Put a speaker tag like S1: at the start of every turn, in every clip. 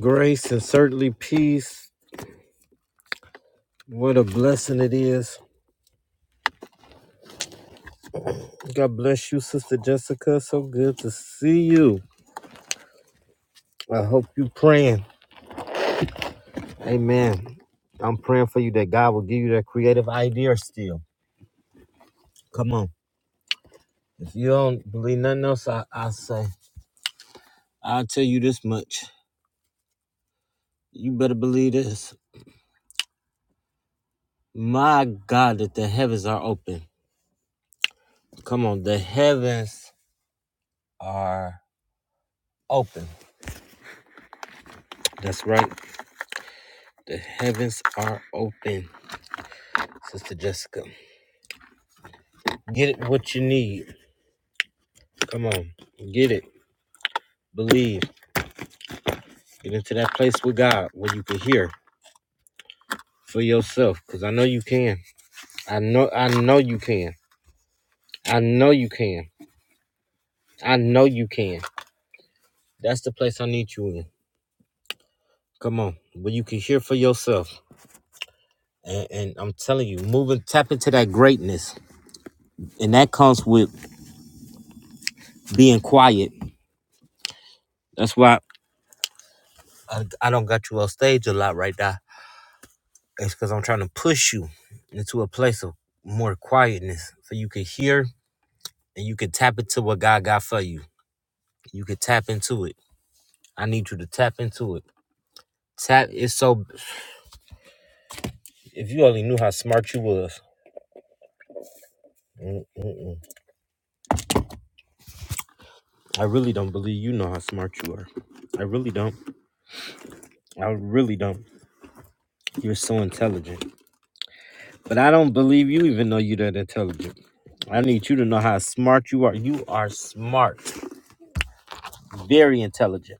S1: Grace and certainly peace. What a blessing it is. God bless you, Sister Jessica. So good to see you. I hope you praying. Amen. I'm praying for you that God will give you that creative idea still. Come on. If you don't believe nothing else, I, I say, I'll tell you this much. You better believe this. My God, that the heavens are open. Come on, the heavens are open. That's right. The heavens are open, Sister Jessica. Get it what you need. Come on. Get it. Believe. Get into that place with God where you can hear for yourself. Cause I know you can. I know I know you can. I know you can. I know you can. That's the place I need you in. Come on. Where you can hear for yourself. And, and I'm telling you, moving tap into that greatness. And that comes with being quiet. That's why I, I don't got you on stage a lot right now. It's because I'm trying to push you into a place of more quietness so you can hear and you can tap into what God got for you. You can tap into it. I need you to tap into it. Tap. It's so. If you only knew how smart you was. Mm, mm, mm. I really don't believe you know how smart you are. I really don't. I really don't. You're so intelligent, but I don't believe you even know you're that intelligent. I need you to know how smart you are. You are smart, very intelligent,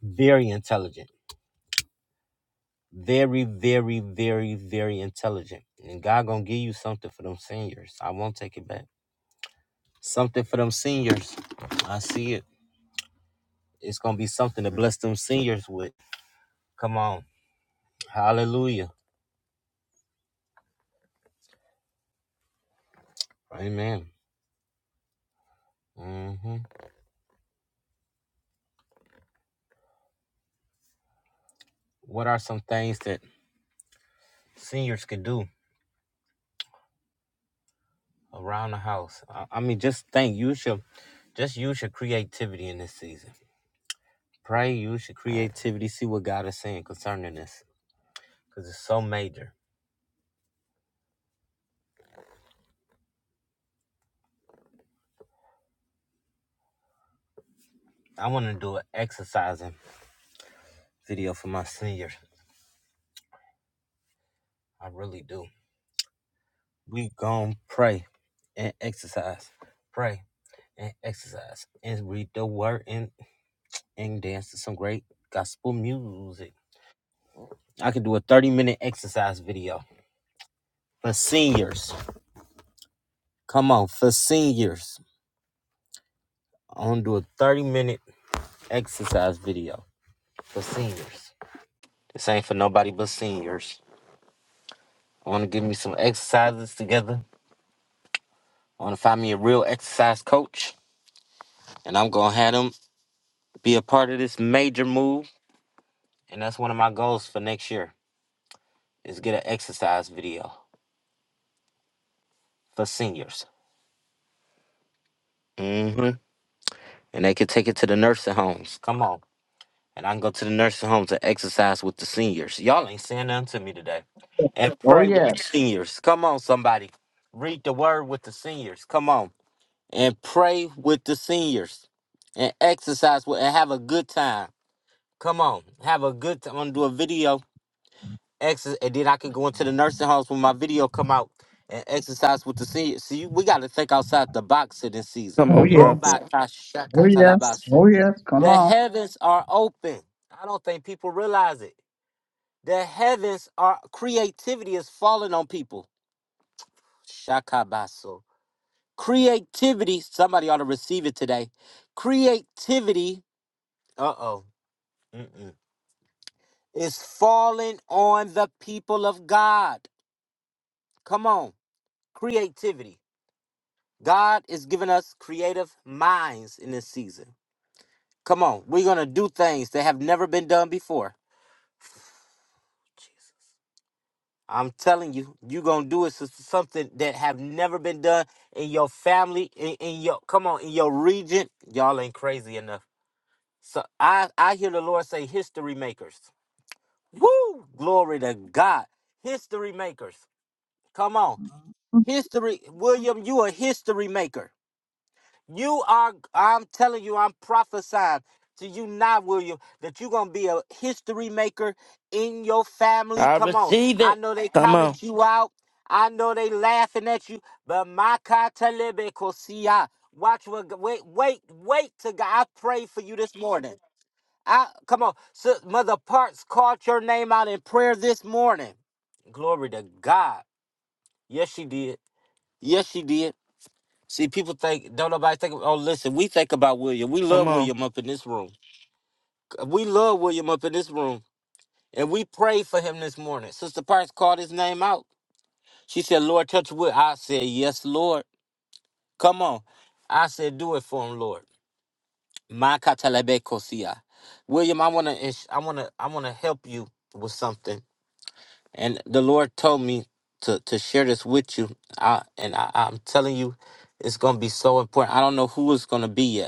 S1: very intelligent, very, very, very, very intelligent. And God gonna give you something for them seniors. I won't take it back. Something for them seniors. I see it. It's gonna be something to bless them seniors with. Come on. Hallelujah. Amen. hmm What are some things that seniors can do around the house? I, I mean, just think. You should just use your creativity in this season. Pray. Use your creativity. See what God is saying concerning this, because it's so major. I want to do an exercising video for my seniors. I really do. We gonna pray and exercise. Pray and exercise and read the word and, and dance to some great gospel music. I could do a 30 minute exercise video for seniors. Come on, for seniors. I'm gonna do a 30 minute exercise video for seniors. This ain't for nobody but seniors. I wanna give me some exercises together. I wanna find me a real exercise coach, and I'm gonna have them be a part of this major move. And that's one of my goals for next year is get an exercise video for seniors. Mm-hmm. and they can take it to the nursing homes. Come on. And I can go to the nursing homes and exercise with the seniors. Y'all ain't saying nothing to me today. And
S2: Oh
S1: pray with
S2: yeah.
S1: the seniors. Come on, somebody. Read the word with the seniors. Come on. And pray with the seniors. And exercise with and have a good time. Come on. Have a good time. I'm gonna do a video exercise, and then I can go into the nursing homes when my video come out and exercise with the seniors. See, we got to think outside the box in this
S3: Come
S1: season.
S2: Oh
S3: on,
S1: Oh,
S2: yes.
S3: prophet.
S1: by gosh,
S2: Oh yes. Oh yes. Come
S1: the
S2: on.
S1: heavens are open. I don't think people realize it. The heavens are creativity is falling on people. Shakabaso. Creativity. Somebody ought to receive it today. Creativity. Uh oh. Mm-mm. Is falling on the people of God. Come on. Creativity. God is giving us creative minds in this season. Come on, we're gonna do things that have never been done before. Jesus. I'm telling you, you're gonna do it sister, something that have never been done in your family, in, in your come on, in your region. Y'all ain't crazy enough. So I I hear the Lord say history makers. Woo! Glory to God. History makers. Come on.
S2: Mhm.
S1: History, William, you a history maker. You are, I'm telling you, I'm prophesying to you now, William, that you're going to be a history maker in your family.
S3: I
S1: Come on.
S3: receive
S1: I
S3: it.
S1: know they
S3: Come on.
S1: counted you out. I know they laughing at you, but my katalebe kosia. Watch what, wait, wait, wait to God. I pray for you this morning. I, come on. So, Mother Parks called your name out in prayer this morning. Glory to God. Yes, she did. Yes, she did. See, people think don't nobody think. Oh, listen, we think about William. We
S3: Come
S1: love
S3: on.
S1: William up in this room. We love William up in this room, and we prayed for him this morning. Sister Parks called his name out. She said, "Lord, touch Will." I said, "Yes, Lord. Come on." I said, "Do it for him, Lord." My katalebe kosia. William, I wanna, ins- I wanna, I wanna help you with something, and the Lord told me to to share this with you. I, and I, I'm telling you, it's gonna be so important. I don't know who it's gonna be yet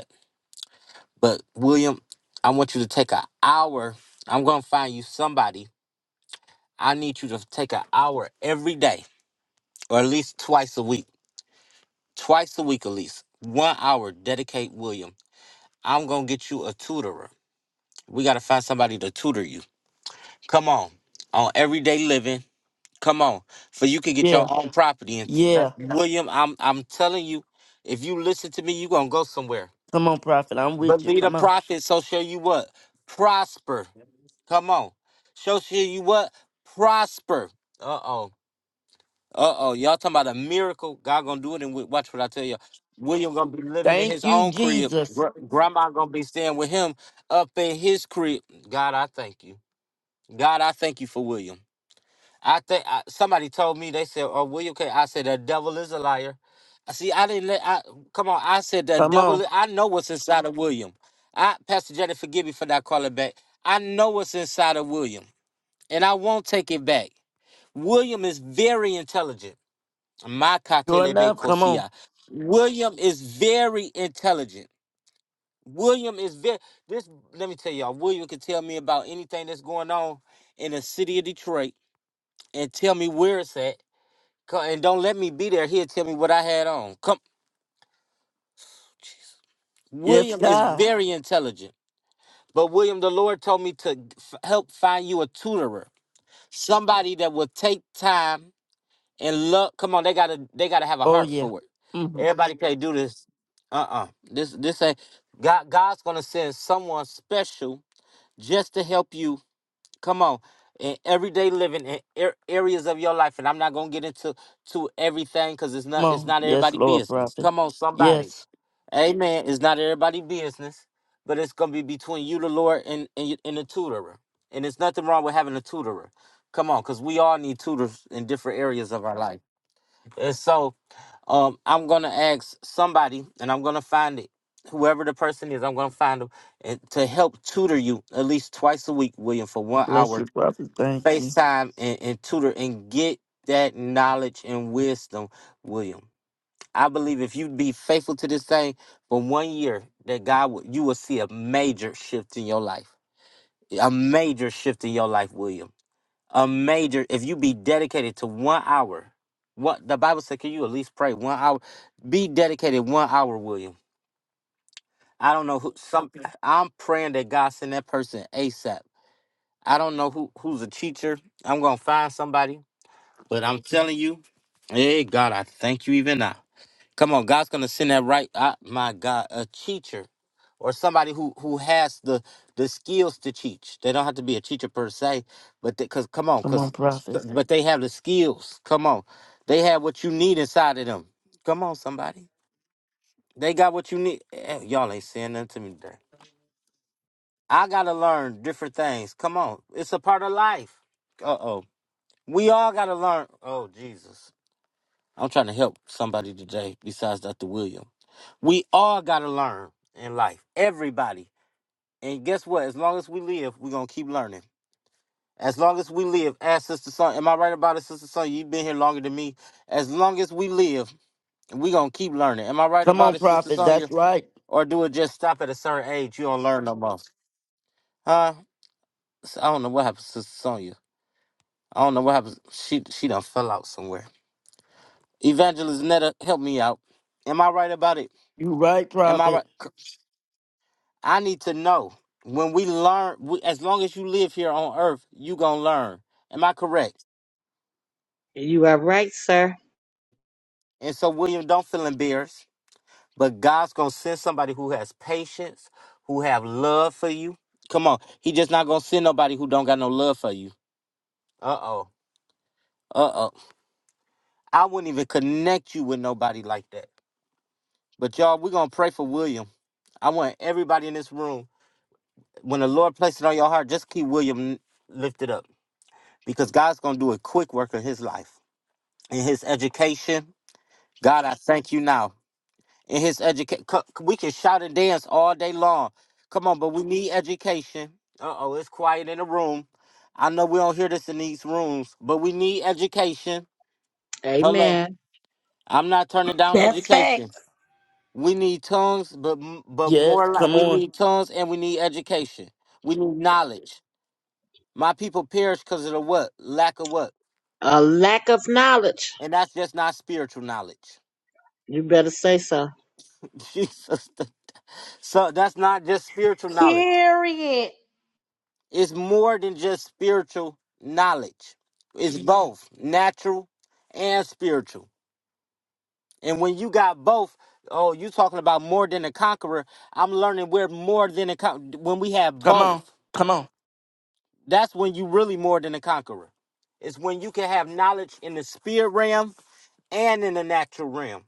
S1: But William, I want you to take an hour. I'm gonna find you somebody. I need you to take an hour every day, or at least twice a week. Twice a week, at least one hour. Dedicate William. I'm gonna get you a tutorer. We gotta find somebody to tutor you. Come on, on everyday living. Come on, for you can get
S3: Yeah.
S1: your own property. And
S3: Yeah.
S1: William, I'm I'm telling you, if you listen to me, you gonna go somewhere.
S3: Come on, prophet. I'm with you.
S1: Believe the
S3: Come on.
S1: prophet, so shall you what? Prosper. Come on. So shall you what? Prosper. Uh oh. Uh oh. Y'all talking about a miracle? God gonna do it and watch what I tell you. William gonna be living in
S3: Thank
S1: his
S3: you,
S1: own crib.
S3: Jesus.
S1: Gr- Grandma gonna be staying with him up in his crib. God, I thank you. God, I thank you for William. I think I, somebody told me they said, "Oh, William K." I said, "The devil is a liar." I See, I didn't let. I come on. I said the
S3: Come on.
S1: devil. I know what's inside of William. I, Pastor Jenny, forgive me for not calling back. I know what's inside of William, and I won't take it back. William is very intelligent.
S3: Sure
S1: Makatelebe
S3: enough. Come on.
S1: kosia. William is very intelligent. William is very. This. Let me tell y'all. William can tell me about anything that's going on in the city of Detroit and tell me where it's at Co- and don't let me be there. He'll tell me what I had on. Come,
S3: Yes,
S1: William is
S3: God.
S1: very intelligent, but William, the Lord told me to f- help find you a tutorer, somebody that will take time and love. Come on, they gotta they gotta have a
S3: Oh,
S1: heart
S3: yeah.
S1: for it.
S3: hmm Come
S1: Everybody can't do this. Uh uh This this ain't God. God's gonna send someone special just to help you. Come on. In everyday living, in ar- areas of your life, and I'm not gonna get into to everything because it's not it's
S3: on.
S1: not
S3: Yes,
S1: everybody
S3: Lord,
S1: business.
S3: prophet.
S1: Come on, somebody.
S3: Yes.
S1: Amen. It's not everybody' business, but it's gonna be between you, the Lord, and and, y- and the tutorer. And there's nothing wrong with having a tutorer. Come on, because we all need tutors in different areas of our life. And so, um, I'm gonna ask somebody, and I'm gonna find it. Whoever the person is, I'm gonna find them and to help tutor you at least twice a week, William, for one
S3: Bless
S1: hour,
S3: you, prophet. Thank you.
S1: FaceTime and, and tutor and get that knowledge and wisdom, William. I believe if you'd be faithful to this thing for one year, that God will, you will see a major shift in your life. A major shift in your life, William. A major, if you be dedicated to one hour, what the Bible said, can you at least pray one hour? Be dedicated one hour, William. I don't know who some Okay. I'm praying that God send that person ASAP. I don't know who who's a teacher. I'm gonna find somebody, but I'm telling you, hey God, I thank you even now. Come on, God's gonna send that right. I, my God, a teacher or somebody who who has the the skills to teach. They don't have to be a teacher per se, but because come on,
S3: Come on,
S1: because
S3: prophet.
S1: but they have the skills. Come on, they have what you need inside of them. Come on, somebody, they got what you need. Eh, eh, Y'all ain't saying nothing to me today. I gotta learn different things. Come on, it's a part of life. Uh oh, we all gotta learn. Oh Jesus, I'm trying to help somebody today besides Dr. William. We all got to learn in life, everybody. And guess what? As long as we live, we're going to keep learning. As long as we live, ask Sister Son, am I right about it, Sister Son? You've been here longer than me. As long as we live, we're going to keep learning. Am I right
S3: Come on,
S1: about it, Sister
S3: prophet. That's
S1: Sonya?
S3: right.
S1: Or do it just stop at a certain age? You don't learn no more. Huh? I I don't know what happened, Sister Sonya. I don't know what happened. She she done fell out somewhere. Evangelist Netta, help me out. Am I right about it?
S3: You right,
S1: Am I right?
S3: prophet.
S1: C- I need to know when we learn. We, as long as you live here on Earth, you gonna learn. Am I correct?
S4: You are right, sir.
S1: And so, William, don't feel embarrassed. But God's gonna send somebody who has patience, who have love for you. Come on, He just not gonna send nobody who don't got no love for you. Uh oh. Uh oh. I wouldn't even connect you with nobody like that. But y'all, we're gonna pray for William. I want everybody in this room. When the Lord places it on your heart, just keep William lifted up because God's gonna do a quick work in his life. in his education. God, I thank you now. In his education, we can shout and dance all day long. Come on, but we need education. Uh oh, it's quiet in the room. I know we don't hear this in these rooms, but we need education. Hello,
S4: Amen.
S1: I'm not turning down
S5: That's
S1: education.
S5: facts.
S1: We need tongues, but m- but
S3: Yes.
S1: more like
S3: Come
S1: we
S3: on.
S1: need tongues and we need education. We need knowledge. My people perish because of the what? Lack of what?
S4: A lack of knowledge.
S1: And that's just not spiritual knowledge.
S4: You better say so.
S1: Jesus. So that's not just spiritual knowledge.
S5: Period.
S1: It's more than just spiritual knowledge. It's Mhm. both natural and spiritual. And when you got both, oh, you talking about more than a conqueror. I'm learning we're more than a con- when we have
S3: Come on.
S1: both.
S3: Come on.
S1: That's when you really more than a conqueror. It's when you can have knowledge in the spirit realm and in the natural realm.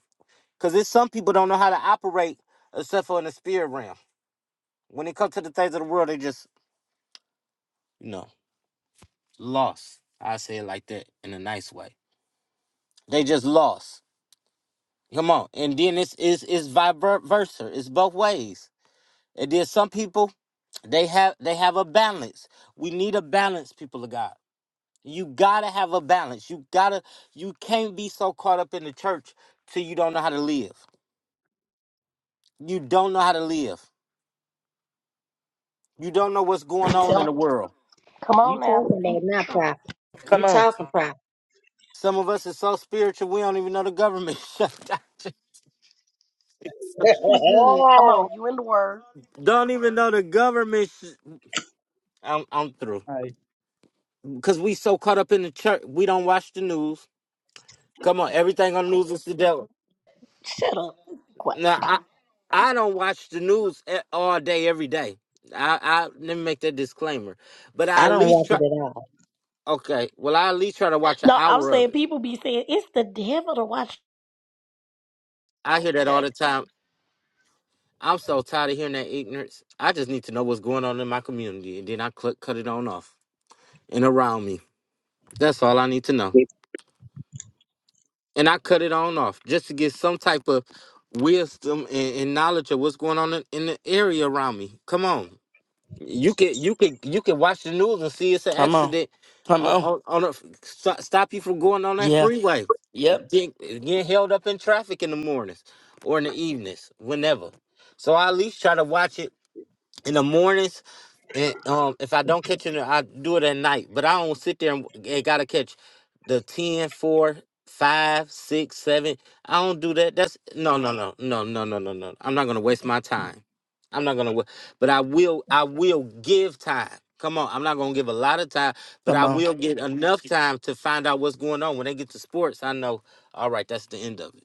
S1: Because it's some people don't know how to operate except for in the spirit realm. When it comes to the things of the world, they just no. Lost. I say it like that in a nice way. They just lost. Come on. And then it's it's it's vice versa. It's both ways. And then some people they have they have a balance. We need a balance, people of God. You gotta have a balance. You gotta you can't be so caught up in the church till you don't know how to live. You don't know how to live. You don't know what's going
S5: And
S1: on
S5: tell
S1: in
S5: him,
S1: the world.
S5: come
S4: You
S5: on now,
S4: talking about
S5: speak
S4: it now, prophet. You
S3: Come on.
S4: talking prophet.
S1: Some of us is so spiritual we don't even know the government shut down.
S5: the good. Come on, you in the word.
S1: Don't even know the government. Sh- I'm I'm through.
S2: Right.
S1: because we so caught up in the church, we don't watch the news. Come on, everything on the news is the devil.
S5: Shut up. Quiet.
S1: Now I, I don't watch the news e- all day, every day. I, I let me make that disclaimer, but I
S4: I
S1: at
S4: don't
S1: least
S4: want it
S1: try.
S4: at all.
S1: Okay, well I at least try to watch an
S5: No, I'm
S1: hour of
S5: saying
S1: it.
S5: people be saying it's the devil to watch
S1: I hear that all
S5: her.
S1: the time. I'm so tired of hearing that ignorance. I just need to know what's going on in my community, and then I cl- cut it on off and around me. That's all I need to know. and I cut it on off just to get some type of wisdom and, and knowledge of what's going on in, in the area around me. Come on, you can you can you can watch the news and see it's an
S3: Come on.
S1: accident
S3: Come
S1: on
S3: on.
S1: on, on a, st- stop you from going on that
S3: Yeah.
S1: freeway,
S3: Yep.
S1: getting, getting held up in traffic in the mornings or in the evenings, whenever. So I at least try to watch it in the mornings and um, if I don't catch it, I do it at night. But I don't sit there and, and gotta catch the 10, 4, 5, 6, 7. I don't do that. That's no, no, no, no, no, no, no, no. I'm not gonna waste my time. I'm not gonna. wa- But I will. I will give time. Come on, I'm not gonna give a lot of time, but
S3: Come
S1: I
S3: on,
S1: will get enough time to find out what's going on. When they get to sports, I know. All right, that's the end of it.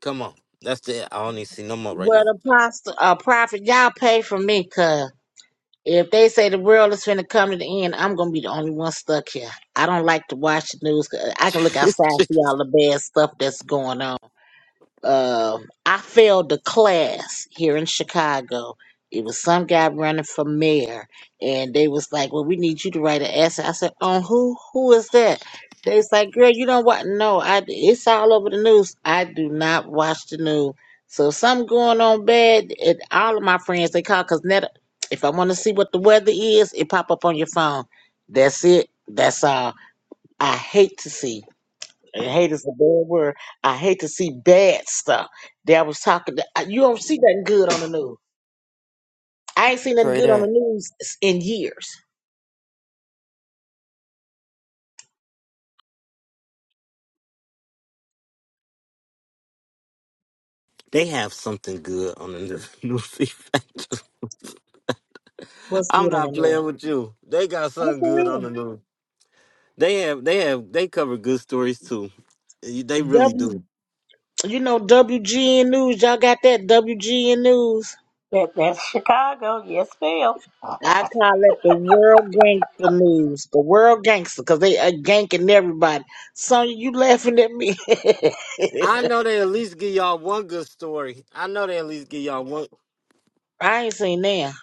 S1: Come on, that's the. I don't need to see no more right
S4: Well,
S1: now.
S4: the apostle, uh, prophet, y'all pay for me, cuz if they say the world is finna come to the end, I'm gonna be the only one stuck here. I don't like to watch the news. 'cause I can look outside, and see all the bad stuff that's going on. Um, I failed the class here in Chicago. It was some guy running for mayor, and they was like, "Well, we need you to write an essay." I said, "On who? Who is that?" They was like, "Girl, you don't watch? No, I. It's all over the news. I do not watch the news. So if something going on bad, And all of my friends they call because net. If I want to see what the weather is, it pop up on your phone. That's it. That's all. I hate to see. it. And hate is a bad word. I hate to see bad stuff. That was talking. I- you don't see nothing good on the news. I ain't seen nothing
S3: say
S4: good on the
S3: that.
S4: news s- in years.
S1: They have something good on the new FIFA.
S4: What's
S1: I'm
S4: good on the
S1: not
S4: news?
S1: playing with you. They got
S4: What's
S1: something
S4: for
S1: good on
S4: real?
S1: the news. They have, they have, they cover good stories too. You- They really
S4: W,
S1: do.
S4: you know WGN News. Y'all got that WGN News.
S5: That that's Chicago, yes, ma'am.
S4: I call it the world gangster news. The world gangster, cause they are ganking everybody. Sonya, you laughing at me?
S1: I know they at least give y'all one good story. I know they at least give y'all one one.
S4: I ain't seen now,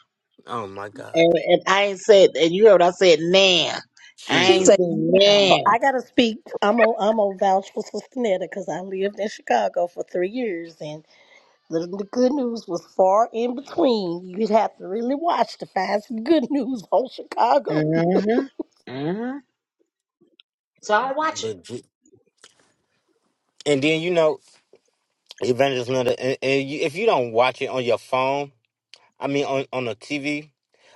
S1: Oh my God,
S4: and, and I ain't said. And you heard what I said now. I
S2: She
S4: ain't
S1: Jesus!
S2: said,
S4: seen
S2: yeah.
S4: now.
S5: So I gotta speak. I'm on I'm on vouch for Sister Netta because I lived in Chicago for three years and the, the good news was far in between. You'd have to really watch to find some good news on Chicago.
S4: Mm-hmm. Mm-hmm. So I watch it.
S1: But Je- and then you know, Evangelist Miller, and, and you, if you don't watch it on your phone, I mean on on the TV,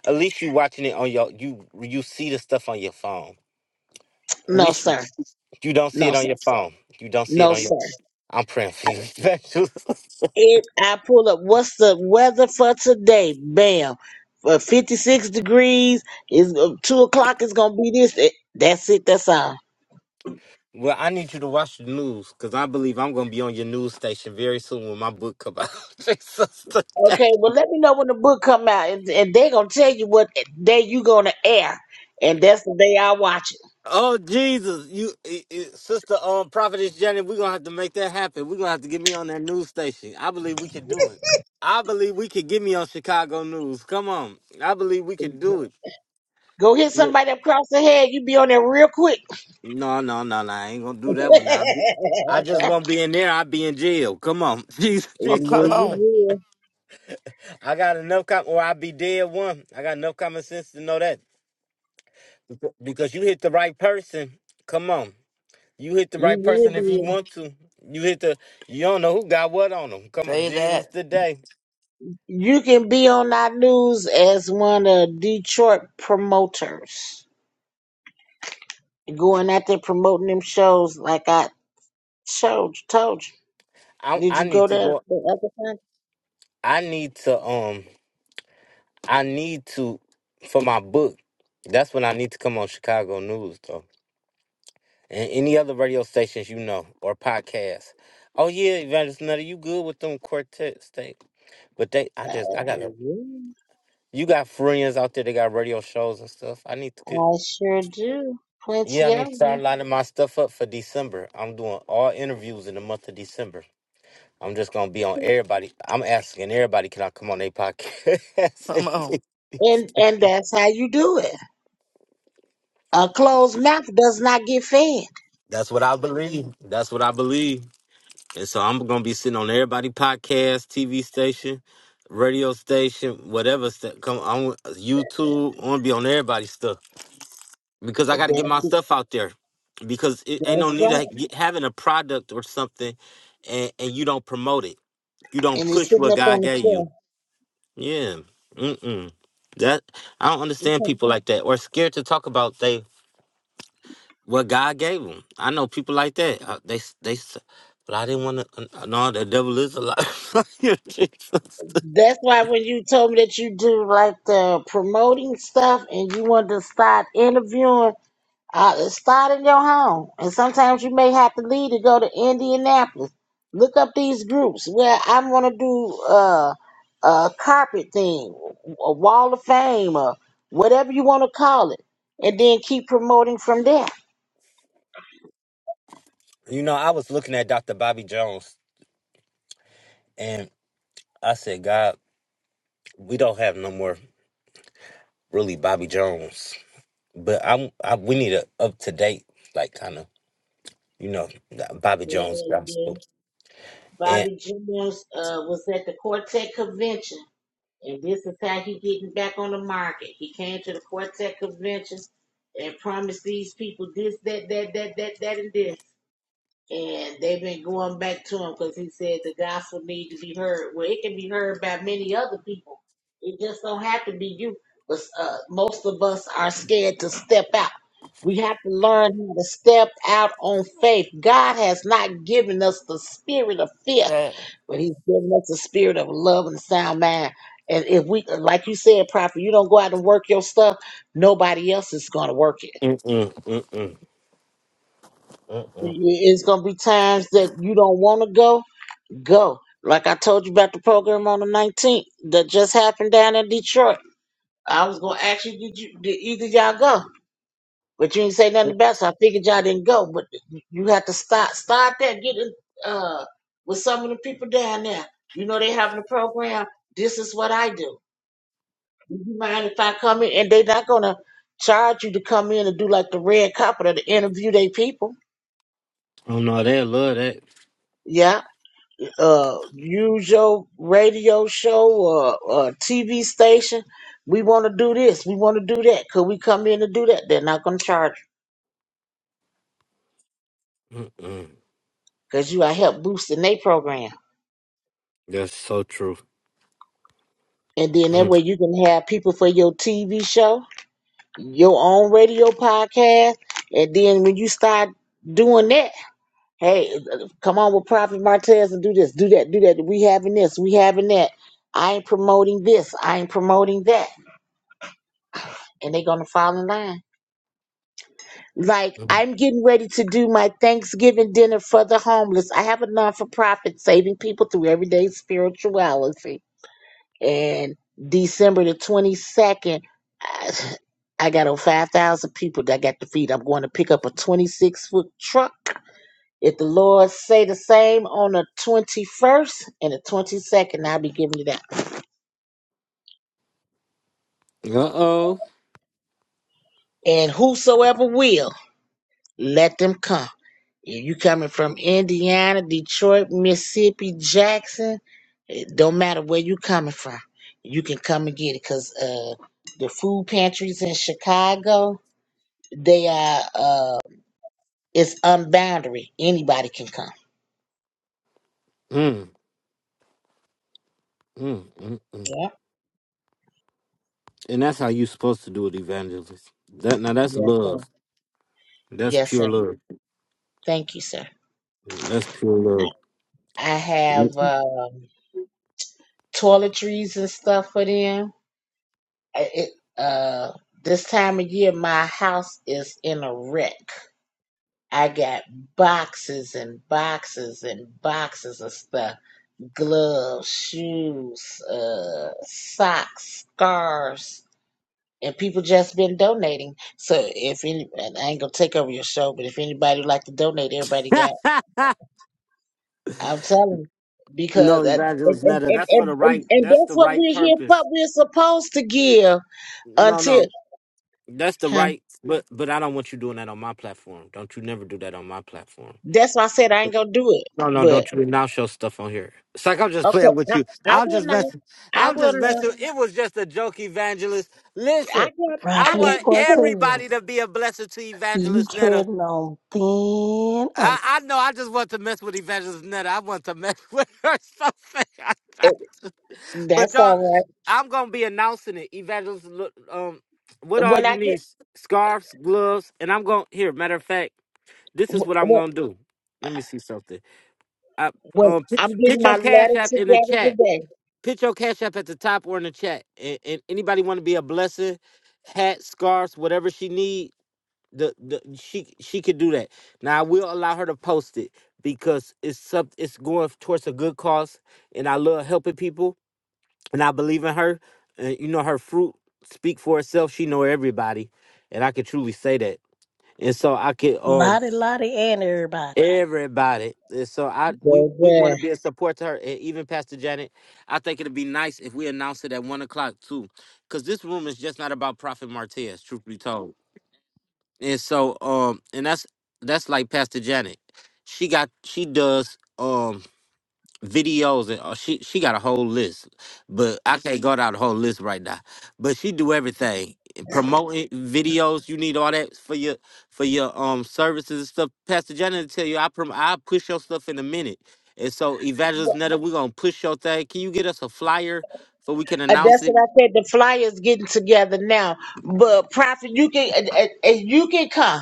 S1: at least you watching it on your you you see the stuff on your phone. At
S4: No,
S1: least you
S4: sir.
S1: you don't see
S4: No,
S1: it on
S4: sir.
S1: your phone. You don't see it
S4: No,
S1: on your.
S4: sir.
S1: I'm praying for you, Evangelist.
S4: It. I pull up. What's the weather for today? Bam. For fifty-six degrees. Is two o'clock. It's gonna be this. It- that's it. That's all.
S1: Well, I need you to watch the news because I believe I'm going to be on your news station very soon when my book comes out. Jesus.
S4: Okay. Well, let me know when the book come out, and, and they're gonna tell you what day you gonna air, and that's the day I watch it.
S1: Oh, Jesus. You, eh, eh, Sister um, Prophetess Jenny, we're going to have to make that happen. We're going to have to get me on that news station. I believe we can do it. I believe we could get me on Chicago News. Come on. I believe we could do it.
S4: Go hit
S1: Look.
S4: somebody across the head. You be on there real quick.
S1: No, no, no, no. I ain't going to do that one. I, be, I just won't be in there. I'll be in jail. Come on. Jesus.
S4: Yeah,
S3: Oh,
S4: you
S3: come
S1: Jesus.
S3: on,
S4: will.
S1: I got enough, com- or I'll be dead one. I got enough common sense to know that. Beca- Because you hit the right person. Come on. You hit the
S4: You
S1: right
S4: will
S1: person if you
S4: be.
S1: want to. You hit the you don't know who got what on them. Come on,
S3: say
S1: Jesus
S3: that.
S1: today.
S4: You can be on that news as one of Detroit promoters, going out there promoting them shows like I told told you.
S1: I
S4: Did
S1: I
S4: you
S1: need
S4: go
S1: to
S4: there
S1: go
S4: the other time?
S1: I need to um I need to for my book. That's when I need to come on Chicago News though. And any other radio stations you know or podcasts. Oh yeah, Evangelist Nutter, you good with them quartets. They but they I
S4: Uh,
S1: just I gotta you got friends out there that got radio shows and stuff. I need to get
S4: I sure do.
S1: Yeah, I
S4: Plenty
S1: need
S4: of
S1: to start
S4: them.
S1: lining my stuff up for December. I'm doing all interviews in the month of December. I'm just gonna be on everybody. I'm asking everybody, can I come on their
S3: Come on,
S1: podcast?
S4: And, and that's how you do it. A closed mouth does not get fed.
S1: That's what I believe. That's what I believe. And so I'm gonna be sitting on everybody podcast, TV station, radio station, whatever. St- come on YouTube. I'm gonna be on everybody's stuff because I got
S4: That's,
S1: to get my stuff out there. Because it ain't no
S4: that's
S1: need of
S4: right.
S1: ha- get- having a product or something, and, and you don't promote it You don't
S4: And it's
S1: push
S4: sitting
S1: what
S4: up
S1: God
S4: on the
S1: gave you.
S4: shelf.
S1: Yeah. Mm-mm. That I don't understand people like that or scared to talk about they what God gave them. I know people like that. Uh, they s- they s- but I didn't want to. Uh, No, the devil is alive. Jesus.
S4: That's why when you told me that you do like the promoting stuff and you want to start interviewing, uh, start in your home. And sometimes you may have to leave to go to Indianapolis. Look up these groups where I'm going to do uh, a carpet thing, a wall of fame, or whatever you want to call it. And then keep promoting from there.
S1: you know, I was looking at Dr. Bobby Jones and I said, God, we don't have no more really Bobby Jones, but I'm I, we need a up to date like kind of you know Bobby Jones
S4: Yeah.
S1: gospel and.
S4: Bobby Jones uh, was at the Quartet convention, and this is how he getting back on the market. He came to the Quartet convention and promised these people this, that, that, that, that, that, and this. And they've been going back to him because he said the gospel need to be heard. Well, it can be heard by many other people. It just don't have to be you. But uh, most of us are scared to step out. We have to learn how to step out on faith. God has not given us the spirit of fear
S3: that.
S4: but he's given us a spirit of love and a sound mind. And if we, like you said, Prophet, you don't go out and work your stuff, nobody else is going to work it.
S1: Mm-mm, mm-mm, mm-mm.
S4: It's going to be times that you don't want to go, go. Like I told you about the program on the 19th that just happened down in Detroit. I was going to ask you, did you, did either y'all go? But you didn't say nothing about it, so I figured y'all didn't go. But you have to start, start there, get in, uh, with some of the people down there. You know, they having a program. This is what I do. Do you mind if I come in? And they're not gonna charge you to come in and do like the red carpet or to interview their people.
S1: Oh no, they love that.
S4: Yeah. Uh, use your radio show or, or TV station. We want to do this. We want to do that. Could we come in and do that? They're not gonna charge you
S1: Mm-mm.
S4: because you are help boosting their program.
S1: That's so true.
S4: And then that way
S1: Mm.
S4: you can have people for your TV show, your own radio podcast, and then when you start doing that Hey, come on with Prophet Martez and do this, do that, do that. We having this, we having that. I ain't promoting this, I ain't promoting that. And they are gonna fall in line. Like,
S1: Uh
S4: I'm getting ready to do my Thanksgiving dinner for the homeless. I have a non for profit saving people through everyday spirituality. And December the 22nd, I, I got over 5,000 people that I got to feed. I'm going to pick up a 26 foot truck If the Lord say the same on the 21st and the 22nd, I'll be giving it out.
S1: oh.
S4: And whosoever will, let them come. If you coming from Indiana, Detroit, Mississippi, Jackson, it don't matter where you coming from. You can come and get it because uh, the food pantries in Chicago, they are, uh, it's unboundary. Anybody can come.
S1: Mm. Mm. Mm. Mm.
S4: Yeah.
S1: And that's how you supposed to do it, evangelist. That now that's
S4: Yes, sir.
S1: love. That's
S4: Yes, sir.
S1: pure love.
S4: Thank you, sir.
S1: That's pure
S4: I have.
S1: love.
S4: Uh, toiletries and stuff for them. I- It, uh, this time of year, my house is in a wreck. I got boxes and boxes and boxes of stuff gloves, shoes, uh, socks, scarves. And people just been donating. So if any, and I ain't gonna take over your show, but if anybody would like to donate, everybody got. I'm telling you,
S1: no,
S4: because that, and,
S1: evangelist
S4: and,
S1: Netta.
S4: and,
S1: That's for the
S4: and, and
S1: right.
S4: and
S1: That's
S4: that's
S1: the
S4: what
S1: right
S4: we're here for.
S1: purpose.
S4: We're supposed to give.
S1: No,
S4: until
S1: no, that's the
S4: huh?
S1: right. But but I don't want you doing that on my platform. Don't you never do that on my platform.
S4: that's why I said I ain't gonna do it.
S1: No, no,
S4: But
S1: don't you now show stuff on here. It's like I'm just playing
S4: okay,
S1: with
S4: I,
S1: you.
S4: I
S1: I'm
S4: will
S1: just
S4: not.
S1: messing.
S4: I
S1: I'm
S4: will
S1: just
S4: not.
S1: messing. It was just a joke, evangelist.
S4: I
S1: Listen,
S4: got.
S1: I
S4: I got
S5: Prophetess
S1: want
S4: the time.
S1: everybody
S5: Cortez.
S1: to be a blessing to
S5: You
S1: Evangelist Netta.
S5: treading on thin
S1: I,
S5: ice.
S1: I know. I just want to mess with Evangelist Netta. I want to mess with her so bad. But
S4: That's
S1: y'all,
S4: all
S1: I'm gonna be announcing it. Evangelist, look, um, what
S4: right.
S1: all
S4: When
S1: you
S4: I get
S1: need? Scarves, gloves, and I'm gonna. Here, matter of fact, this is what I'm
S4: when,
S1: gonna do. Let me see something. I,
S4: when
S1: um, put,
S4: I'm getting
S1: put
S4: my
S1: your cash
S4: letter
S1: app in the
S4: together
S1: chat.
S4: today,
S1: Put your cash app at the top or in the chat. And, and anybody want to be a blessing, hats, scarves, whatever she need, the, the she she could do that. Now I will allow her to post it because it's sub, it's going towards a good cause, and I love helping people, and I believe in her. And you know her fruit speak for itself. She know everybody, and I could truly say that. And so I could um
S5: Lottie, Lottie, and everybody.
S1: Everybody. And so I we, we want to be
S4: baby.
S1: a support to her. And even Pastor Janet, I think it'd be nice if we announce it at one o'clock too. Cause this room is just not about Prophet Martez, truth be told. And so um and that's that's like Pastor Janet. She got she does um videos and uh, she she got a whole list, but I can't go down the whole list right now. But she do everything, eh, promoting videos. You need all that for your for your um services and stuff. Pastor Johnny will tell you, I prom- I push your stuff in a minute. And so Evangelist Netta, we're gonna push your thing. Can you get us a flyer so we can
S4: Uh,
S1: announce
S4: that's
S1: it?
S4: what I said. The flyers getting together now, but prophet, you can and, and- and you can come.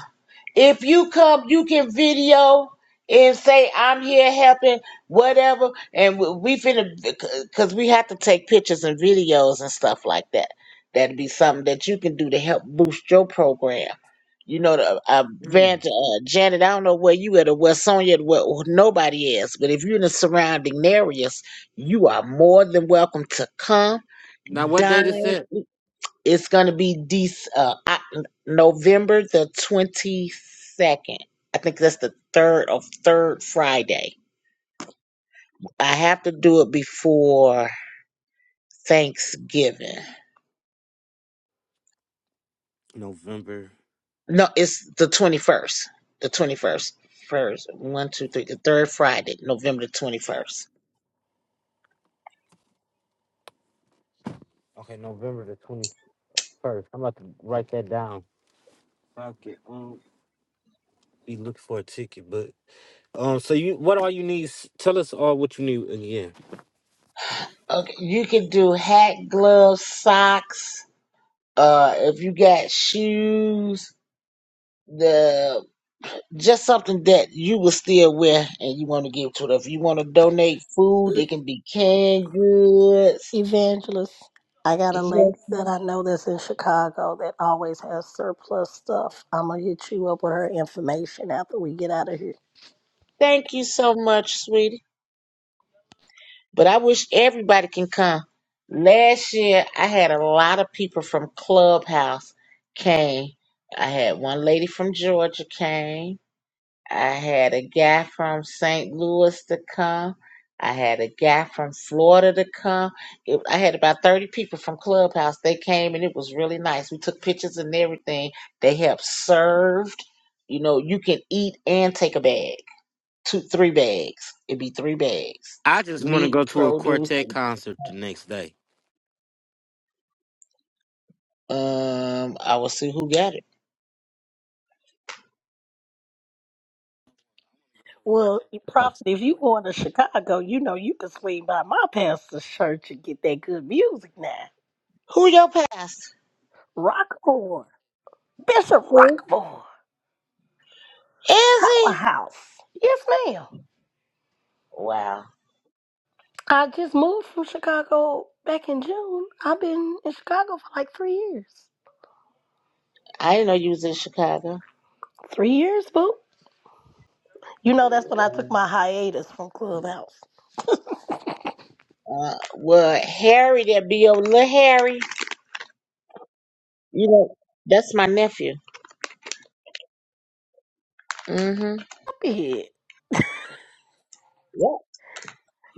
S4: If you come, you can video and say I'm here helping, whatever. And we, we finna because we have to take pictures and videos and stuff like that. That'd be something that you can do to help boost your program. You know, the, uh,
S1: Mm.
S4: Van, uh, Janet, I don't know where you at or where Sonya at, where or nobody is, but if you're in the surrounding areas, you are more than welcome to come
S1: Now what date is
S4: Dine
S1: it?
S4: is going to be Dec uh, Oc- November the 22nd. I think that's the third of third Friday. I have to do it before Thanksgiving.
S1: November.
S4: No, it's the 21st. The 21st. First, one, two, three, the third Friday, November the 21st.
S1: Okay, November the twenty first. I'm about to write that down. If I could um, be looking for a ticket, Um, so you, what all you need? s- Tell us all what you need in the end.
S4: Okay, you can do hat, gloves, socks. Uh, if you got shoes, the just something that you will still wear and you want to give to it. If you want to donate food, it can be canned goods.
S5: Evangelist, I got a
S4: Yes.
S5: lady that
S4: ma'am.
S5: I know that's in Chicago that always has surplus stuff. I'm going to hit you up with her information after we get out of here.
S4: Thank you so much, sweetie. But I wish everybody can come. Last year, I had a lot of people from Clubhouse came. I had one lady from Georgia came. I had a guy from St. Louis to come. I had a guy from Florida to come. It, I had about 30 people from Clubhouse. They came and it was really nice. We took pictures and everything. They helped served. You know, you can eat and take a bag, two, three bags. It'd be three bags.
S1: I just want to
S4: Meat,
S1: go to a
S4: produce.
S1: quartet concert the next day.
S4: Um, I will see who got it.
S5: Well, Prophet, if you going to Chicago, you know you can swing by my pastor's church and get that good music now.
S4: Who your past?
S5: Rockmore, Bishop
S4: Who
S5: Rockmore,
S4: is he?
S5: Powerhouse. Yes, ma'am.
S4: Wow,
S5: I just moved from Chicago back in June. I've been in Chicago for like three years.
S4: I didn't know you was in Chicago.
S5: Three years, boo. You know, that's when I took my hiatus from Clubhouse.
S4: Uh, well, Harry, that be your little Harry. You know, that's my nephew. Mm-hmm.
S5: Big.
S4: Yep.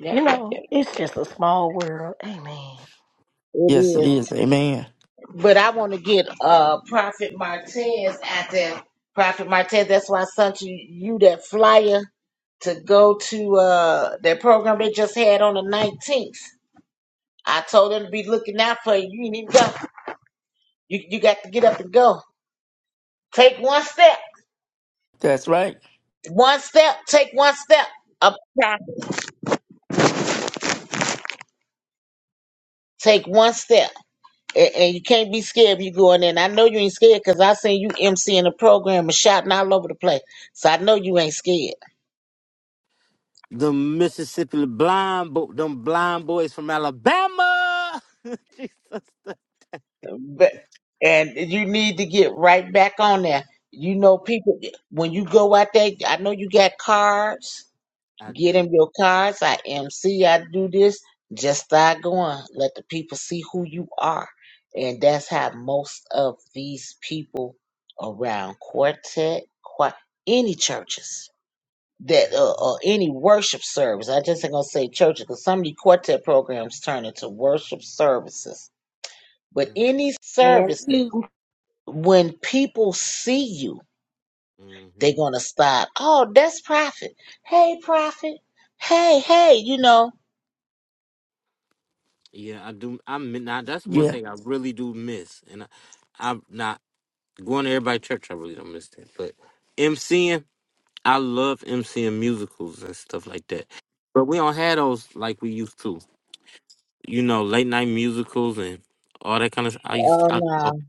S4: Yep,
S5: You
S4: yep,
S5: know,
S4: yep, yep,
S5: it's
S4: yep.
S5: just a small world. Amen.
S4: It
S3: Yes, it
S4: is.
S3: is. Amen.
S4: But I want to get uh Prophet Martez out there. Prophet Martez, that's why I sent you, you that flyer to go to uh that program they just had on the 19th. I told them to be looking out for you. You ain't even go. You, you got to get up and go. Take one step.
S3: That's right.
S4: One step. Take one step. Up, take one step. And, and you can't be scared when you go in there. And I know you ain't scared because I seen you emceeing the program and shouting all over the place. So I know you ain't scared.
S1: The Mississippi blind, bo- them blind boys from Alabama. Jesus,
S4: But and you need to get right back on there. You know, people when you go out there, I know you got cards.
S1: I
S4: Get them
S1: do.
S4: your cards. I MC. I do this. Just start going. Let the people see who you are. And that's how most of these people around quartet, quart, any churches that uh, uh, any worship service, I just ain't gonna say churches, because some of the quartet programs turn into worship services. But
S1: Mm-hmm.
S4: any
S5: And
S4: service,
S5: you,
S4: when people see you,
S1: mm-hmm.
S4: they're gonna stop. Oh, that's prophet. Hey, prophet. Hey, hey, you know.
S1: Yeah, I do. I mean, now that's one
S3: Yeah,
S1: thing I really do miss, and I, I'm not going to everybody church. I really don't miss that, but MCing, I love MCing musicals and stuff like that. But we don't have those like we used to. you know, late night musicals and all that kind of. I used to,
S4: Oh
S1: I oh,
S4: no.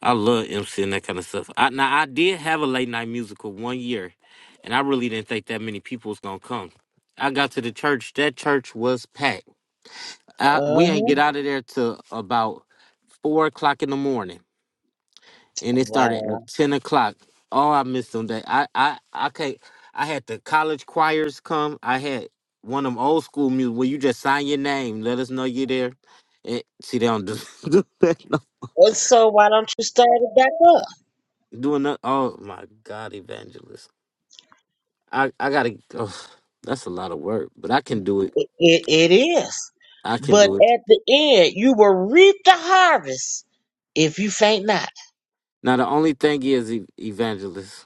S1: I love MC and that kind of stuff. I now I did have a late night musical one year, and I really didn't think that many people was gonna come. I got to the church. That church was packed. I, we ain't
S4: Uh-huh.
S1: get out of there till about four o'clock in the morning and it started
S4: Wow.
S1: at ten o'clock. Oh, I missed them day. I I I can't. I had the college choirs come. I had one of them old school music where you just sign your name, let us know you're there. And see, they don't do, do that. No.
S4: And so why don't you start it back up?
S1: Doing that. Oh my God, evangelist. I I gotta. Oh, that's a lot of work, but I can do it.
S4: It, it, it is.
S1: I can
S4: But
S1: do it.
S4: at the end, you will reap the harvest if you faint not.
S1: Now the only thing is, e- evangelist,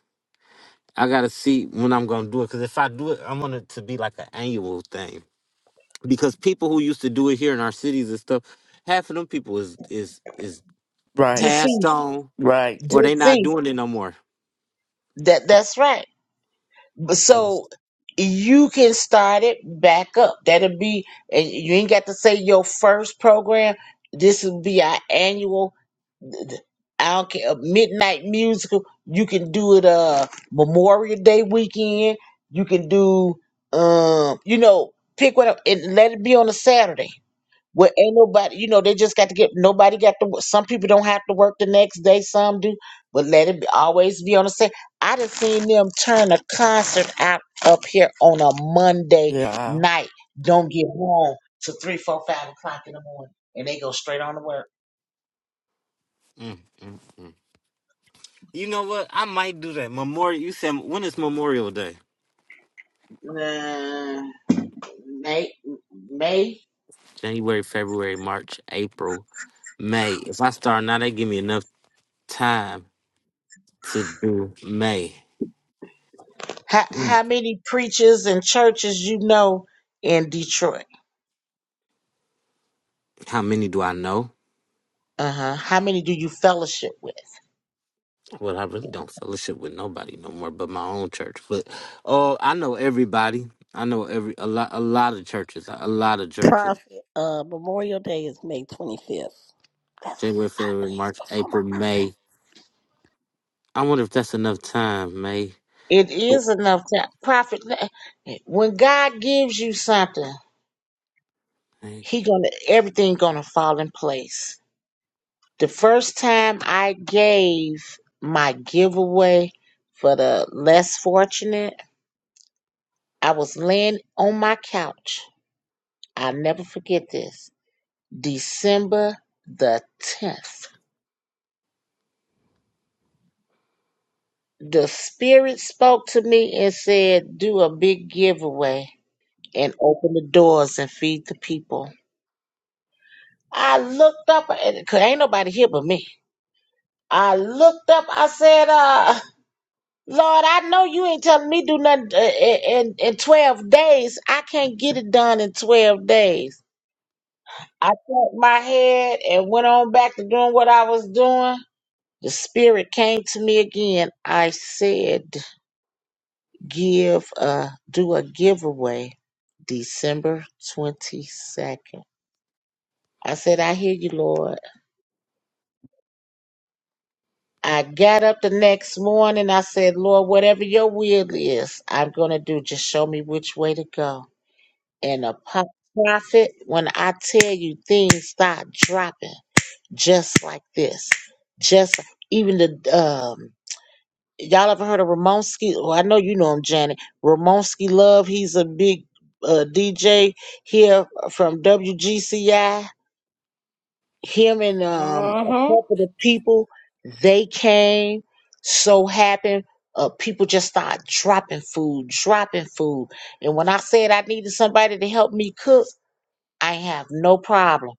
S1: I gotta see when I'm gonna do it. Cause if I do it, I want it to be like an annual thing. because people who used to do it here in our cities and stuff, half of them people is is is
S3: right,
S1: passed
S4: Deceased.
S1: on
S3: right.
S1: or they
S4: Deceased.
S1: not doing it no more.
S4: That that's right. But
S1: Yes.
S4: so you can start it back up. That'll be and you ain't got to say your first program. This will be our annual. th- th- I don't care uh, midnight musical. You can do it uh Memorial Day weekend. You can do um you know pick one up and let it be on a Saturday well, ain't nobody, you know, they just got to get, nobody got to, wo- some people don't have to work the next day, some do, but let it be, always be on the same. I done seen them turn a concert out up here on a Monday
S3: Yeah, Wow.
S4: night, don't get home To three, four, five o'clock in the morning, and they go straight on to work.
S1: Mm, mm, mm. You know what? I might do that. Memorial. You said when is Memorial Day?
S4: Nah, May, May,
S1: January, February, March, April, May. If I start now, they give me enough time to do May.
S4: how,
S1: Mm.
S4: how many preachers and churches you know in Detroit?
S1: How many do I know?
S4: Uh huh. How many do you fellowship with?
S1: Well, I really don't fellowship with nobody no more but my own church. But oh, I know everybody. I know every a lot a lot of churches. A lot of churches.
S5: Prophet, uh, Memorial Day is May 25th. That's
S1: January,
S5: five
S1: February,
S5: days
S1: March,
S5: before my
S1: April,
S5: birthday.
S1: May. I wonder if that's enough time, May.
S4: It
S1: Oh,
S4: is enough time. Prophet, when God gives you something,
S1: May.
S4: He gonna everything gonna fall in place. The first time I gave my giveaway for the less fortunate. I was laying on my couch. I'll never forget this. December the 10th. The Spirit spoke to me and said, Do a big giveaway and open the doors and feed the people. I looked up, cause ain't nobody here but me. I looked up, I said, uh, Lord, I know you ain't telling me do nothing uh, in, in 12 days. I can't get it done in 12 days. I tapped my head and went on back to doing what I was doing. The spirit came to me again. I said, give a, do a giveaway December 22nd. I said, I hear you, Lord. I got up the next morning. I said, Lord, whatever your will is, I'm going to do. Just show me which way to go. And a po- prophet, when I tell you things start dropping, just like this. Just even the um y'all ever heard of Ramonski? Well, I know you know him, Janet. Ramonski Love, he's a big uh, DJ here from WGCI. Him and um a
S5: Mm-hmm.
S4: couple of people, they came, so happened. Uh, people just started dropping food, dropping food. And when I said I needed somebody to help me cook, I have no problem.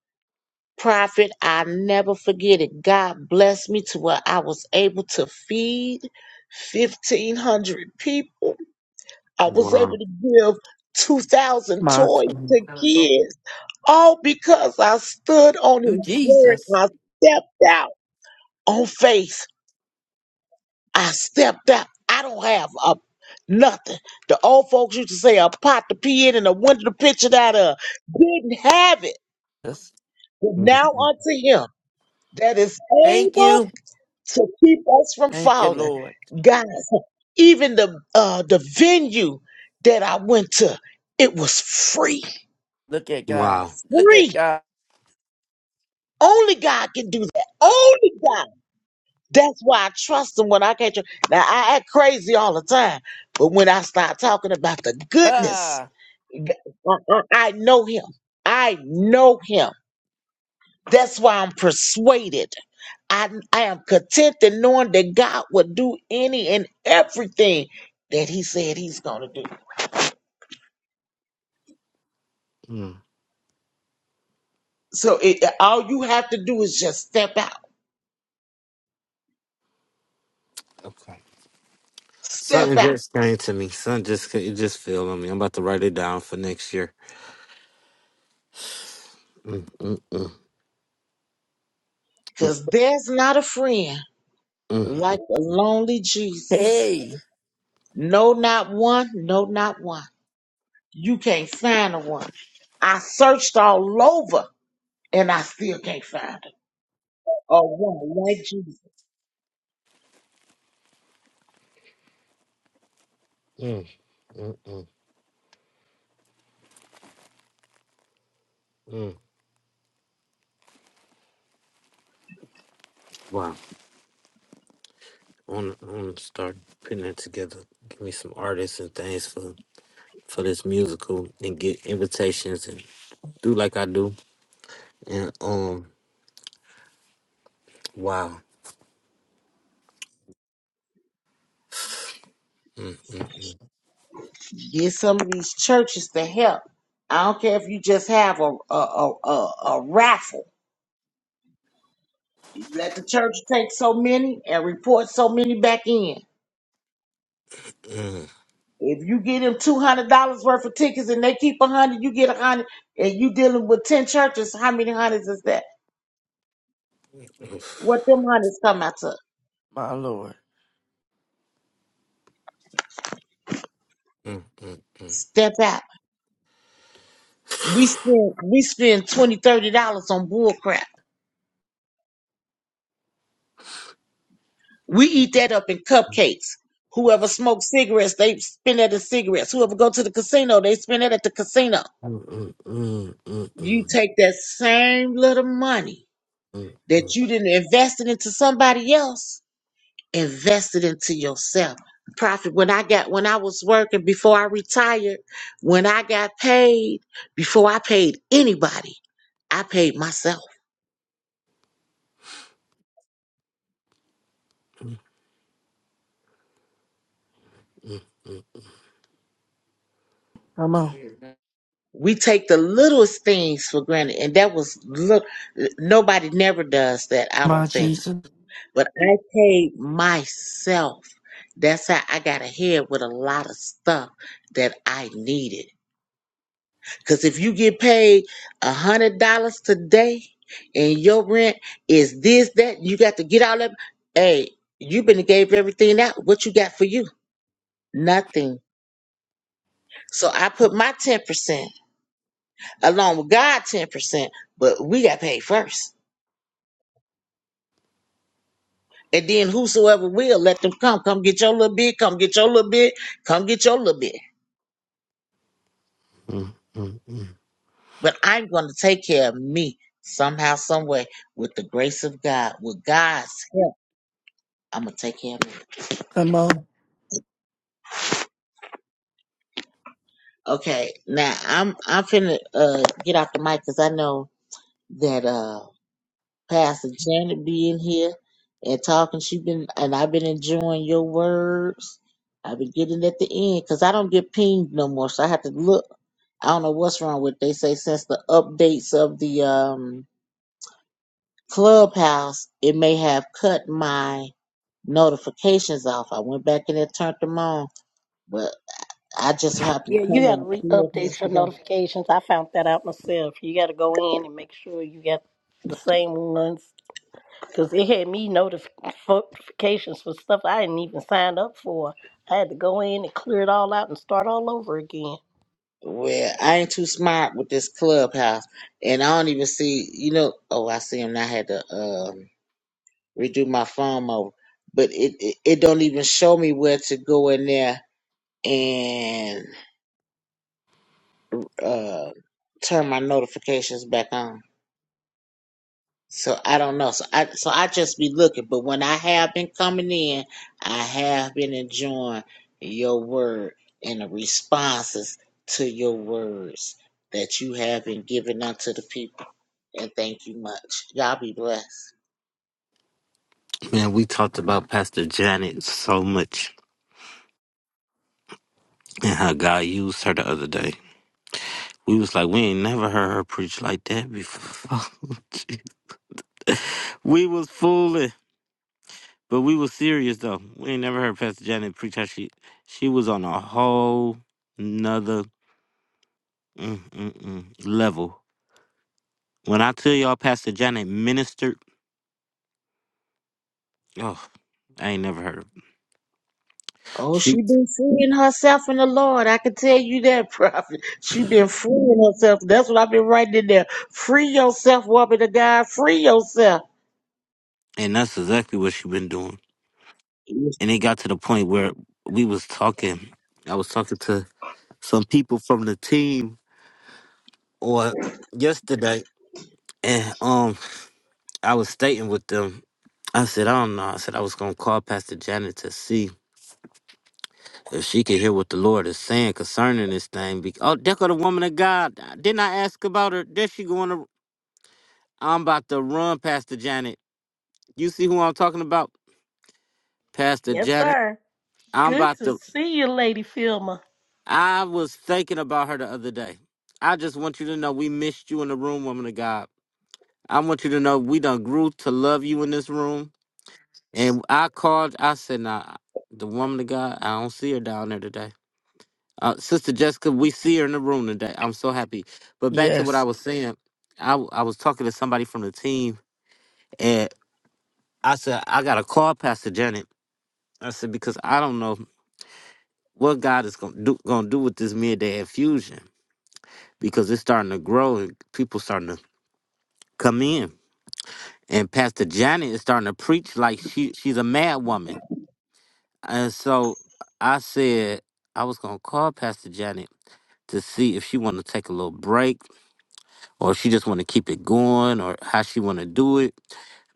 S4: Prophet, I never forget it. God blessed me to where I was able to feed 1,500 people. I was able
S1: Wow.
S4: to give 2,000
S3: my
S4: toys
S3: son.
S4: to kids, all because I stood on
S3: You,
S4: His word. and
S3: Jesus.
S4: I stepped out on faith. I stepped out. I don't have a nothing. The old folks used to say a pot to pee in and a window to pitch it out of. Didn't have it.
S3: Yes.
S4: But now
S1: Mhm.
S4: unto Him that is
S3: Thank
S4: able
S3: you.
S4: So keep us from
S3: Thank you,
S4: falling.
S3: Lord.
S4: Guys, even the uh the venue that I went to, it was free.
S3: Look at God.
S1: Wow.
S3: Look
S4: Free.
S3: at God.
S4: Only God can do that. Only God. That's why I trust him when I can't. trust. Now I act crazy all the time, but when I start talking about the goodness,
S3: Ah,
S4: g- uh, uh, I I know him. I know him. That's why I'm persuaded. I, I am content in knowing that God will do any and everything that He said He's going to do.
S1: Mm.
S4: So it, all you have to do is just step out,
S1: Okay.
S4: step
S1: Something
S4: out,
S1: just came to me. Something just ca- it just fell on me. I'm about to write it down for next year. Mm, mm, mm,
S4: because there's not a friend
S1: mm,
S4: like the lonely Jesus.
S3: hey,
S4: No, not one. No, not one. You can't find a one. I searched all over and I still can't find a, a one like Jesus.
S1: mm, mm, mm, mm. Wow. want to I want to start putting it together. Give me some artists and things for for this musical and get invitations and do like I do. And um, wow. Mm, mm,
S4: Get some of these churches to help. I don't care if you just have a a, a, a, a raffle. You let the church take so many and report so many back in.
S1: mm,
S4: If you get them two hundred dollars worth of tickets and they keep a hundred, you get a hundred, and you dealing with ten churches. How many hundreds is that?
S1: oof,
S4: What them hundreds come out to?
S3: my Lord.
S1: mm, mm, mm.
S4: Step out. We spend we spend twenty thirty dollars on bull crap. We eat that up in cupcakes. Whoever smokes cigarettes, they spend that in cigarettes. Whoever go to the casino, they spend that at the casino.
S1: Mm, mm, mm, mm, mm,
S4: You take that same little money
S1: mm,
S4: that
S1: mm,
S4: you didn't invest it into somebody else, invest it into yourself. Profit. When I got when I was working before I retired, when I got paid, before I paid anybody, I paid myself.
S1: mm,
S3: Come on,
S4: We take the littlest things for granted, and that was look. Nobody never does that. I
S3: my
S4: don't think
S3: Jesus.
S4: But I paid myself. That's how I got ahead with a lot of stuff that I needed. Cause if you get paid a hundred dollars today and your rent is this, that, you got to get all that. Hey, you been gave everything out. What you got for you? Nothing. So I put my ten percent along with God ten percent, but we got paid first. And then whosoever will let them come. Come get your little bit, come get your little bit, come get your little bit.
S1: mm, mm, mm.
S4: but I'm going to take care of me somehow, some way, with the grace of God, with God's help. I'm gonna take care of me.
S3: Come on.
S4: Okay, now I'm I'm finna uh, get off the mic because I know that uh, Pastor Janet be in here and talking. She been and I've been enjoying your words. I've been getting at the end because I don't get pinged no more, so I have to look. I don't know what's wrong with. They say since the updates of the um, clubhouse, it may have cut my notifications off. I went back in and turned them on, but I just so happened
S5: Yeah,
S4: to
S5: you
S4: come
S5: got to
S4: in clubhouse
S5: re-update your
S4: today.
S5: notifications. I found that out myself. You got to go in and make sure you got the same ones Because it had me notifications for stuff I didn't even sign up for. I had to go in and clear it all out and start all over again.
S4: Well, I ain't too smart with this clubhouse, and I don't even see. You know, oh, I see him. I had to um, redo my phone mode, but it, it it don't even show me where to go in there and uh, turn my notifications back on. So I don't know. So I so I just be looking. But when I have been coming in, I have been enjoying your word and the responses to your words that you have been giving unto the people. And thank you much. Y'all be blessed.
S1: Man, we talked about Pastor Janet so much and how God used her the other day. We was like, we ain't never heard her preach like that before. we was fooling. But we was serious though. We ain't never heard Pastor Janet preach how she she was on a whole nother mm, mm, mm, level. When I tell y'all Pastor Janet ministered, oh, I ain't never heard of it.
S4: Oh, she
S1: she
S4: been freeing herself in the Lord. I can tell you that, prophet. She been freeing herself. That's what I've been writing in there. Free yourself, woman of God. Free yourself.
S1: and that's exactly what she been doing. And it got to the point where we was talking. I was talking to some people from the team or yesterday and um I was stating with them. I said, I don't know. I said I was gonna call Pastor Janet to see. If she can hear what the Lord is saying concerning this thing, be- oh, there go the woman of God. Uh, Didn't I ask about her? There she going to. I'm about to run, Pastor Janet. You see who I'm talking about, Pastor
S5: Yes,
S1: Janet?
S5: sir.
S1: I'm
S5: Good
S1: about
S5: to
S1: to.
S5: see you, Lady Filmer.
S1: I was thinking about her the other day. I just want you to know we missed you in the room, woman of God. I want you to know we done grew to love you in this room. And I called. I said, "Nah, the woman of God. I don't see her down there today." Uh, Sister Jessica, we see her in the room today. I'm so happy. But back to what
S3: Yes.
S1: I was saying, I, w- I was talking to somebody from the team, and I said, I got to call Pastor Janet. I said, because I don't know what God is going to do, gonna do with this midday infusion because it's starting to grow and people starting to come in. And Pastor Janet is starting to preach like she she's a mad woman. And so I said, I was going to call Pastor Janet to see if she want to take a little break or if she just want to keep it going or how she want to do it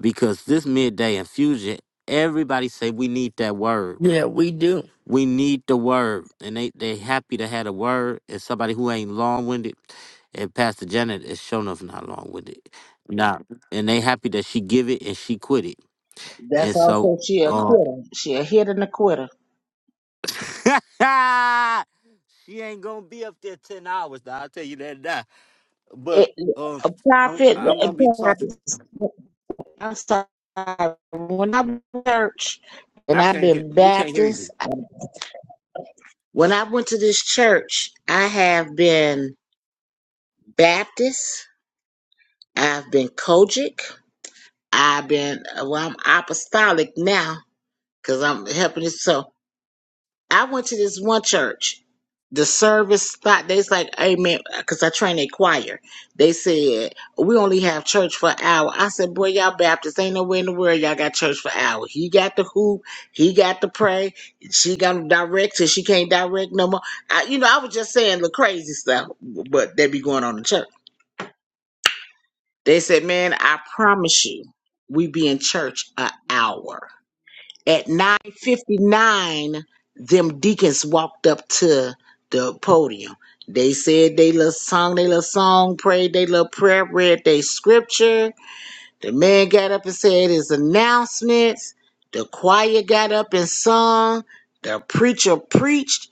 S1: because this midday infusion everybody say we need that word
S3: Yeah, we do.
S1: we need the word and they they happy to have a word and somebody who ain't long-winded and pastor janet is shown enough not long-winded now and they happy that she give it and she quit it
S4: That's
S1: and so
S4: also she a
S1: um
S4: quitter. She a hit and a quitter.
S1: she ain't gonna be up there 10 hours now, i'll tell you that now. but
S4: it,
S1: um
S4: a
S1: I'm,
S4: prophet,
S1: I'm
S4: a
S1: gonna be talking.
S4: prophet. I'm sorry. When I went to church, and
S1: I
S4: I've
S1: can't hear.
S4: been
S1: We can't hear you.
S4: Baptist. When I went to this church, I have been Baptist. I've been Kojic. I've been well. I'm apostolic now because I'm helping it so. I went to this one church. The service spot, they's like, hey man, because I train a choir. They said, we only have church for an hour. I said, boy, y'all Baptists ain't nowhere in the world y'all got church for an hour. He got the hoop, he got to pray, she got to direct so she can't direct no more. I, you know, I was just saying the crazy stuff, but they be going on in church. They said, man, I promise you, we be in church an hour. At 9:59, them deacons walked up to the podium. They said they little song, they little song, prayed they little prayer, read they scripture, the man got up and said his announcements. The choir got up and sung. The preacher preached.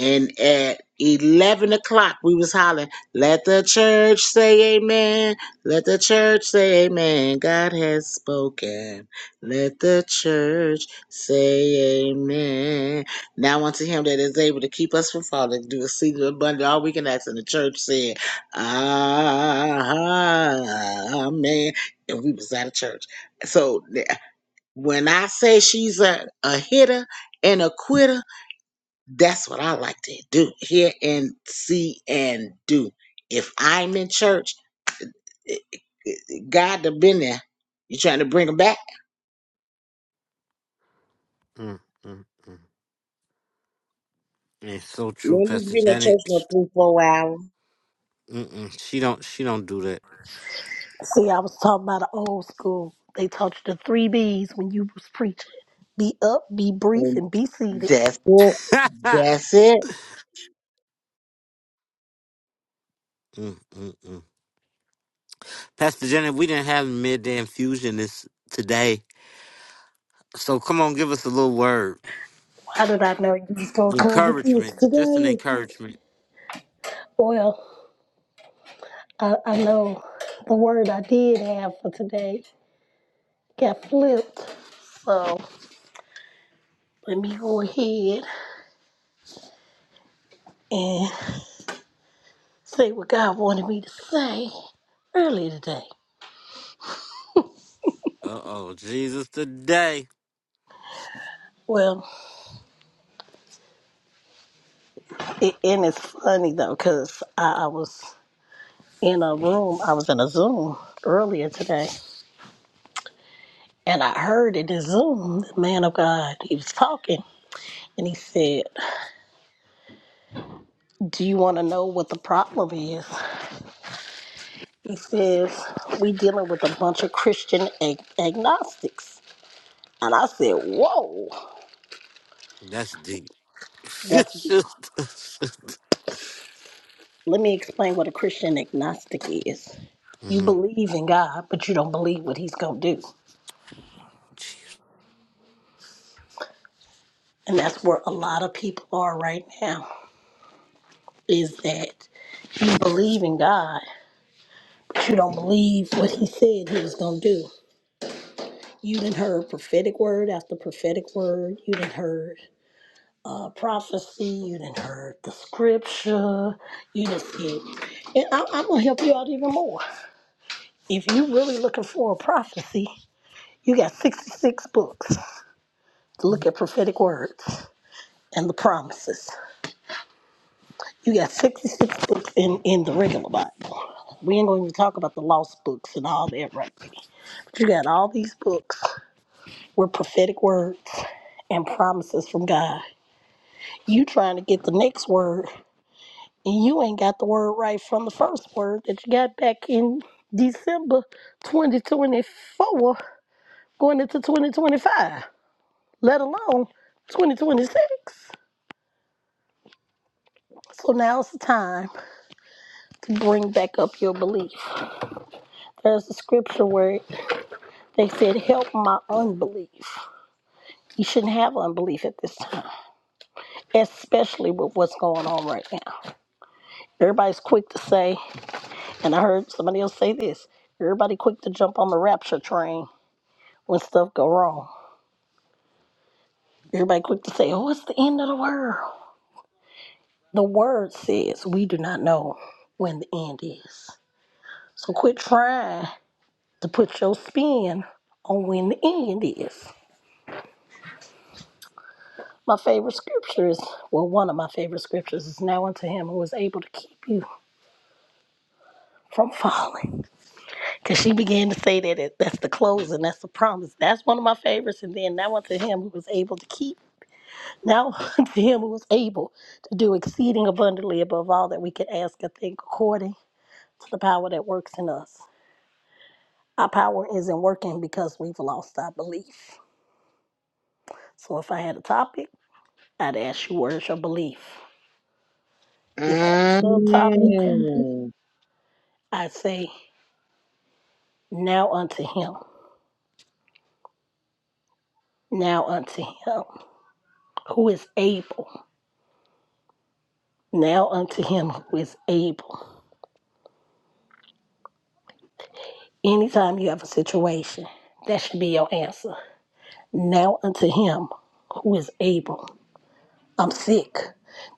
S4: And at 11 o'clock, we was hollering, let the church say amen. Let the church say amen. God has spoken. Let the church say amen. Now unto him that is able to keep us from falling, do a seed of abundance. All we can ask in the church said, Amen and we was out of church. So th- when I say she's a, a hitter and a quitter, that's what I like to do. Hear and see and do. If I'm in church, eh, eh, God have been there. You trying to bring him back?
S1: Mm, mm, mm. It's so
S4: You
S1: true,
S4: ain't
S1: Pastor
S4: been in church
S1: Janet.
S4: no three, four hours.
S1: Mm-mm. She don't. She don't do that.
S5: See, I was talking about the old school. They taught you the three B's when you was preaching. Be up, be brief,
S4: And
S5: and be seated.
S4: that's it. That's it.
S1: mm, mm, mm. Pastor Janet, we didn't have midday infusion this today. So come on, give us a little word,
S5: How did I know you was gonna come with this
S1: encouragement, just an
S5: today?
S1: encouragement.
S5: Well, I, I know the word I did have for today got flipped. So let me go ahead. and. say what God wanted me to say earlier today.
S1: Uh oh, Jesus today.
S5: Well, it, and it's funny though, because I, I was in a room, I was in a Zoom earlier today, and I heard in the Zoom, the man of God, he was talking, and he said, Do you want to know what the problem is? He says, We dealing with a bunch of Christian ag- agnostics. And I said, Whoa,
S1: That's deep.
S5: that's deep Let me explain what a Christian agnostic is.
S1: Mm
S5: You
S1: hmm
S5: believe in God, but you don't believe what he's going to do. And that's where a lot of people are right now is that you believe in God, but you don't believe what he said he was going to do. You didn't heard prophetic word after prophetic word. You didn't heard uh, prophecy. You didn't heard the scripture. You didn't And I, I'm going to help you out even more. If you really looking for a prophecy, you got 66 books. to look at prophetic words and the promises. You got 66 books in, in the regular Bible. We ain't going to even talk about the lost books and all that right there. But you got all these books with prophetic words and promises from God. You trying to get the next word, and you ain't got the word right from the first word that you got back in December 2024 going into 2025, let alone 2026. So now's the time to bring back up your belief. There's a scripture where they said, Help my unbelief. You shouldn't have unbelief at this time, especially with what's going on right now. Everybody's quick to say, and I heard somebody else say this everybody quick to jump on the rapture train when stuff go wrong. Everybody quick to say, Oh, it's the end of the world. The word says we do not know when the end is. So quit trying to put your spin on when the end is. My favorite scripture is, well, one of my favorite scriptures is now unto him who is able to keep you from falling. Because she began to say that it, that's the closing, that's the promise. That's one of my favorites. And then now unto him who was able to keep, now unto him who was able to do exceeding abundantly above all that we could ask or think according to the power that works in us. Our power isn't working because we've lost our belief. So if I had a topic, I'd ask you, where's your belief? If I had a subtopic,
S4: Mm.
S5: I'd say, now unto him, now unto him who is able, now unto him who is able. Anytime you have a situation, that should be your answer. Now unto him who is able. I'm sick.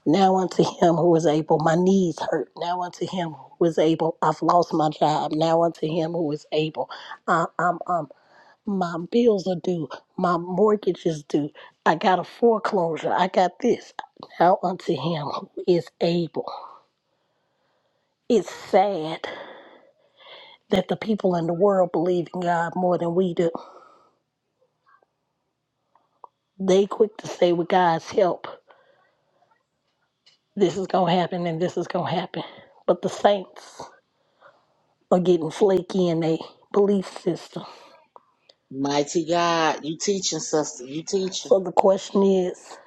S5: Now unto him who is able. My knees hurt. Now unto him who is able. I've lost my job. Now unto him who is able. I, I'm I'm My bills are due. My mortgage is due. I got a foreclosure. I got this. Now unto him who is able. It's sad that the people in the world believe in God more than we do. They quick to say with God's help, this is gonna happen and this is gonna happen. But the saints are getting flaky in their belief system.
S4: Mighty God, you teaching, sister. You teaching.
S5: So the question is,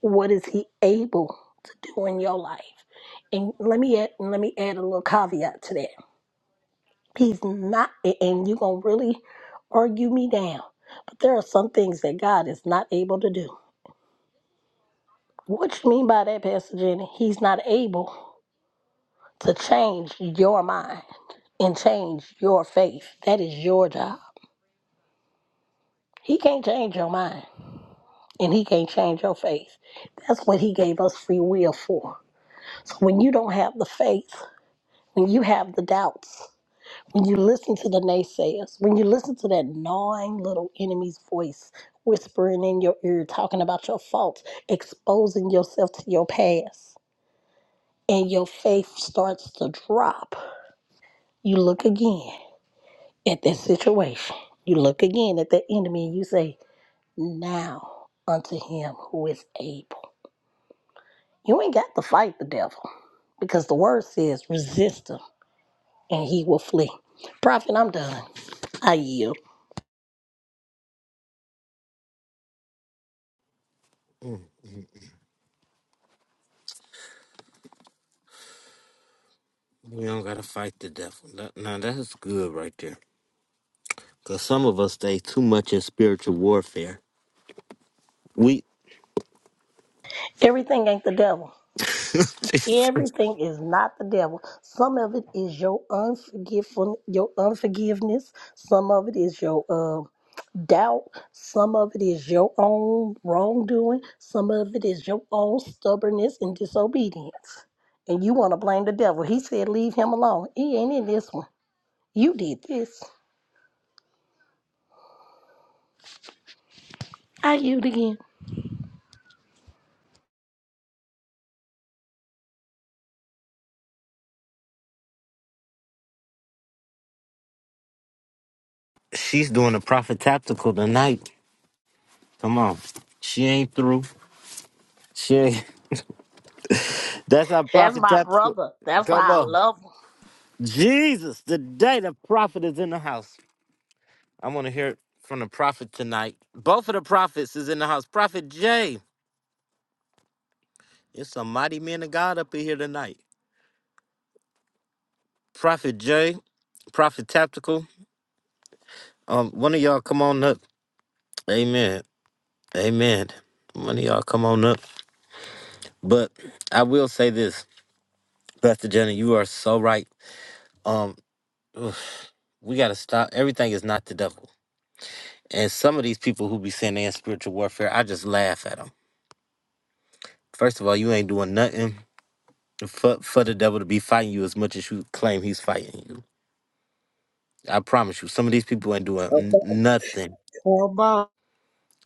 S5: what is he able to do in your life? And let me add, let me add a little caveat to that He's not, a- and you're going to really argue me down. But there are some things that God is not able to do. What you mean by that, Pastor Jenny? He's not able to change your mind and change your faith. That is your job. He can't change your mind and he can't change your faith. That's what he gave us free will for. So when you don't have the faith, when you have the doubts, When you listen to the naysayers, when you listen to that gnawing little enemy's voice whispering in your ear, talking about your faults, exposing yourself to your past, and your faith starts to drop, you look again at that situation. You look again at that enemy and you say, Now unto him who is able. You ain't got to fight the devil because the word says, Resist him and he will flee. Prophet, I'm done. I yield.
S1: We don't gotta fight the devil. That, now that's good right there. Cause some of us stay too much in spiritual warfare. We
S5: Everything ain't the devil. Everything is not the devil. Some of it is your unforgivful, your unforgiveness. Some of it is your uh, doubt. Some of it is your own wrongdoing. Some of it is your own stubbornness and disobedience. And you want to blame the devil. He said, "Leave him alone. He ain't in this one. You did this. I you again."
S1: She's doing a prophet tactical tonight. Come on. She ain't through. She ain't. That's our
S5: That's
S1: prophet
S5: my
S1: tactical.
S5: brother. That's
S1: Come
S5: why I
S1: on.
S5: love him.
S1: Jesus, today the prophet is in the house. I want to hear it from the prophet tonight. Both of the prophets is in the house. Prophet Jay. It's a mighty man of God up in here tonight. Prophet Jay, Prophet Tactical. Um, one of y'all come on up. Amen. Amen. One of y'all come on up. But I will say this. Pastor Jenna. you are so right. Um, oof, we gotta stop. Everything is not the devil. And some of these people who be saying they in spiritual warfare, I just laugh at them. First of all, you ain't doing nothing for, for the devil to be fighting you as much as you claim he's fighting you. I promise you, some of these people ain't doing n-
S4: Okay.
S1: nothing.
S4: Come on.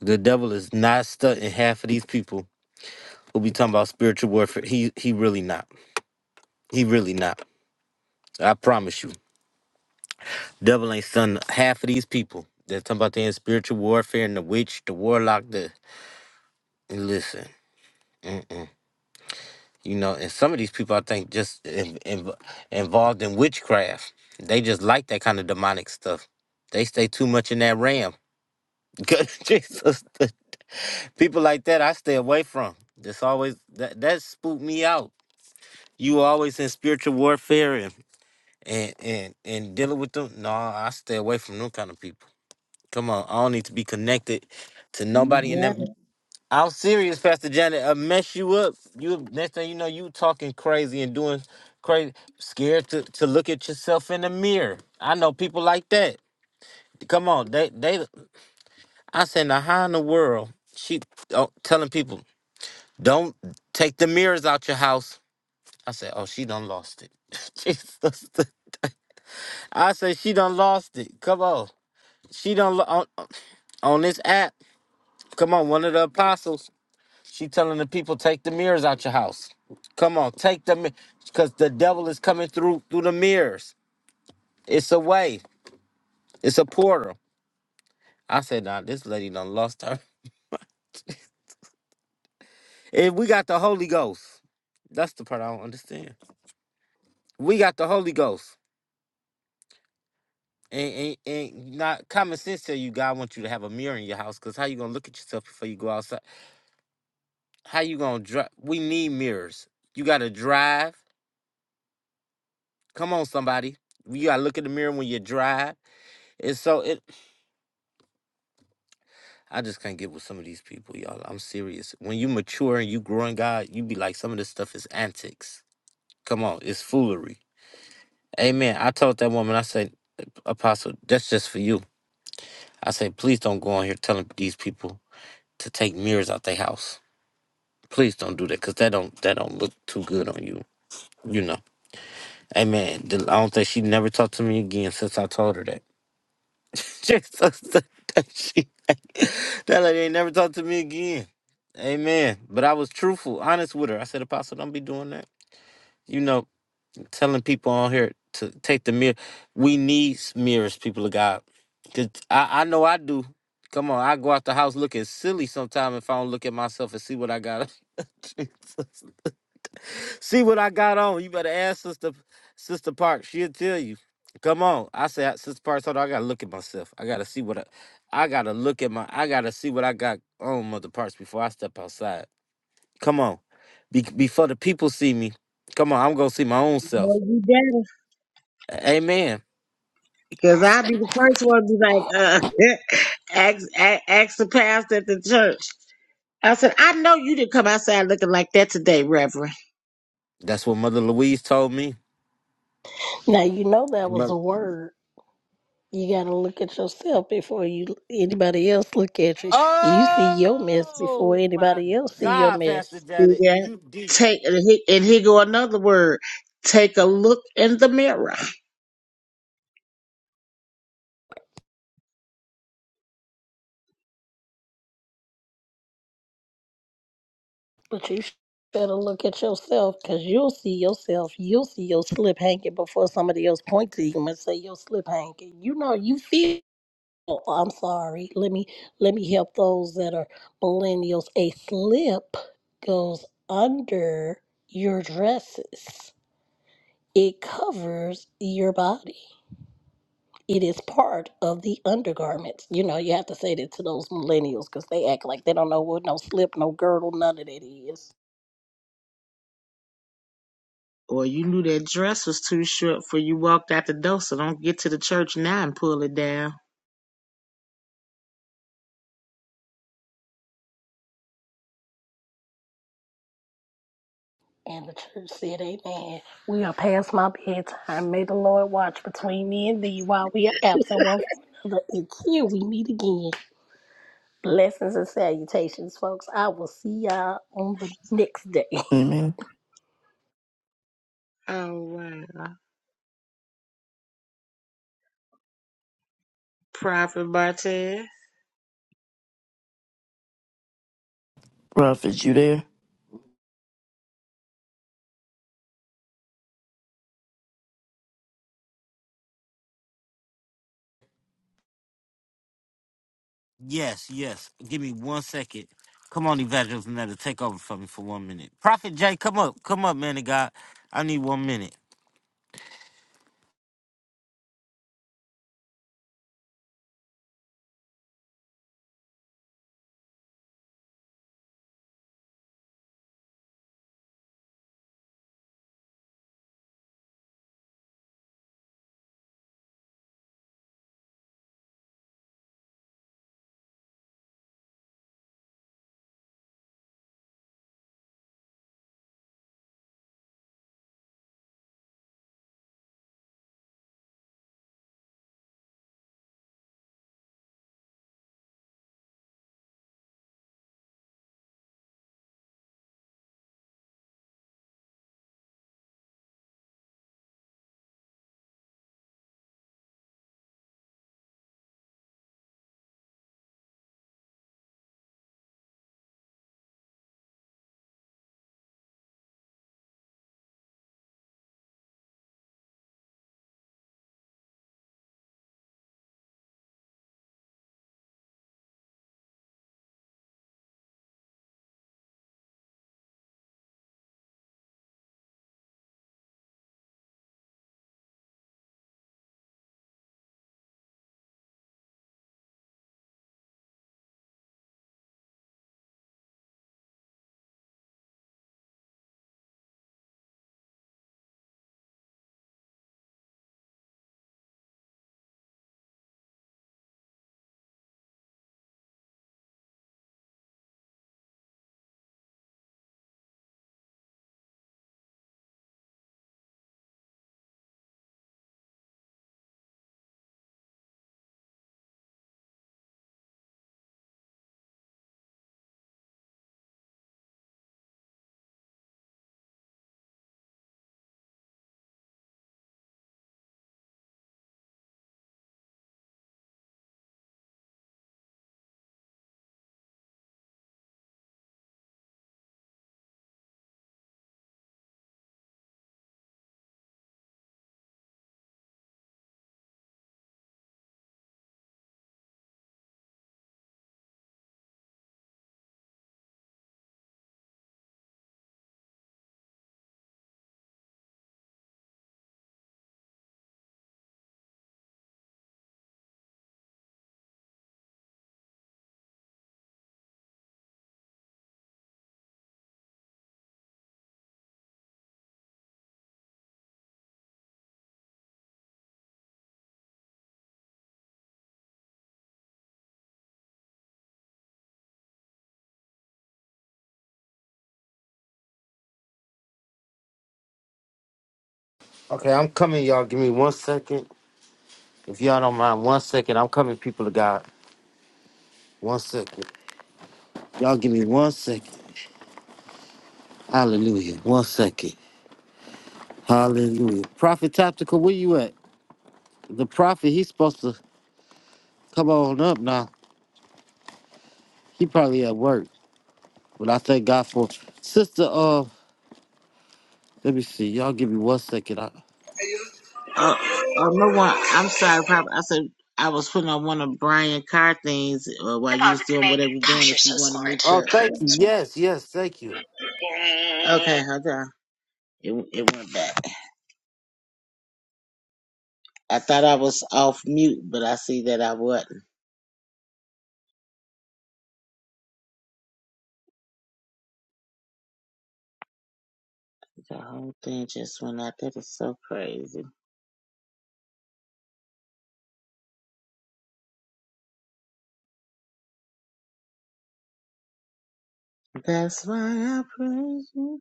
S1: The devil is not stunting half of these people who be talking about spiritual warfare. He he really not. He really not. I promise you. Devil ain't stunting half of these people. They're talking about they in spiritual warfare and the witch, the warlock, the And Listen, mm-mm. you know, and some of these people I think just in, in, involved in witchcraft. They just like that kind of demonic stuff. They stay too much in that realm. Good Jesus, people like that I stay away from. That's always that that spooked me out. You always in spiritual warfare and and and, and dealing with them. No, I stay away from them kind of people. Come on, I don't need to be connected to
S4: You
S1: nobody in that.
S4: better.
S1: I'm serious, Pastor Janet. I mess you up. You next thing you know, you talking crazy and doing crazy, scared to, to look at yourself in the mirror. I know people like that. Come on, they they. I said, now how in the world she oh, telling people don't take the mirrors out your house? I said, oh, she done lost it. Jesus, I said she done lost it. Come on, she done lo- on, on this app. Come on, one of the apostles. She telling the people take the mirrors out your house. Come on, take them because the devil is coming through through the mirrors. It's a way. It's a portal. I said, nah, this lady done lost her. If we got the Holy Ghost, that's the part I don't understand. We got the Holy Ghost. And, and, and not common sense tell you God wants you to have a mirror in your house because how you gonna look at yourself before you go outside? How you gonna drive? We need mirrors. You gotta drive. Come on, somebody. You gotta look in the mirror when you drive. And so it I just can't get with some of these people, y'all. I'm serious. When you mature and you grow in God, you be like, some of this stuff is antics. Come on, it's foolery. Amen. I told that woman, I said, Apostle, that's just for you. I said, please don't go on here telling these people to take mirrors out their house. Please don't do that, cause that don't that don't look too good on you. You know. Amen. The- I don't think she never talked to me again since I told her that. She's so stuck that she that lady ain't never talked to me again. Amen. But I was truthful, honest with her. I said, Apostle, don't be doing that. You know, telling people on here to take the mirror. We need mirrors, people of God. Cause I, I know I do. Come on, I go out the house looking silly sometime if I don't look at myself and see what I got. Jesus. See what I got on. You better ask Sister Sister Parks. She'll tell you. Come on. I said, Sister Parks. hold on. I gotta look at myself. I gotta see what I I gotta look at my I gotta see what I got on Mother Parks before I step outside. Come on. Be, before the people see me. Come on, I'm gonna see my own
S4: No,
S1: self.
S4: you better.
S1: Amen.
S4: Cause I'll be the first one to be like, uh, ask, ask, ask the pastor at the church. I said, I know you didn't come outside looking like that today, Reverend.
S1: That's what Mother Louise told me.
S5: Now you know that was
S1: Mother-
S5: a word. You gotta look at yourself before you anybody else look at you. You see your mess before
S1: oh my
S5: anybody else see your
S1: God, Pastor
S5: mess.
S4: See
S1: Janet,
S4: that?
S1: you deep.
S4: Take and he, and he go another word. Take a look in the mirror.
S5: But you sh- better look at yourself because you'll see yourself. You'll see your slip hanging before somebody else point to you and say your slip hanging. You know you feel. oh, I'm sorry. Let me let me help those that are millennials. A slip goes under your dresses. It covers your body. it is part of the undergarments. You know, you have to say that to those millennials because they act like they don't know what no slip, no girdle, none of that is.
S4: Or you knew that dress was too short for you walked out the door, so don't get to the church now and pull it down.
S5: And the church said, Amen. We are past my bedtime. May the Lord watch between me and thee while we are absent one from another until we meet again. Blessings and salutations, folks. I will see y'all on the next day.
S3: Amen.
S4: Oh wow, Prophet Martez.
S3: Prophet, you there?
S1: Yes, yes. Give me one second. Come on, Evangelist Netta, take over for me for one minute. Prophet Jay, come up. Come up, man of God. I need one minute. Okay, I'm coming, y'all. Give me one second. If y'all don't mind, one second. I'm coming, people of God. One second. Y'all give me one second. Hallelujah. One second. Hallelujah. Prophet Tactical, where you at? The prophet, he's supposed to come on up now. He probably at work. But I thank God for Sister uh let me see. Y'all give me one second.
S4: Oh, oh no one. I'm sorry, Papa. I said I was putting on one of Brian Carr things uh, while you was doing whatever you're doing. If you want to make
S1: Oh,
S4: sure. uh,
S1: thank you. Yes, yes, thank you.
S4: okay, hold on. It it went back. I thought I was off mute, but I see that I wasn't. The whole thing just went out. That is so crazy. That's why I praise you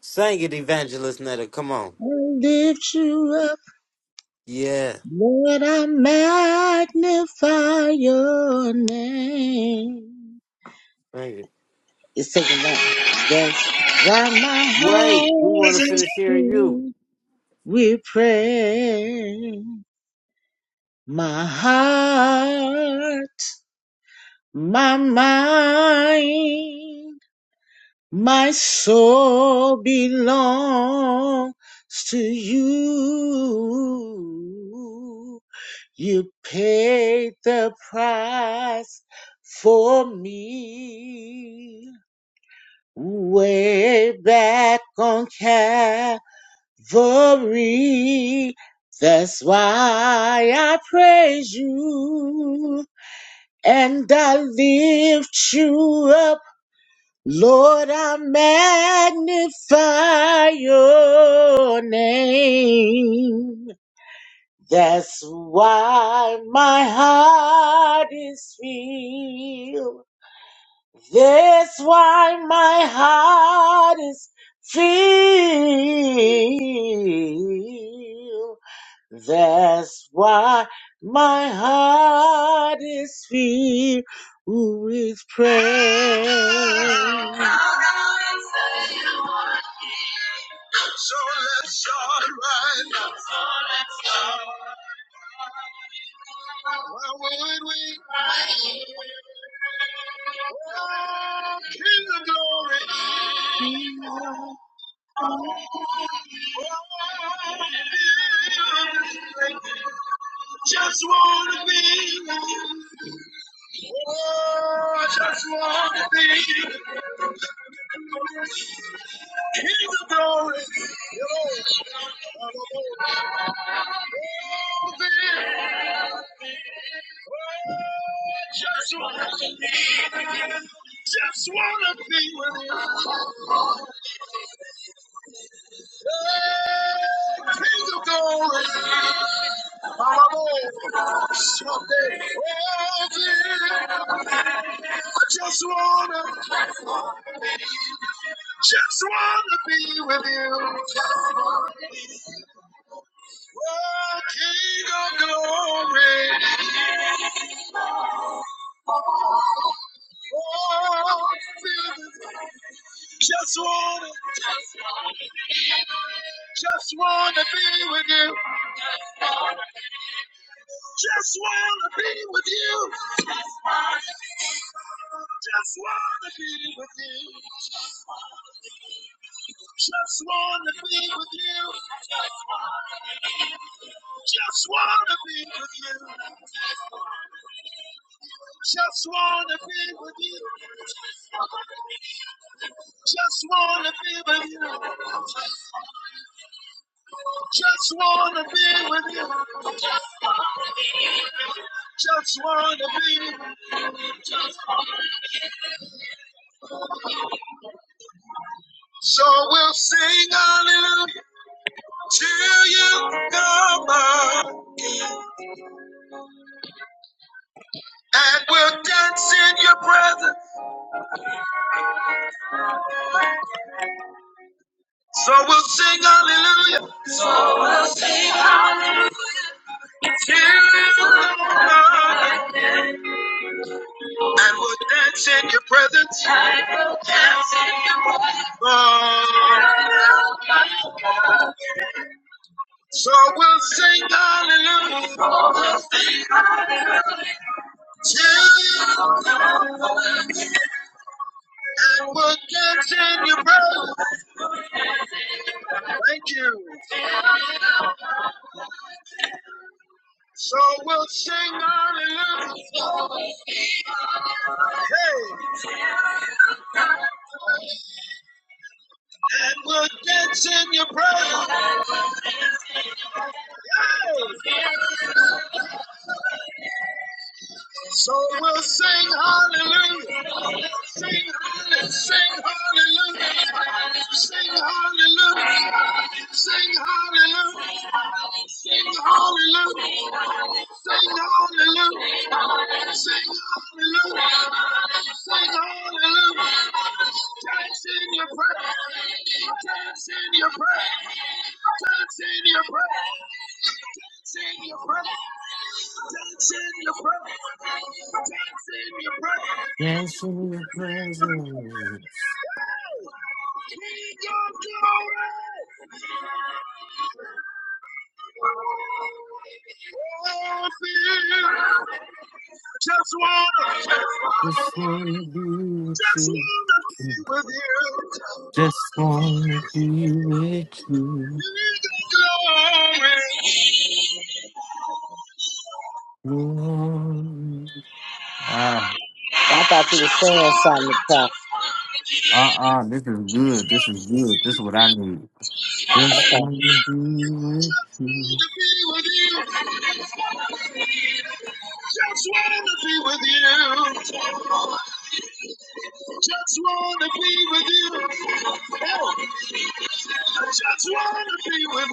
S1: Sing it, Evangelist Netta. Come on.
S4: and lift you up,
S1: Yeah,
S4: Lord. I magnify your name.
S1: sing it.
S4: It's taking that. That's why my
S1: Wait,
S4: heart
S1: we want to
S4: is
S1: finish hearing you.
S4: filled with prayer. My heart, my mind, my soul belongs to you. You paid the price for me. way back on Calvary. That's why I praise you and I lift you up. Lord, I magnify your name. That's why my heart is filled That's why my heart is filled that's why my heart is filled with praise. So let's start right now. Why would we? Oh, King of glory. Just wanna be. you. Oh, I just wanna be in the glory. Oh, be. Just wanna be. Just wanna be with you. King of glory, Bible, someday. Oh, dear, I just wanna, just wanna be with you. Oh, King of glory, oh, dear, just wanna, just wanna be with you. Just wanna be with you. Just wanna be with you. Just wanna be with you. Just wanna be with you. Just wanna be with you. Just wanna be with you. Just wanna be with you. Just wanna be. So we'll sing hallelujah till you come on, and we'll dance in your presence. So we'll sing hallelujah. So You, I will dance in your presence. Lord. So we'll sing hallelujah. Sing and we'll dance in your presence. Thank you. So we'll sing hallelujah. Hey. and we'll dance in your presence. Hey, So we'll sing hallelujah. Sing hallelujah, sing hallelujah, sing hallelujah, sing hallelujah, sing hallelujah, sing hallelujah, sing hallelujah, sing hallelujah. Dance in your prayer, dance in your prayer, dance in your prayer, dance in your prayer, dance in your prayer, dance in your prayer.
S1: Dancing in your presence.
S4: King of glory. Oh, Just wanna, just wanna
S1: Just
S4: be
S1: want to be with you.
S4: with you.
S1: Just want to be with you.
S4: King of glory.
S1: Lord. Ah,
S4: I thought you were saying something, Chuck.
S1: uh-uh, this is good. This is good. This is what I need. Just
S4: Okay.
S1: want to be with
S4: Just
S1: you.
S4: wanna be with you. Just wanna be with you. Oh, I Just wanna be with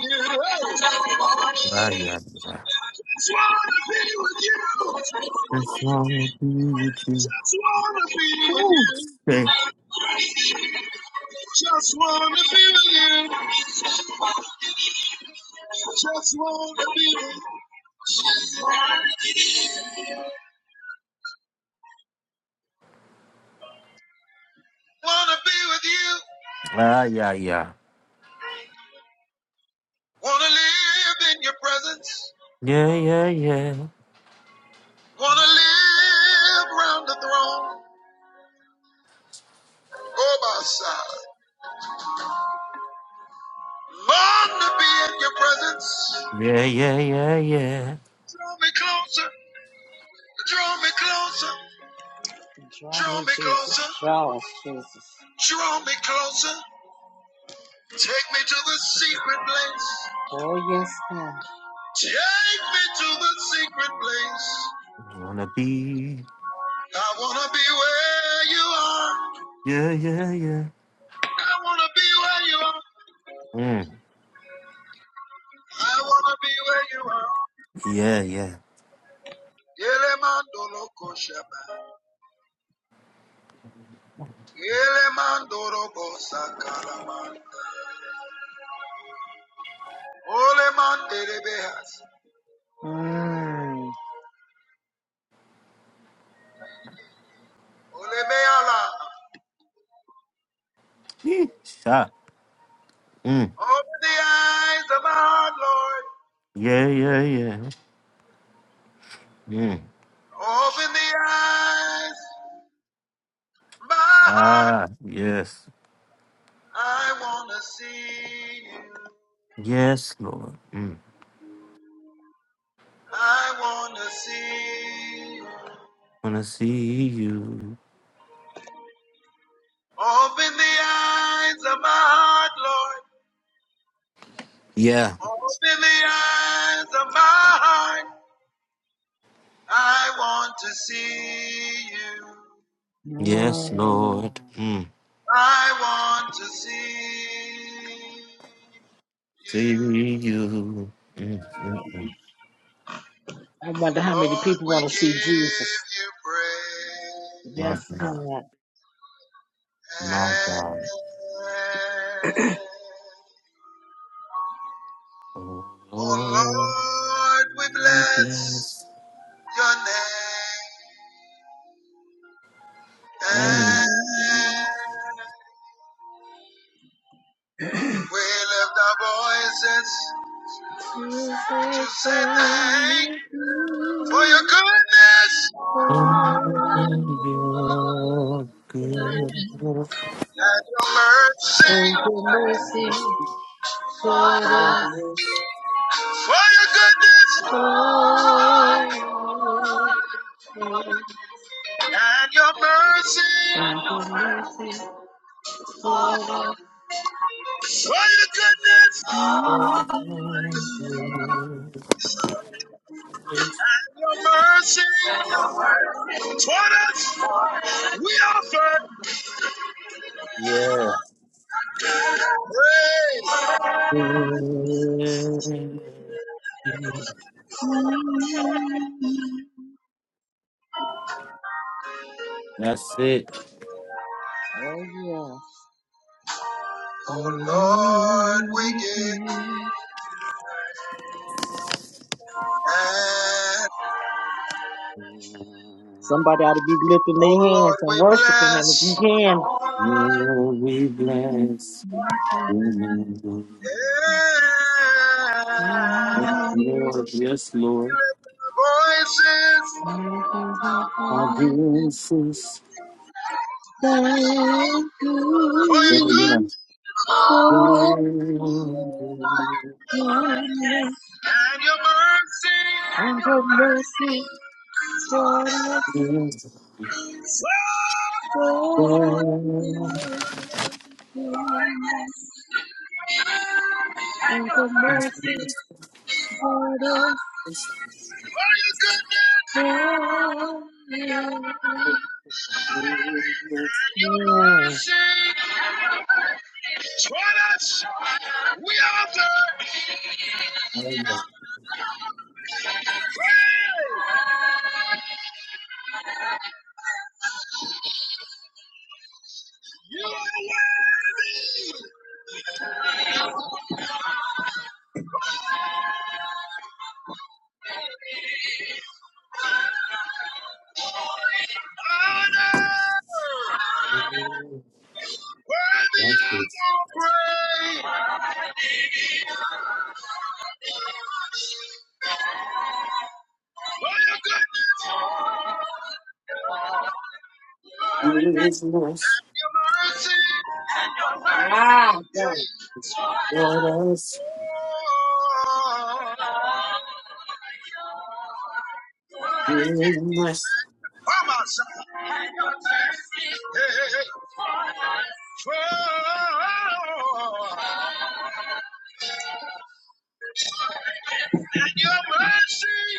S4: you. Oh, I
S1: Ah, yeah, yeah.
S4: Just wanna be with you.
S1: Just want to be with you.
S4: Just wanna be with you.
S1: Mm.
S4: Just wanna be with you. Just wanna be. with you. Wanna be with you.
S1: Ah, yeah, yeah.
S4: Wanna live in your presence.
S1: Yeah, yeah, yeah.
S4: Wanna live round the throne. Oh my side. Long to be in your presence.
S1: Yeah, yeah, yeah, yeah.
S4: Draw me closer. Draw me closer. Draw me, closer. Draw me closer. Take me to the secret place. Oh, yes, God. Take me to the secret place.
S1: I wanna be.
S4: I want to be where you are.
S1: Yeah, yeah, yeah.
S4: I want to be where you are.
S1: Mm.
S4: I want to be where you are.
S1: Yeah, yeah.
S4: Elemandolo kosheba. Elemandoro bosakarama. Olemandelebehas. Mm. Olemeala.
S1: Yeesh. Ah. Mm.
S4: Open the eyes of my heart, Lord.
S1: Yeah, yeah, yeah. Mm.
S4: Open the eyes, of my heart.
S1: Ah, yes.
S4: I wanna see you.
S1: Yes, Lord. Mm.
S4: I wanna see you.
S1: Wanna see you.
S4: Open the eyes of my heart, Lord.
S1: Yeah.
S4: Open the eyes of my heart. I want to see you.
S1: Yes,
S4: Mm.
S1: Lord. Mm.
S4: I want to see you.
S1: See you. Mm. Mm. mm.
S4: I wonder how many people want to see Jesus. you praise.
S1: My
S4: Yes,
S1: God.
S4: God.
S1: My
S4: Oh
S1: God. Oh,
S4: Lord, we bless
S1: yes,
S4: your name.
S1: and
S4: We lift our voices to say thank you for your goodness
S1: all your goodness
S4: and your mercy. for us. For your goodness and your mercy. For your goodness and your mercy toward us, we offer
S1: Yeah.
S4: praise.
S1: That's it.
S4: Oh Lord, we give and Somebody ought to be lifting their hands and worshiping Him if you
S1: Oh, we bless the name of the
S4: can. Yeah.
S1: Lord. Yes, Lord.
S4: Voices Thank
S1: Our blessings.
S4: for your good you
S1: Yeah. Yeah, yeah. Oh, your
S4: for your goodness and your mercy. and your mercy toward us forever. And your mercy toward us forever. Your mercy, your mercy. Mamas. Hey, hey, hey. Oh, and your mercy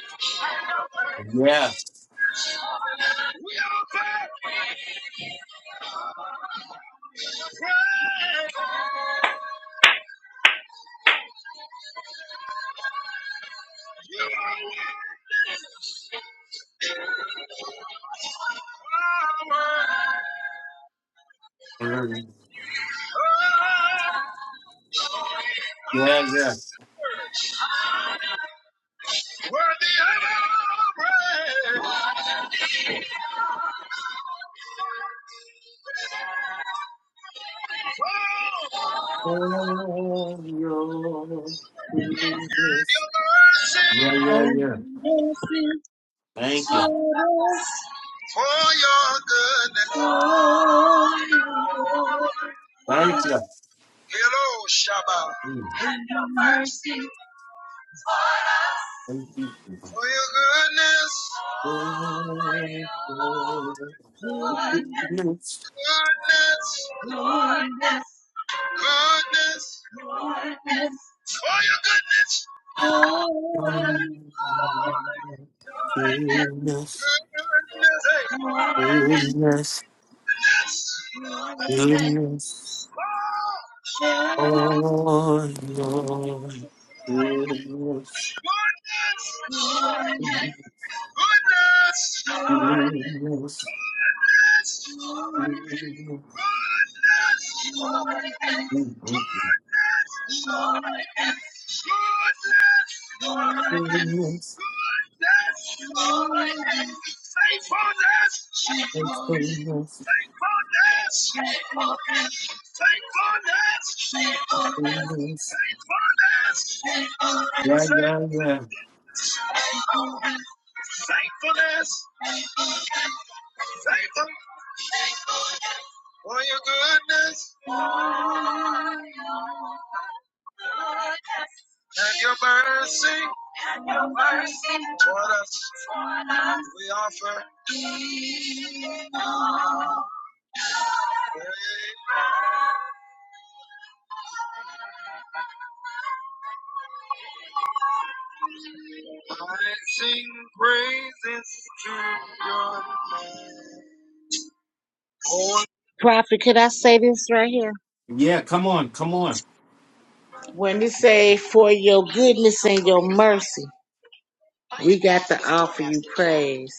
S4: worthy of our praise.
S1: goodness. Yeah, yeah,
S4: And
S1: yeah.
S4: your mercy
S1: Thank you.
S4: toward us, For your goodness. oh
S1: Thank you.
S4: Hello, Shabbat.
S1: Mm.
S4: And your mercy toward us. for your goodness, Goodness,
S1: Thank you.
S4: goodness, goodness, goodness, goodness, for your goodness, oh, goodness,
S1: Goodness,
S4: hey,
S1: goodness,
S4: goodness, goodness,
S1: goodness,
S4: goodness, oh,
S1: oh
S4: oh.
S1: Lord,
S4: Goodness,
S1: goodness, goodness,
S4: goodness,
S1: goodness,
S4: goodness, goodness,
S1: goodness,
S4: goodness, goodness, faithfulness, Faithfulness. Faithfulness.
S1: goodness.
S4: faithfulness,
S1: Yeah,
S4: Faithfulness.
S1: yeah, yeah.
S4: faithfulness, faithfulness, Faithful for your goodness and your mercy toward us. We offer praise. I sing praises to your name. Prophet, could I say this right here?
S1: Yeah, come on, come on.
S4: When it say, for your goodness and your mercy, we got to offer you praise.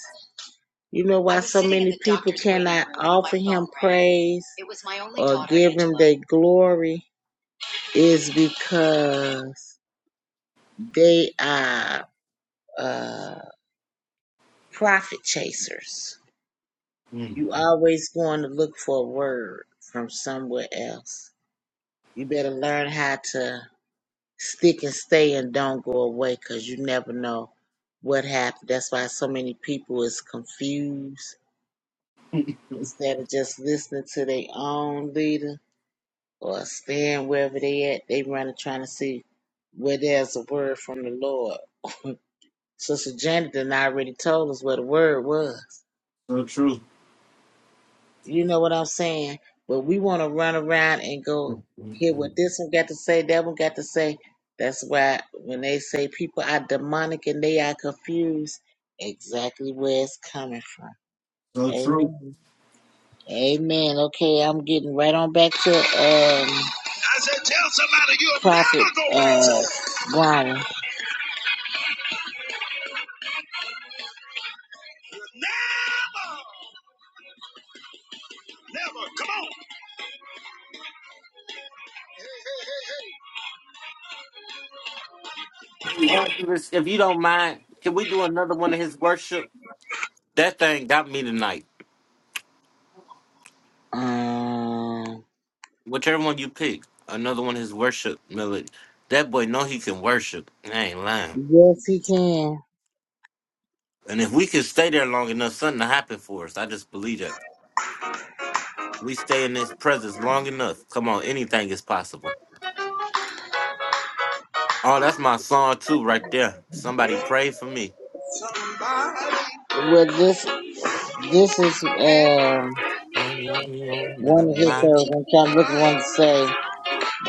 S4: You know why so many people cannot offer him praise or give him their glory is because they are uh, profit chasers.
S1: Mm,
S4: You always going to look for a word from somewhere else. You better learn how to stick and stay and don't go away because you never know what happened. That's why so many people is confused instead of just listening to their own leader or staying wherever they at. They running trying to see where there's a word from the Lord. Sister Janet done already told us where the word was.
S1: so true.
S4: You know what I'm saying? But we want to run around and go
S1: Mm,
S4: hear
S1: mm,
S4: what this one got to say, that one got to say. That's why when they say people are demonic and they are confused, exactly where it's coming from.
S1: So true.
S4: Amen. Amen. Okay, I'm getting right on back to um. I said, tell somebody you're prophet uh, Brian.
S1: If you don't mind, can we do another one of his worship? That thing got me tonight.
S4: Um,
S1: Whichever one you pick, another one is worship melody. That boy know he can worship. I ain't lying.
S4: yes, he can.
S1: And if we can stay there long enough, something to happen for us. I just believe that. We stay in his presence long enough. Come on, anything is possible. Oh, that's my song too, right there. Somebody pray for me.
S4: Well, this this is um.
S1: Let me on the
S4: One of his
S1: line.
S4: service and try to look at one to say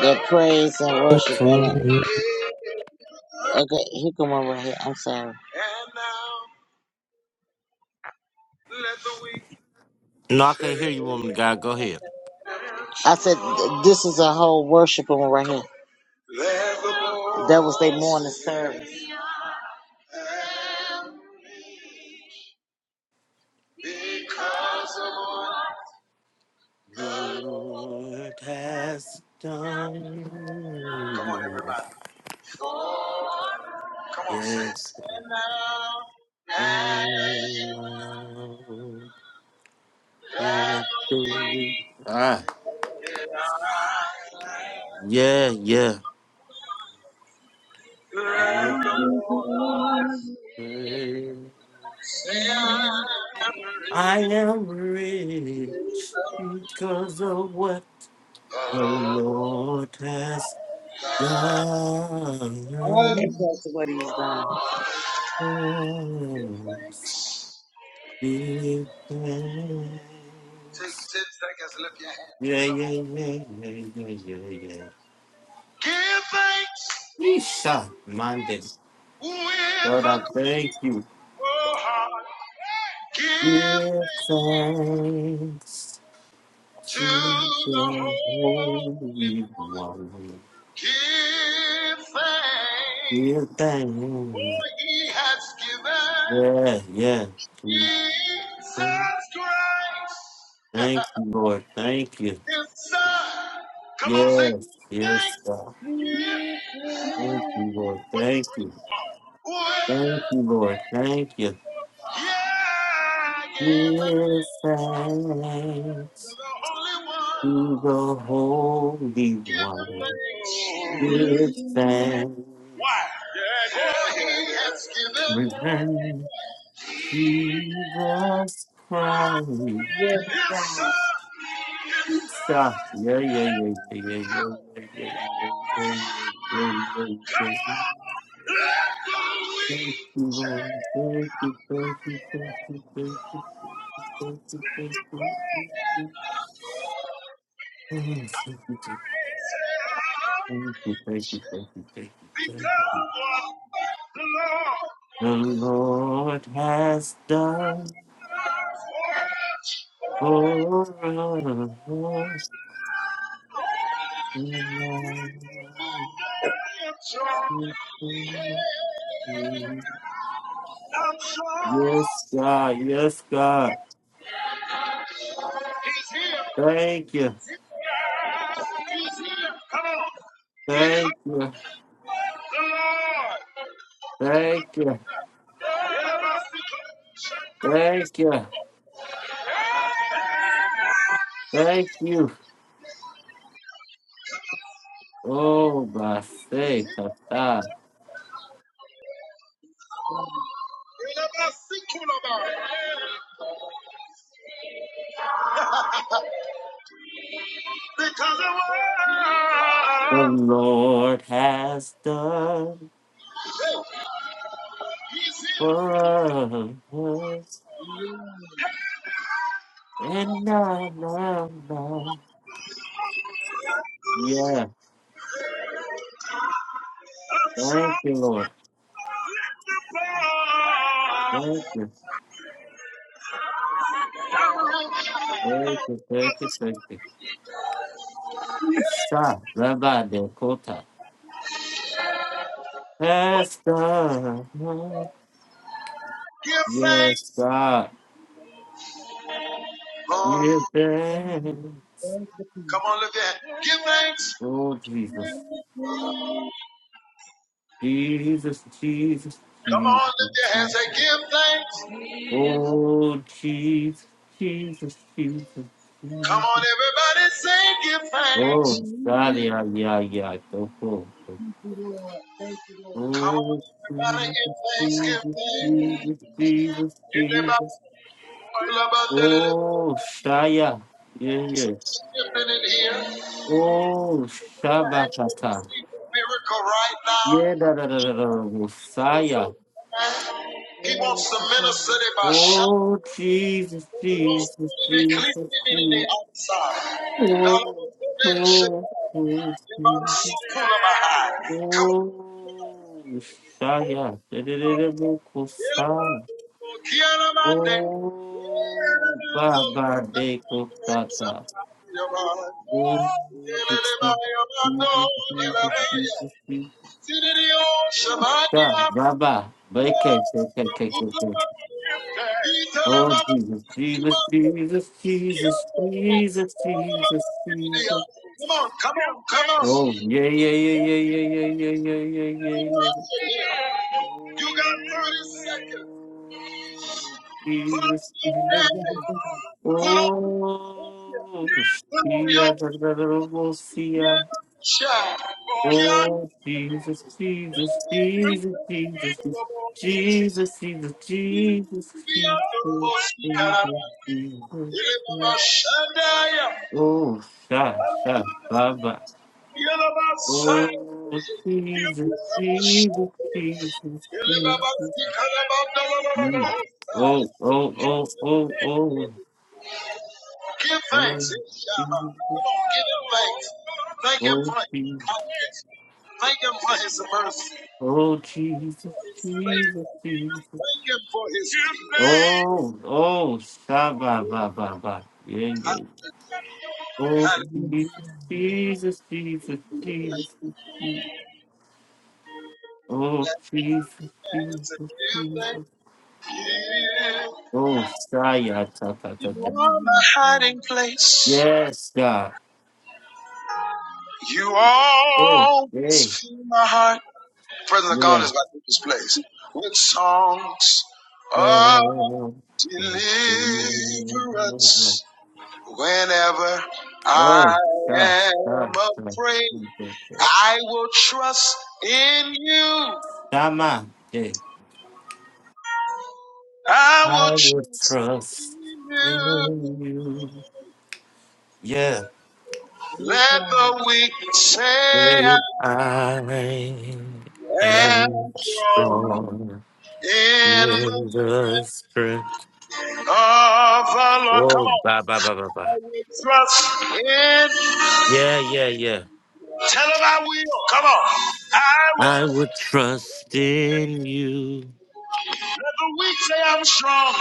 S4: their praise and worship at
S1: For
S4: it.
S1: me.
S4: Okay, here come one right here. I'm sorry.
S1: No, I can't hear you, woman of God. Go ahead.
S4: I said th- this is a whole worship one right here. That was their morning service.
S1: The Lord has
S4: Come on
S1: done.
S4: everybody. Come on, say it.
S1: Yes.
S4: And now,
S1: Ah,
S4: and now,
S1: yeah, yeah.
S4: let the All
S1: I am rich because of what the Lord has done.
S4: because of what he's done. Give
S1: Oh,
S4: thanks.
S1: give thanks.
S4: Take 10 seconds, and lift your hands and
S1: Yeah, yeah,
S4: double.
S1: yeah, yeah, yeah, yeah, yeah.
S4: Give thanks
S1: Isha, Monday.
S4: with a
S1: Lord, I thank you.
S4: grateful heart. Give
S1: Give
S4: thanks
S1: thanks
S4: to
S1: to
S4: the
S1: the
S4: Holy
S1: Holy
S4: One.
S1: One.
S4: Give thanks, for
S1: Give thanks.
S4: He has given
S1: Yeah, yeah. Give thanks.
S4: Jesus Christ.
S1: Thank you, Lord. Thank you.
S4: Yes, sir. Come on, say
S1: Yes, yes,
S4: thanks.
S1: God.
S4: Yeah.
S1: Thank you, Lord.
S4: With the
S1: Thank
S4: great
S1: you.
S4: one.
S1: Thank you, Lord. Thank you.
S4: Yeah, yeah, give thanks.
S1: Give thanks
S4: You're the only one.
S1: to the Holy
S4: Give him
S1: One. Give
S4: thanks.
S1: thanks.
S4: Why? Yeah, yeah. For he has given
S1: Return Jesus Christ. Yeah,
S4: his son. His
S1: yeah, yeah, yeah, yeah, yeah, yeah, yeah, yeah, yeah,
S4: son.
S1: yeah,
S4: Come
S1: yeah. yeah.
S4: on, let the
S1: Thank
S4: weak
S1: you,
S4: say,
S1: Lord. Thank you,
S4: I'm
S1: thank you, thank you, thank you, thank you, thank you, thank you, thank you, thank you, thank you, thank you, thank you, thank you, thank you.
S4: because of what the Lord
S1: The Lord has done
S4: works. for us.
S1: for
S4: I am strong.
S1: us.
S4: I'm strong.
S1: Yes, God. Yes, God.
S4: He's here.
S1: Thank you.
S4: He's here. Come on.
S1: Thank you.
S4: The Lord.
S1: Thank you. Thank you. Thank you. Oh, my faith of God.
S4: Because the
S1: The
S4: world
S1: Lord has done for us. And now, now, now. Yeah.
S4: is trying
S1: Thank you, Lord.
S4: to fall.
S1: Thank you. Thank you. Thank you. Thank you. Stop. Rabbi Dakota. Has done.
S4: Give thanks.
S1: Yes, God.
S4: Oh,
S1: Give thanks.
S4: come on, lift your hands! Give thanks.
S1: Oh, Jesus. Jesus, Jesus,
S4: Come
S1: Jesus.
S4: on, lift your hands. Say, give thanks.
S1: Oh, Jesus, Jesus, Jesus,
S4: Come
S1: Jesus.
S4: on, everybody, say, give thanks.
S1: Oh, God, yeah, yeah, yeah. Go, go, go.
S4: Come on,
S1: Oh,
S4: everybody,
S1: Jesus,
S4: give thanks. Give
S1: Jesus,
S4: thanks.
S1: Jesus, Jesus,
S4: Give
S1: Jesus.
S4: thanks. Feel about the little
S1: Oh, Shaya. Yeah, yeah.
S4: something in here.
S1: Oh, Shabbatata.
S4: Miracle right now.
S1: Yeah, da, da, da, da, da. Messiah.
S4: He wants to minister to by shining
S1: Oh, Jesus,
S4: the
S1: Jesus,
S4: in
S1: Jesus,
S4: the
S1: Jesus.
S4: outside.
S1: Oh, oh, oh, Jesus.
S4: Come on,
S1: Oh, Shaya. Dedededebokosa. Oh, Baba de Kosata. Oh, Jesus, Jesus, Jesus, Jesus, Jesus. Sa, Baba. Beke, beke, beke, beke. Oh, Jesus, Jesus, Jesus, Jesus, Jesus, Jesus, Jesus, Jesus.
S4: Come on, come on, come on.
S1: Oh, yeah, yeah, yeah, yeah, yeah, yeah, yeah, yeah, yeah, yeah, yeah.
S4: You
S1: Oh,
S4: got 30 seconds. Put on, Yes, God. put on,
S1: Jesus. Oh,
S4: put on your
S1: Sia, da, da, da, da, oh, Sia.
S4: yes, child. Kiana.
S1: Oh, Jesus, Jesus, Jesus, Jesus, Jesus, Jesus, Jesus, Jesus, Jesus, Jesus. Jesus.
S4: Shandaya.
S1: Oh, sha, sha,
S4: Yelabasandaya.
S1: Oh, Jesus, Jesus, Jesus, Jesus. Mm. Oh, oh, oh, oh,
S4: Give
S1: oh,
S4: thanks.
S1: oh, Jesus,
S4: Come on, give him thanks. Thank him
S1: oh,
S4: for his
S1: Jesus,
S4: kindness. Thank him for his mercy.
S1: oh, Jesus,
S4: his
S1: Jesus,
S4: favor.
S1: Jesus.
S4: Thank him for his peace.
S1: Oh, oh, Shabba, ba, ba, ba. Yeah, yeah.
S4: I-
S1: Oh,
S4: I-
S1: Jesus, Jesus, Jesus, Jesus. Jesus. Oh, Jesus, Jesus,
S4: Give thanks.
S1: Jesus.
S4: Give.
S1: Oh, Saya, ta, ta, ta,
S4: You
S1: ta.
S4: are my hiding place.
S1: Yes, God.
S4: You
S1: Hey,
S4: always
S1: hey,
S4: fill my heart. The presence of God
S1: yeah.
S4: is like this place. With songs of
S1: Oh,
S4: deliverance. Whenever
S1: oh,
S4: I
S1: gosh,
S4: am
S1: gosh,
S4: afraid, I will trust in you.
S1: Dama, yeah.
S4: I
S1: I
S4: will
S1: will
S4: trust
S1: trust
S4: in
S1: in
S4: you.
S1: you. Yeah.
S4: Let the weak say I
S1: Say I
S4: am
S1: am
S4: strong
S1: strong
S4: in the
S1: in the
S4: strength
S1: strength.
S4: of the Lord. Come
S1: Oh,
S4: on.
S1: ba, ba, ba, ba, ba.
S4: Trust in.
S1: Yeah, yeah, yeah.
S4: Tell him I will. Come on. I
S1: I will
S4: will.
S1: trust in you.
S4: Let the weak say I'm strong.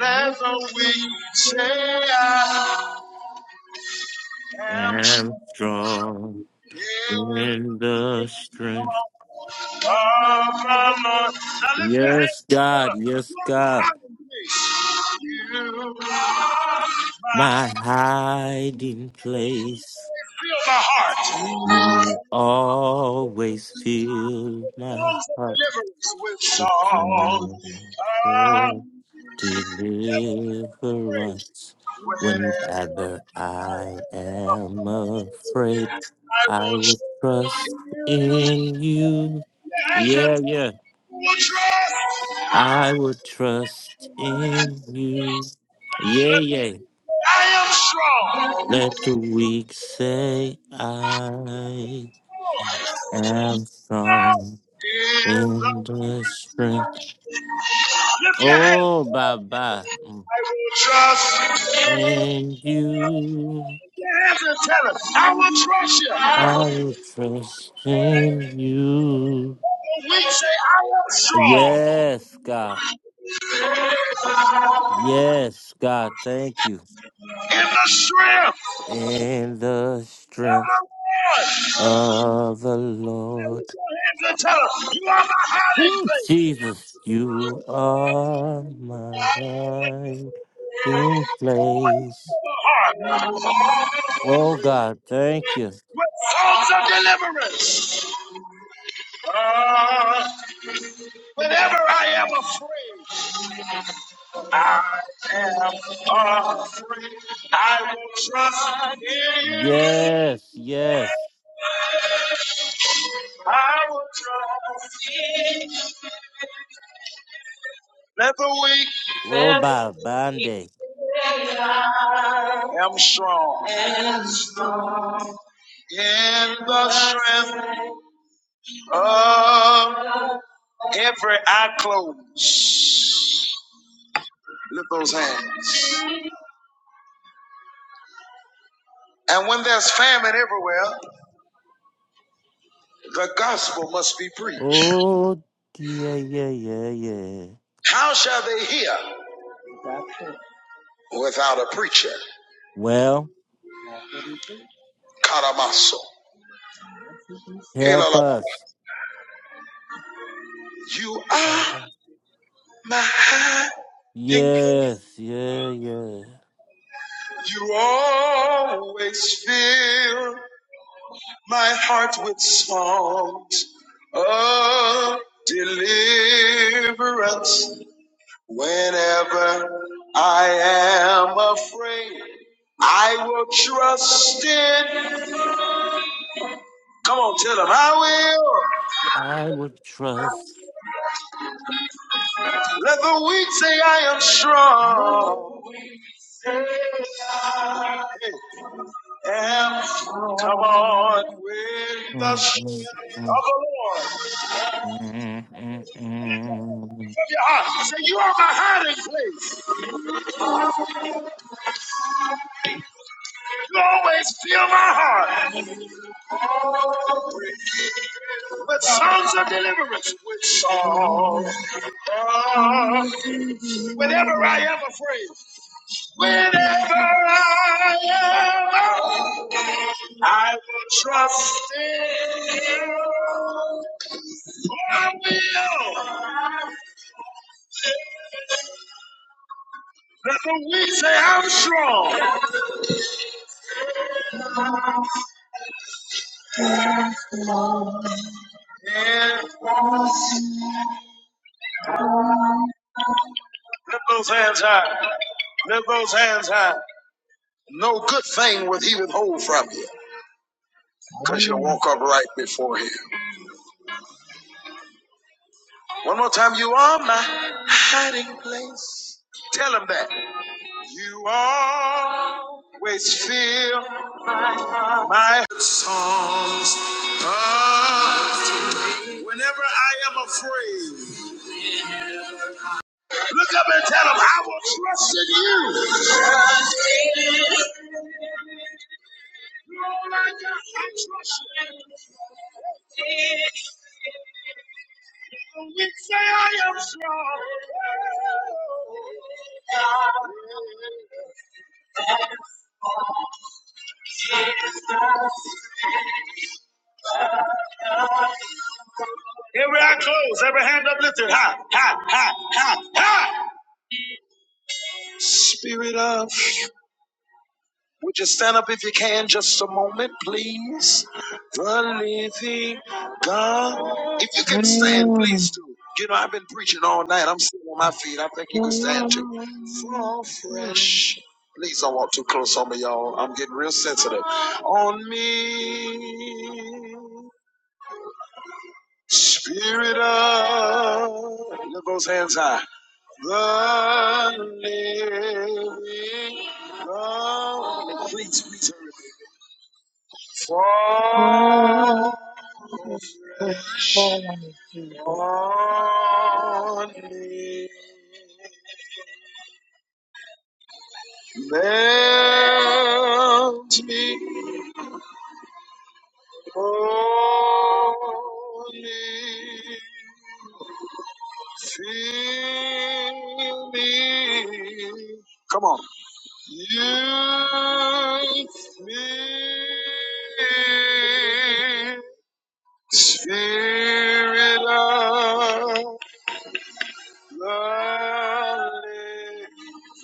S4: Let the weak say I
S1: I
S4: am strong.
S1: am strong
S4: Yeah.
S1: in the strength.
S4: Come on. Oh, come on. Now lift your hand.
S1: Yes,
S4: Tell
S1: God. Yes,
S4: 'em,
S1: God.
S4: I will praise you. My,
S1: My hiding place.
S4: Feel my heart.
S1: You always fill my
S4: Songs of
S1: heart
S4: deliverance with
S1: with
S4: songs
S1: song
S4: of
S1: of
S4: praise
S1: deliverance.
S4: whenever
S1: Whenever I am afraid,
S4: I
S1: I
S4: will
S1: will
S4: trust
S1: trust
S4: in you
S1: in you.
S4: and your
S1: Yeah, yeah.
S4: will trust.
S1: I will trust in you. Yeah, yeah.
S4: I am strong.
S1: Let the weak say, I am strong
S4: In the
S1: in the strength.
S4: lift your hand.
S1: Oh, Baba. Mm.
S4: I will trust. Lift
S1: In you,
S4: your hands and tell us. I will trust
S1: I
S4: you.
S1: will trust in you.
S4: The weak say I am strong.
S1: Yes, God. Yes, God. Thank you.
S4: in the strength
S1: In the
S4: of the
S1: strength
S4: Lord.
S1: of the
S4: Now
S1: Lord.
S4: lift your hands and tell him, you are my hiding
S1: Ooh,
S4: place.
S1: Jesus, you are my hiding place.
S4: The heart
S1: Oh God, thank you.
S4: with songs of deliverance. Ah, whenever I am afraid, I am afraid. I will trust in you.
S1: Yes, yes.
S4: I will trust. Let the weak
S1: Lord
S4: am
S1: by Bande.
S4: strong. Am strong. In the strength of every eye closed. Lift those hands. And when there's famine everywhere, the gospel must be preached.
S1: Oh yeah, yeah, yeah, yeah.
S4: How shall they hear without a preacher?
S1: Well,
S4: Karamaso.
S1: help us.
S4: You are my hiding place.
S1: Yes, yeah, yeah.
S4: You always fill my heart with songs of deliverance. Whenever I am afraid, I will trust in. Come on, tell them I will.
S1: I would trust.
S4: Let the weak say I am strong. Hey, am- strong. Come on, with the
S1: mm, mm,
S4: strength
S1: mm,
S4: of the Lord.
S1: mm, mm, mm, mm.
S4: of your heart. Say, you are my hiding place. You always fill my heart with songs of deliverance, with songs. of- Whenever I am afraid, whenever I am, I will trust in you. I will. Let the weak say, I'm strong. Yeah. Lift those hands high. Lift those hands high. No good thing will he withhold from you because you walk upright before him. One more time. You are my hiding place. Tell him that. You always fill my songs. of- praise. Whenever I am afraid, look up and tell him, I will trust in you. We say I am strong. Every eye closed, every hand uplifted. High, high, high, high, high. Spirit of. Would you stand up if you can just a moment, please? The living God. If you can stand, please Mm. do. You know, I've been preaching all night. I'm sitting on my feet. I think you can stand too. Fall fresh. Please don't walk too close on me, y'all. I'm getting real sensitive. On me, Spirit of. Lift those hands high. The living God. Please, please hurry. Fall fresh on me. Melt me holy. Fill me. Come on. Me. Spirit of the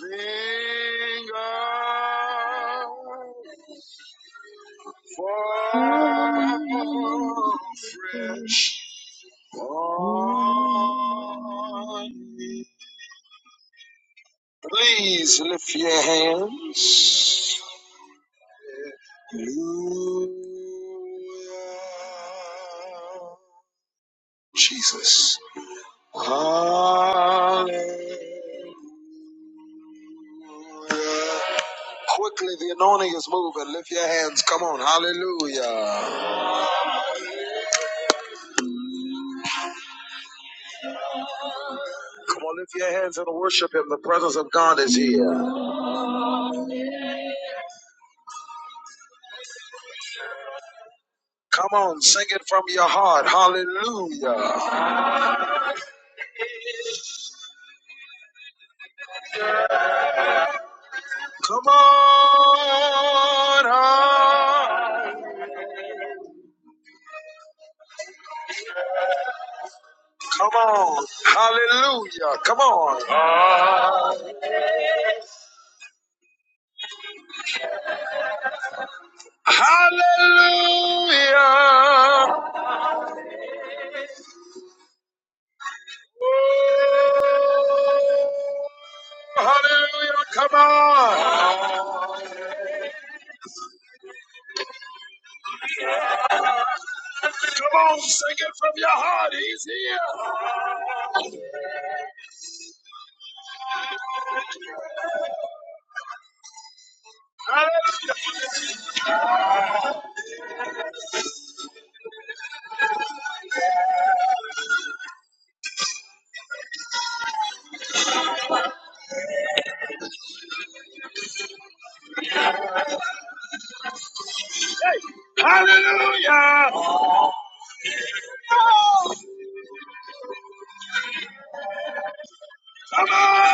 S4: living God. Fall fresh on me. Please lift your hands. Hallelujah. Jesus. Hallelujah. Quickly, the anointing is moving. Lift your hands. Come on. Hallelujah. Come on, lift your hands and worship Him. The presence of God is here. Come on, sing it from your heart. Hallelujah. Come on. ah. Come on. Hallelujah. Come on. Ah. Hallelujah. Hallelujah. Come on. Come on, sing it from your heart. He's here. Hallelujah. Oh,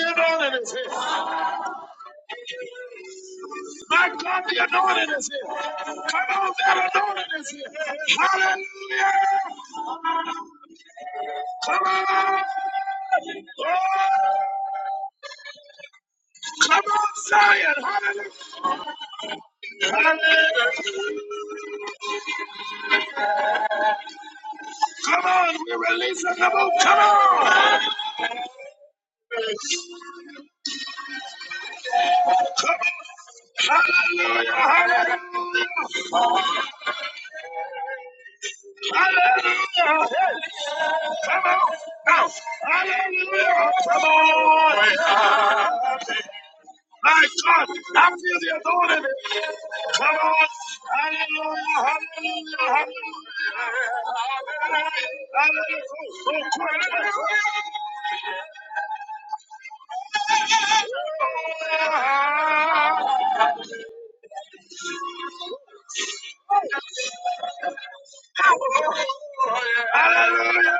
S4: you know that it's here. Come on, we're releasing the boat. Come on. Hallelujah. Hallelujah. Hallelujah. Come on. Now. Hallelujah. Come on. My God, I feel the anointing. Come on. Hallelujah. Hallelujah. Hallelujah. Hallelujah. Hallelujah.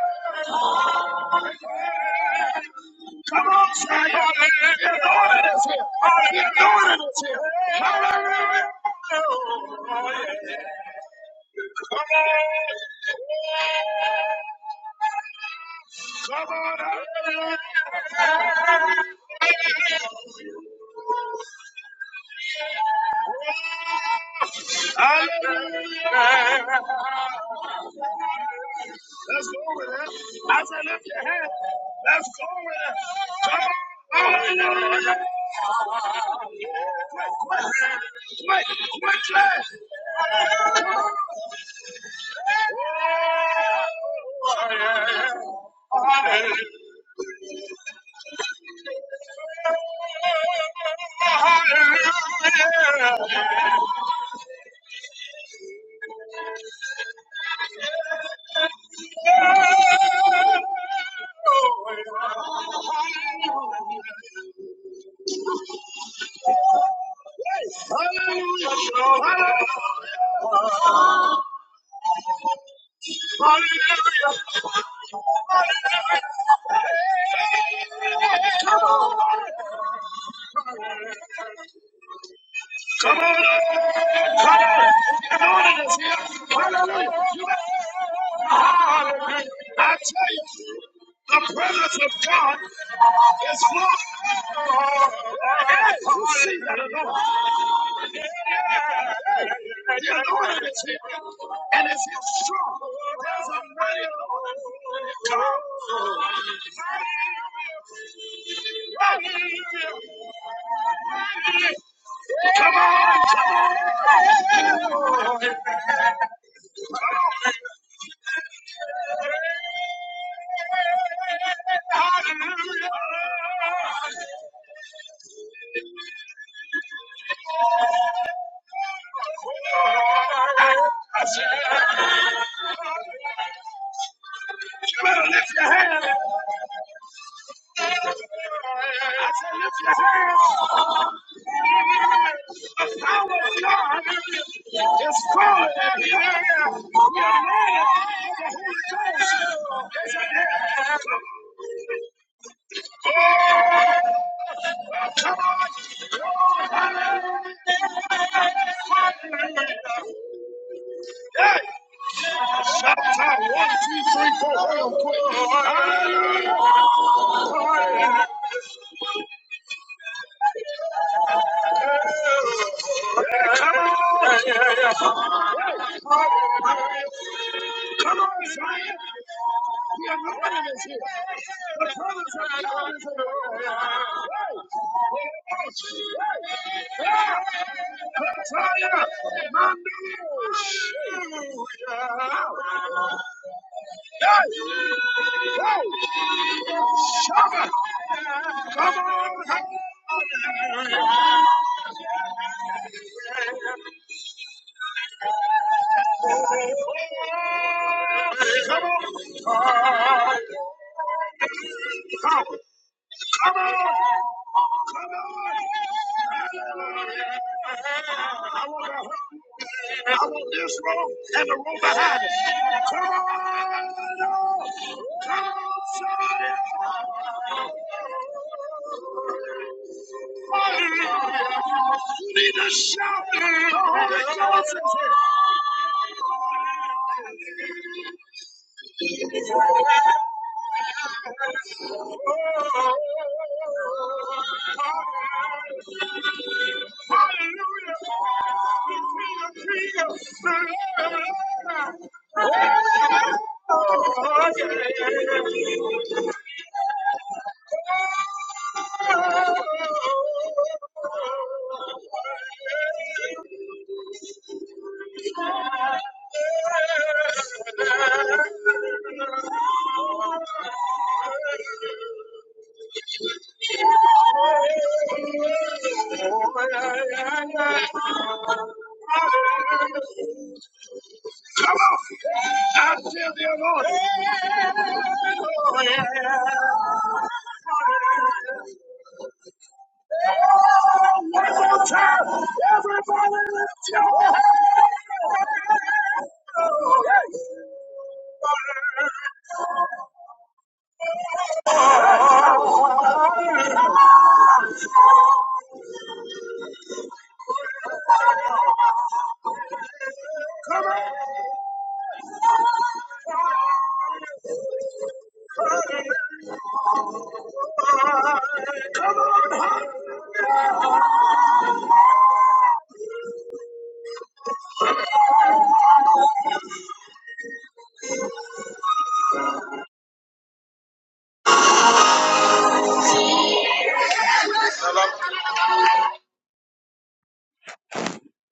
S4: Come on, Zion. The anointing is here. The anointing is here. Hallelujah. Come on! Come on! Hallelujah! Hallelujah! Let's go with it. As I said, lift your hand. Let's go with it. Come on! Hallelujah! Quick, quick, quick, quickly! Oh, yeah. Hallelujah! Hallelujah! Hallelujah! Hallelujah! Come on, I'm doing it is here. Hallelujah. You better- Hallelujah. I tell you, the presence of God is flowing. Hey, you see that or not? The anointing is here, and it's here strong. There's a mighty anointing. Come on. Come on, You better lift your hand. I said, lift your hand. The power of God is falling in the We are ready for the Holy Ghost. Yes, I am. Hey, shout out one, two, three. Come on, come on, Zion. The anointing is here. The presence of God is in the room. Kataya, Mandu, Shama. Come on, come on. Come on. Come, come on. Come on. I want this room and the room behind us. Come on, oh, come on, somebody. Be the shout. The Holy Ghost is here. Oh, Hallelujah. Be the king of the Lord. Oh, yeah. Oh, yeah, yeah, yeah. I feel the Lord. One more time. Everybody lift your hands.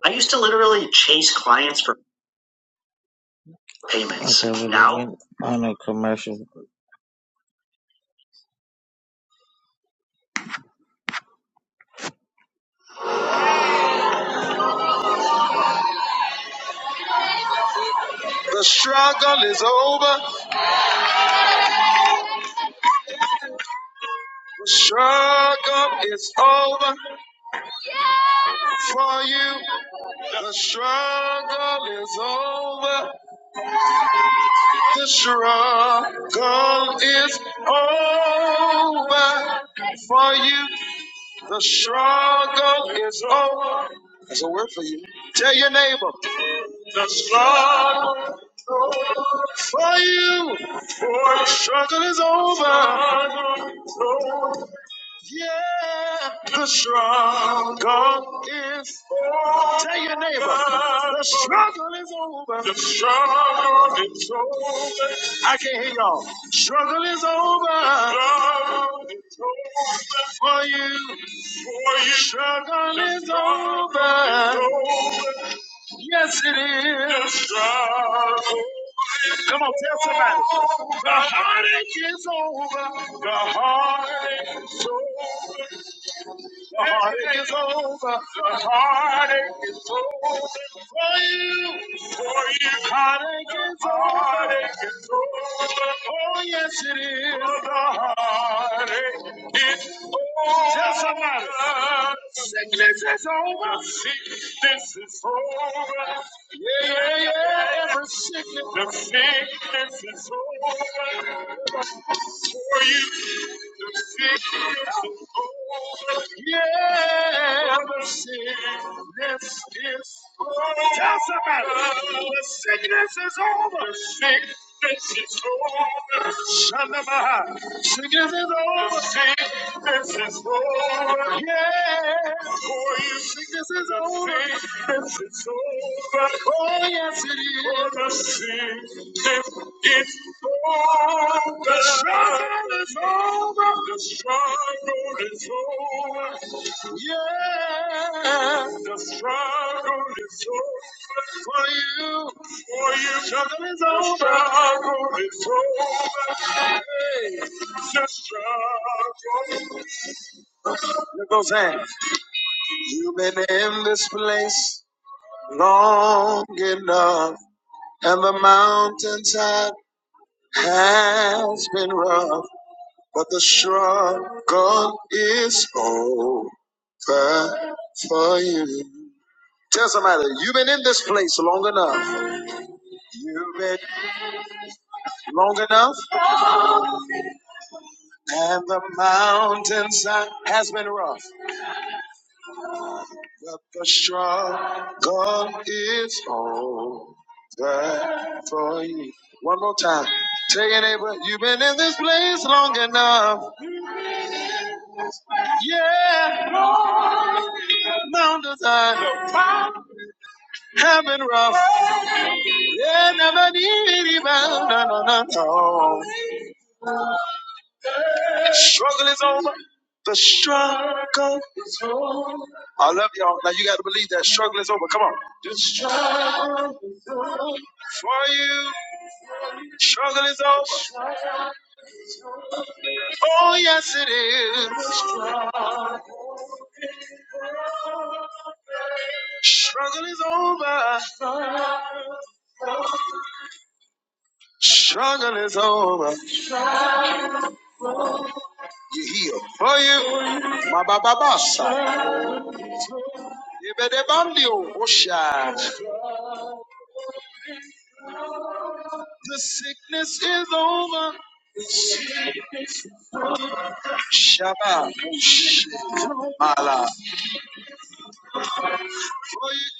S4: I used to literally chase clients for payments. Okay, now getting on a commercial. The struggle is over. The struggle is over for you. The struggle is over. The struggle is over for you. The struggle is over. That's a word for you. Tell your neighbor. The struggle is over. Struggle is over. Tell your neighbor. The struggle is over. The struggle is over. I can't hear y'all. Struggle is over. Struggle is over. for you. Struggle is over. Yes, it is. Come on, tell somebody. The heartache is over. The heartache is over. The heartache is over. The heartache is over for you. For you, heartache is over. Heartache is over. Oh yes, it is. The heartache is over. Tell somebody. Sickness is over. Sickness is over. Yeah, yeah, yeah. Every sickness. The sickness is over. For you. Tell somebody the sickness is over. The sickness is over. Shandabaha. Sickness is over. This is over. Yeah. For you see, this is over. This is over. Oh, yes, it is. For the sin is over. The struggle is over. The struggle is over. Yeah. The struggle is over. For you. For you. Struggle is over. Struggle is over. Hey. The struggle it goes saying, You've been in this place long enough, and the mountaintop has been rough, but the struggle is over for you. Tell somebody, you've been in this place long enough. You've been long enough, and the mountainside has been rough. that the struggle is over for you. One more time. Tell your neighbor, you've been in this place long enough. Yeah, mountains I have been rough. Yeah, never need rebound. No, no, no, no. Struggle is over. The struggle. I love y'all. Now you got to believe that struggle is over. Come on. The struggle for you. Struggle is over. Oh, yes, it is. Struggle is over. Struggle is over. You heal for you. Ma ba ba ba sa. Ibedebandio, osha. The sickness is over. Shabbat. Mala.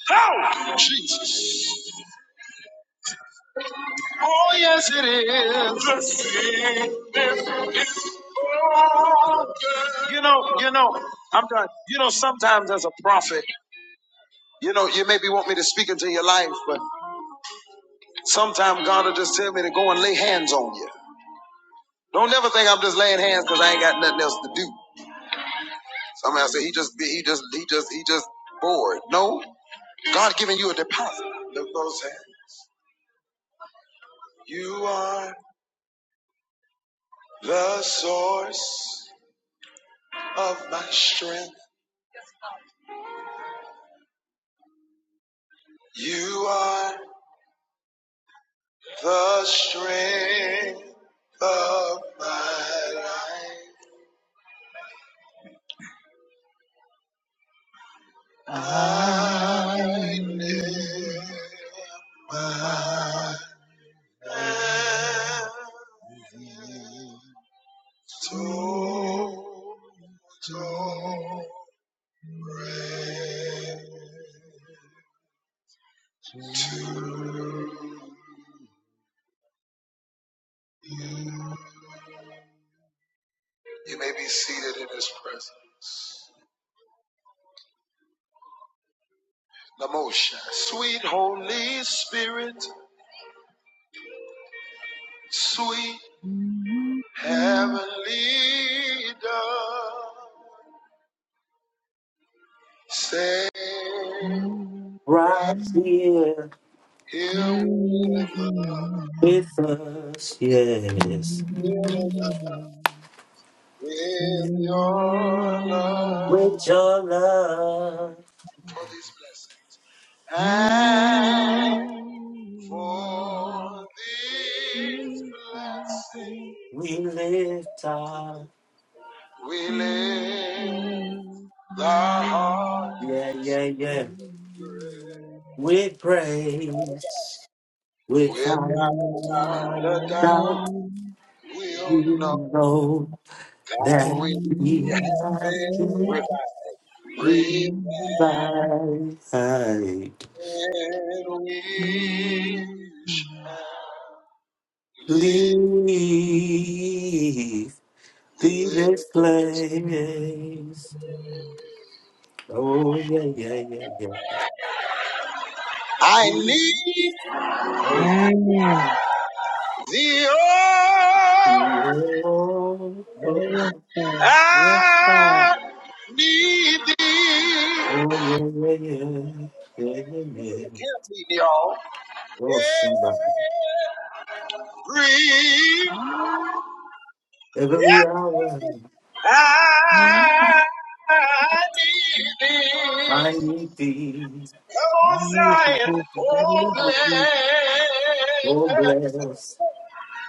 S4: How? Jesus. Oh yes, it is. Mercy. Oh, good. You know, you know, I'm done. You know, sometimes as a prophet, you know, you maybe want me to speak into your life, but sometimes God will just tell me to go and lay hands on you. Don't never think I'm just laying hands because I ain't got nothing else to do. Somebody say he just be- he just he just he just bored. No, God giving you a deposit. Look those hands. You are the source of my strength. You are. the strength of my life. I lift my hands to, to praise. You may be seated in His presence. Namosha, sweet Holy Spirit, sweet Heavenly Dove. Stay right
S1: Right here.
S4: here with us,
S1: with us, yes.
S4: with us, with your
S1: With
S4: love
S1: your love,
S4: for these blessings and for these blessings
S1: we lift up,
S4: we lift the heart
S1: yeah, yeah, yeah. With praise, without
S4: without a
S1: doubt,
S4: doubt
S1: we
S4: we'll know
S1: know
S4: God
S1: that
S4: will be
S1: we have
S4: happy with
S1: been revived. Leave this place. Oh, yeah, yeah, yeah, yeah.
S4: I
S1: yeah.
S4: need
S1: Oh,
S4: thee,
S1: oh,
S4: oh,
S1: yeah,
S4: I need thee.
S1: yeah, yeah, yeah, yeah.
S4: Can't need thee all.
S1: Oh, somebody.
S4: Every
S1: Every hour
S4: I need thee.
S1: I need thee.
S4: O Zion, oh blessed
S1: Oh, bless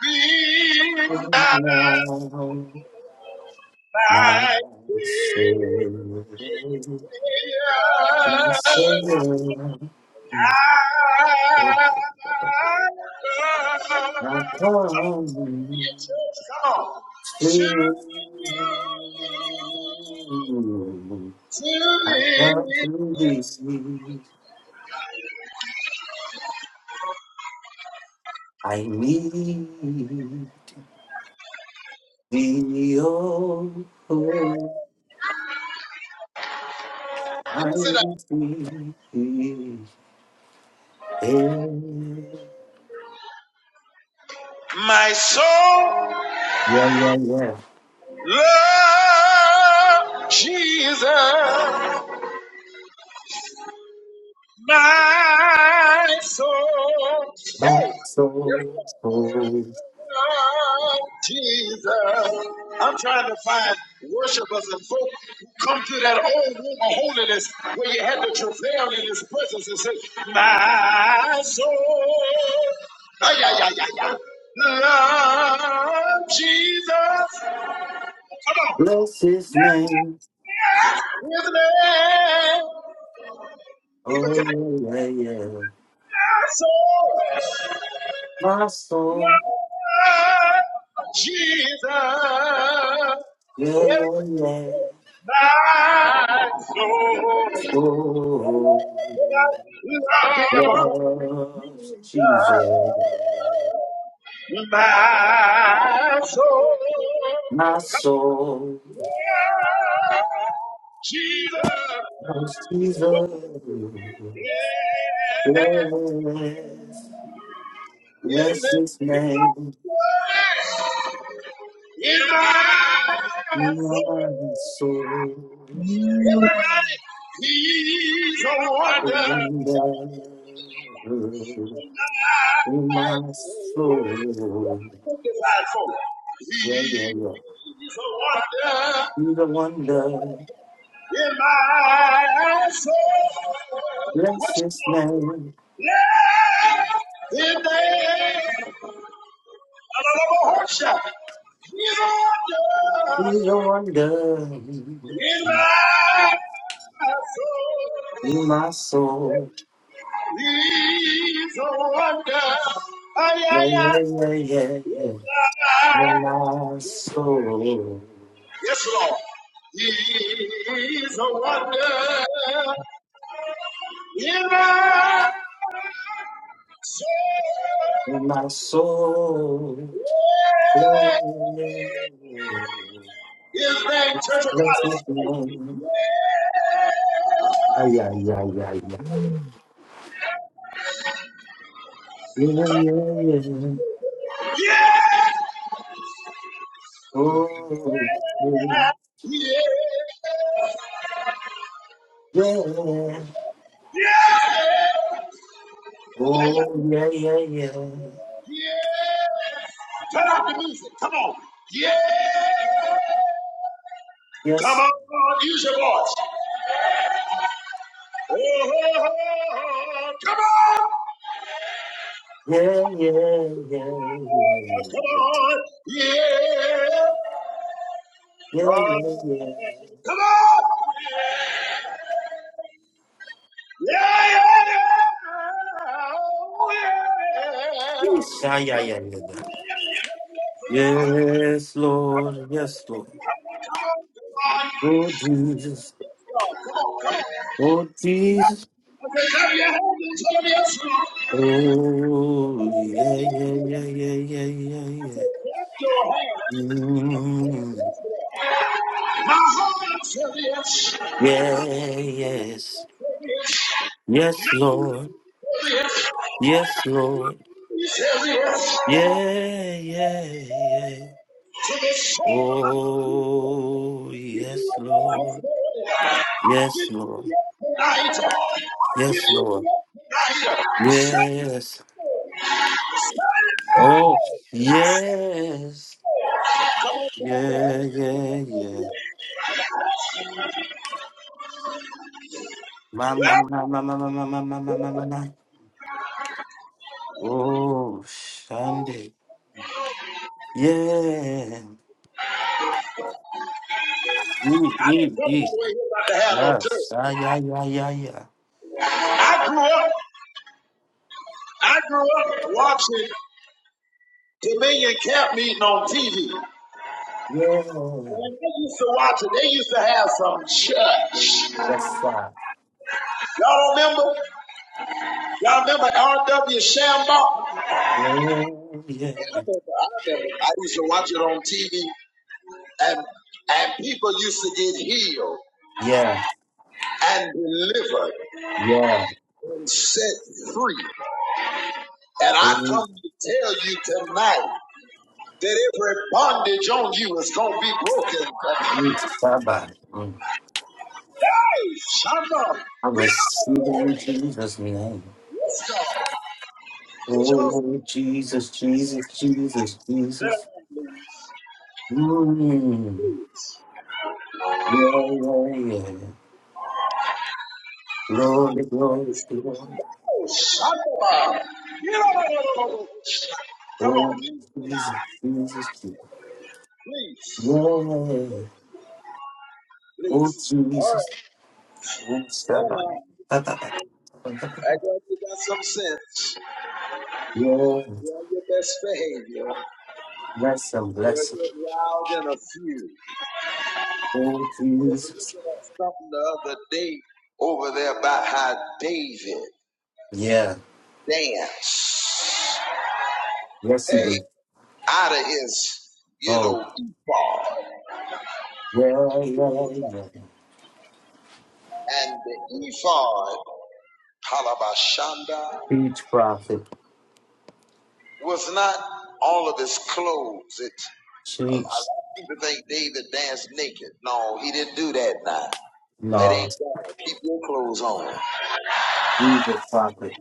S4: be thou
S1: now my
S4: thy
S1: soul. You
S4: Savior.
S1: Savior,
S4: I
S1: I come
S4: come
S1: to
S4: to
S1: I
S4: thee.
S1: come
S4: You
S1: to this. I need thee, oh, oh, I
S4: can say that.
S1: need thee. Hey,
S4: My soul
S1: yeah, yeah, yeah.
S4: love Jesus. My soul.
S1: My
S4: hey,
S1: soul, soul,
S4: Jesus. I'm trying to find worshipers and folk who come to that old room of holiness where you had to travail in his presence and say, My soul. Ay, ay, ay, ay, ay. Love Jesus
S1: bless his name.
S4: with me. Even tonight,
S1: Oh, yeah, yeah, yeah.
S4: my soul.
S1: My soul,
S4: Love Jesus with
S1: yeah, yeah, yeah. Oh,
S4: my soul. Love
S1: loves Jesus.
S4: My soul,
S1: My
S4: come
S1: soul.
S4: on, Jesus.
S1: Bless
S4: What you gonna do? Yeah, in
S1: bless
S4: the
S1: his name,
S4: in my soul,
S1: my soul,
S4: everybody, He's a wonder.
S1: and the- my soul.
S4: Look at that soul.
S1: Yeah, yeah, yeah.
S4: He's a wonder
S1: He's a wonder,
S4: in my soul.
S1: bless
S4: What you
S1: his
S4: gonna
S1: name,
S4: do? In the
S1: he's a wonder, in my soul.
S4: He's a wonder. Ay,
S1: Yeah,
S4: ay, ay,
S1: yeah, yeah, yeah, yeah. In
S4: ay.
S1: my soul,
S4: Yes, Lord. He's a wonder. In my
S1: in my soul. Yeah, yeah, yeah, yeah, yeah.
S4: his name, Church of God. is-
S1: Yeah, yeah, yeah. Oh, yeah. yeah. Oh, yeah, yeah, yeah.
S4: Turn off the music. Come on. Come
S1: Yes.
S4: on.
S1: Yeah, yeah, yeah, yeah.
S4: Come on.
S1: Yeah,
S4: Uh,
S1: yeah, yeah.
S4: come on. Yeah, yeah, yeah. Oh, yeah.
S1: Yes. Yeah, yeah, yeah, yeah, yeah. Yes, Lord. Yes, Lord.
S4: Clap
S1: Oh, Jesus. Oh, Jesus.
S4: your hands and tell me I'm strong.
S1: Oh, yeah, yeah, yeah, yeah, yeah, yeah, yeah. Mm, yeah, yes. Yes, Lord. Yes, Lord. Yeah, yeah, yeah. Oh, yes, Lord. Yes, Lord. Yes, Lord. Yes. Oh, yes. Yeah, yeah, yeah. Ma, ma, ma, ma, ma, ma, ma, ma, ma, ma, ma, ma. Oh, Sunday. Yeah. Mm, mm, mm.
S4: We're about to have no church.
S1: Yes. Ah, yeah, yeah, yeah, yeah.
S4: I grew up watching Dominion Camp meeting on TV.
S1: Yeah.
S4: When they used to watch it, they used to have some church.
S1: Yes, sir.
S4: Y'all remember? Y'all remember R.W. Shambaugh?
S1: Yeah.
S4: Yeah, I remember, I remember. I used to watch it on TV, and and people used to get healed
S1: Yeah.
S4: and delivered
S1: Yeah.
S4: and set free. And I
S1: Mm,
S4: come to tell you tonight. that every bondage on you is going to be broken.
S1: mm, Baba. Mm.
S4: Hey, shut Shama, get out
S1: I
S4: of
S1: receive it
S4: here.
S1: in Jesus' name.
S4: Yes, God. Get your
S1: Oh, Jesus, Jesus, Jesus, Jesus. Mm. Yeah, yeah, yeah. Glory, glory, glory.
S4: Oh, Shama. Get out of here. Come on,
S1: Oh,
S4: please get
S1: Jesus,
S4: out.
S1: Jesus, Jesus.
S4: Please.
S1: Yeah. Oh,
S4: Please. All
S1: Jesus.
S4: right.
S1: Yes,
S4: So now, I got you got some sense. You're on your best behavior.
S1: yes, and
S4: You'll
S1: blessing.
S4: get wild in a few.
S1: Oh,
S4: I was
S1: Jesus.
S4: looking at something the other day over there about how David
S1: Yeah,
S4: danced.
S1: yes, he
S4: Hey,
S1: did.
S4: out of his, you
S1: Oh,
S4: know, ephod.
S1: yeah, yeah, yeah.
S4: And the ephod, Halabashanda,
S1: Teach prophet,
S4: was not all of his clothes. It, a lot
S1: teach
S4: of people think David danced naked. No, he didn't do that now. That
S1: law,
S4: ain't God. Keep your clothes on.
S1: Jesus prophet.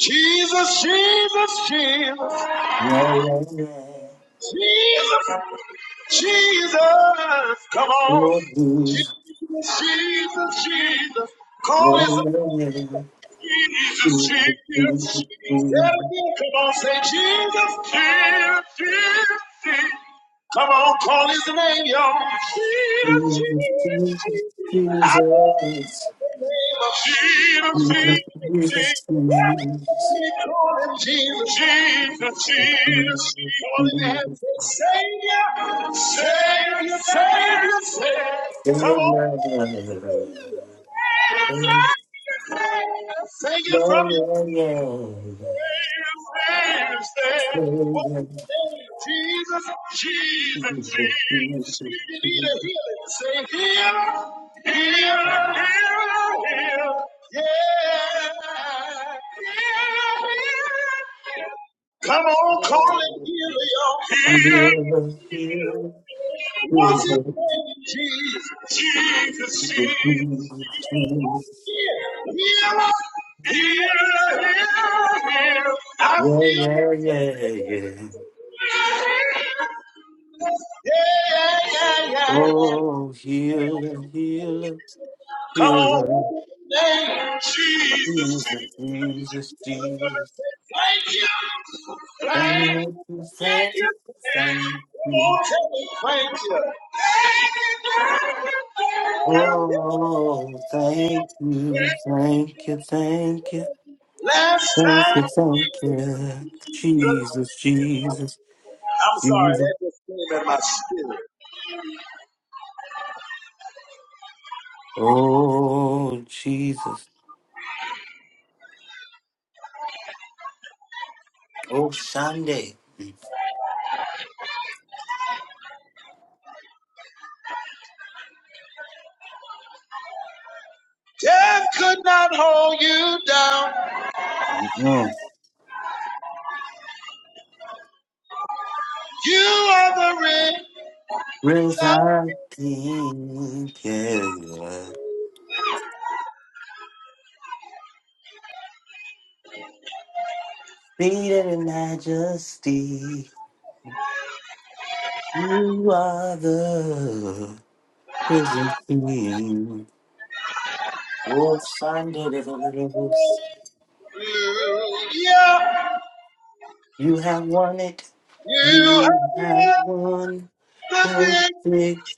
S4: Jesus, Jesus, Jesus,
S1: Yeah, yeah, yeah.
S4: Jesus. Jesus, come on.
S1: Oh, Jesus.
S4: Jesus, Jesus, Jesus.
S1: Yeah,
S4: Call his
S1: yeah, yeah.
S4: Jesus,
S1: Jesus,
S4: Jesus.
S1: Jesus, Jesus,
S4: Yeah, yeah, Come on, say Jesus, Jesus, Jesus, Jesus. Come on, call his name, y'all. Jesus,
S1: Jesus, Jesus,
S4: Jesus, Jesus. Jesus, Jesus,
S1: Jesus,
S4: Jesus.
S1: Jesus, Jesus,
S4: We call him Jesus. Jesus, Jesus.
S1: Jesus,
S4: Call
S1: Jesus,
S4: him Savior, Savior, Savior, Savior.
S1: Yeah
S4: Come on.
S1: yeah
S4: Sing it from your Jesus, Jesus, Jesus. If you need a healing, say heal, heal, heal, heal. Yeah. Heal, heal, heal. Come on, call it healer, y'all. Heal. What's his name? Jesus. Jesus, Jesus. Healer, healer, healer, healer. I feel.
S1: yeah
S4: Yeah, yeah, yeah. yeah.
S1: Oh, healer, healer,
S4: Come
S1: healer,
S4: on, name Jesus. Thank
S1: Jesus,
S4: you.
S1: Jesus, Jesus.
S4: Thank you.
S1: Thank you,
S4: Thank
S1: thank you,
S4: you.
S1: thank you.
S4: Don't tell me thank you.
S1: Oh, thank you, thank you, thank you,
S4: Last
S1: thank
S4: time,
S1: you, thank you,
S4: Jesus
S1: Jesus, Jesus, Jesus.
S4: came in my spirit.
S1: Oh, Jesus. Oh, Sunday.
S4: Death could not hold you down.
S1: Mm.
S4: You are the reason.
S1: Residing, yeah. Seated in majesty, you are the risen king. Oh, Sunday.
S4: Hallelujah.
S1: You have won it.
S4: You have
S1: You have
S4: won
S1: won
S4: the
S1: the
S4: victory.
S1: victory.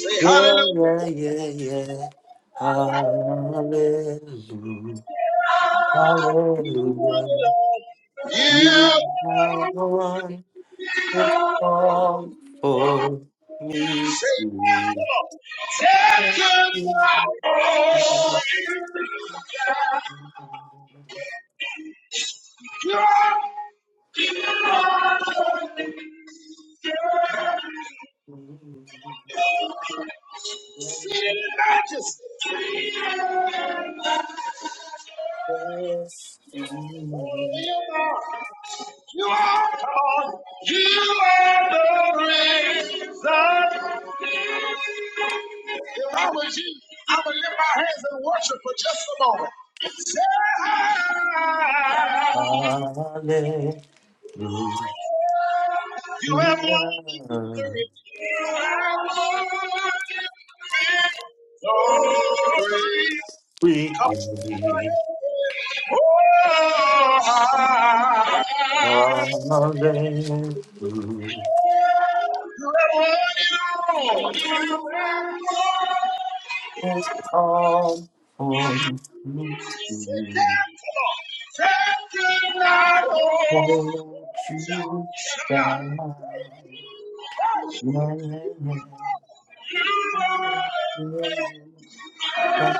S4: Say
S1: Yeah,
S4: hallelujah.
S1: yeah, yeah, yeah. Hallelujah. Hallelujah. You
S4: You.
S1: have won it all for me.
S4: Take your life,
S1: Yes.
S4: sit in the majesty. You are you are God. You are the great. If I was you, I would lift my hands and worship for just a moment. Say,
S1: Hallelujah. We
S4: You have
S1: give
S4: won
S1: hallelujah.
S4: the victory. So great. So high.
S1: All for me.
S4: Good night, oh,
S1: Won't you down? Yeah, yeah, yeah. Yeah, But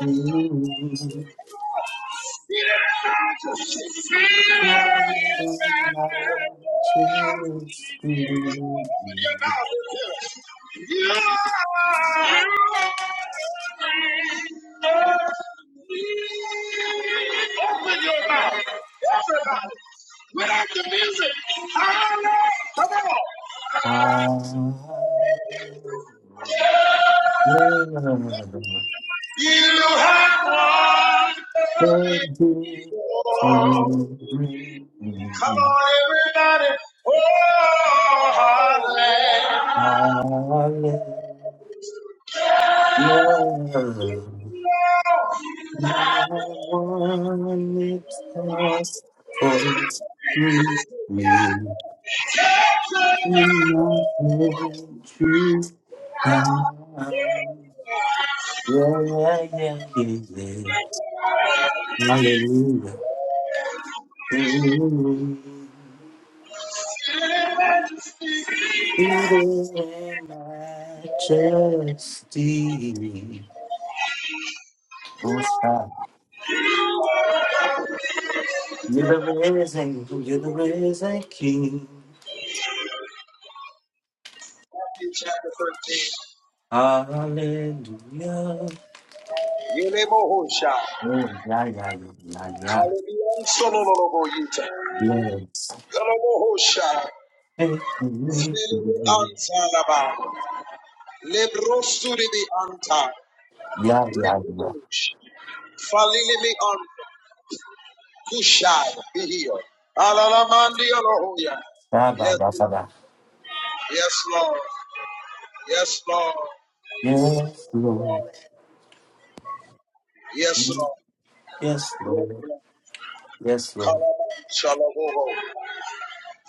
S1: you feel
S4: feel it, feel it,
S1: like it's you.
S4: man. You are with your mouth. Everybody. Without the music. Holla. Come on.
S1: Yeah, yeah, yeah, yeah,
S4: You have won the victory. Come on, everybody. Oh, holla.
S1: yeah. Hallelujah. in majesty. Oh, stop. You're the risen, you're the risen King.
S4: Matthew chapter 13.
S1: Hallelujah.
S4: Yelebohosha.
S1: Oh, yeah, yeah, yeah, yeah. yeah.
S4: Kaledian sololobo yita.
S1: Yes.
S4: Kalebohosha.
S1: Hey, me
S4: Sili
S1: too.
S4: anzalaba. Lebrosuribi anta.
S1: Yeah, yeah, yeah.
S4: Rikudosh. Falilibi anta. Kushai. Be healed. Alalamandi Olohoya.
S1: Ba, ba,
S4: Yes,
S1: ba, ba,
S4: Lord.
S1: ba.
S4: Yes, Lord. Yes, Lord.
S1: Yes,
S4: Lord.
S1: Lord.
S4: Yes, Lord.
S1: Yes,
S4: Yes,
S1: Lord.
S4: Lord.
S1: Yes, Lord.
S4: Kalaman Shalaboho.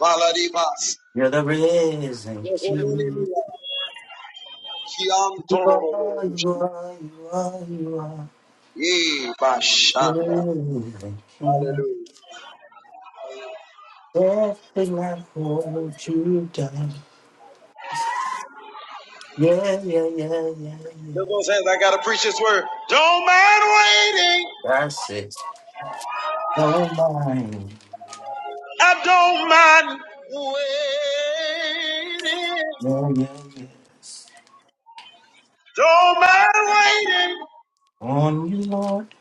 S4: Valadimas.
S1: You're the risen King.
S4: Zohoninimila.
S1: You
S4: Kiantorobo.
S1: are, you are, you are, you are.
S4: Ye
S1: Nothing
S4: Bashanda.
S1: I
S4: Hallelujah.
S1: hold you down. Yeah, yeah, yeah, yeah, yeah.
S4: Look those hands. I got to preach this word. Don't mind waiting.
S1: That's it. No mind.
S4: I don't mind waiting.
S1: Yeah, yeah, yes.
S4: Don't mind waiting
S1: On you, Lord.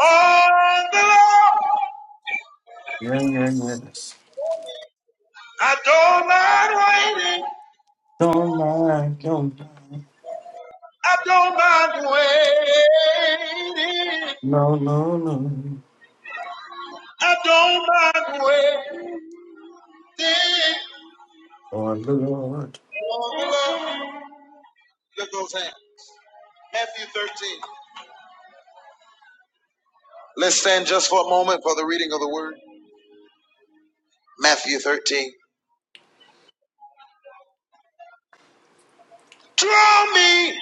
S4: on the Lord.
S1: Yeah, yeah, yes.
S4: I don't mind waiting.
S1: Don't mind, don't mind.
S4: I don't mind waiting.
S1: No, no, no.
S4: I don't mind waiting
S1: On the Lord.
S4: on the Lord. Look those hands. Matthew 13. Let's stand just for a moment for the reading of the word. Matthew 13. Draw me, me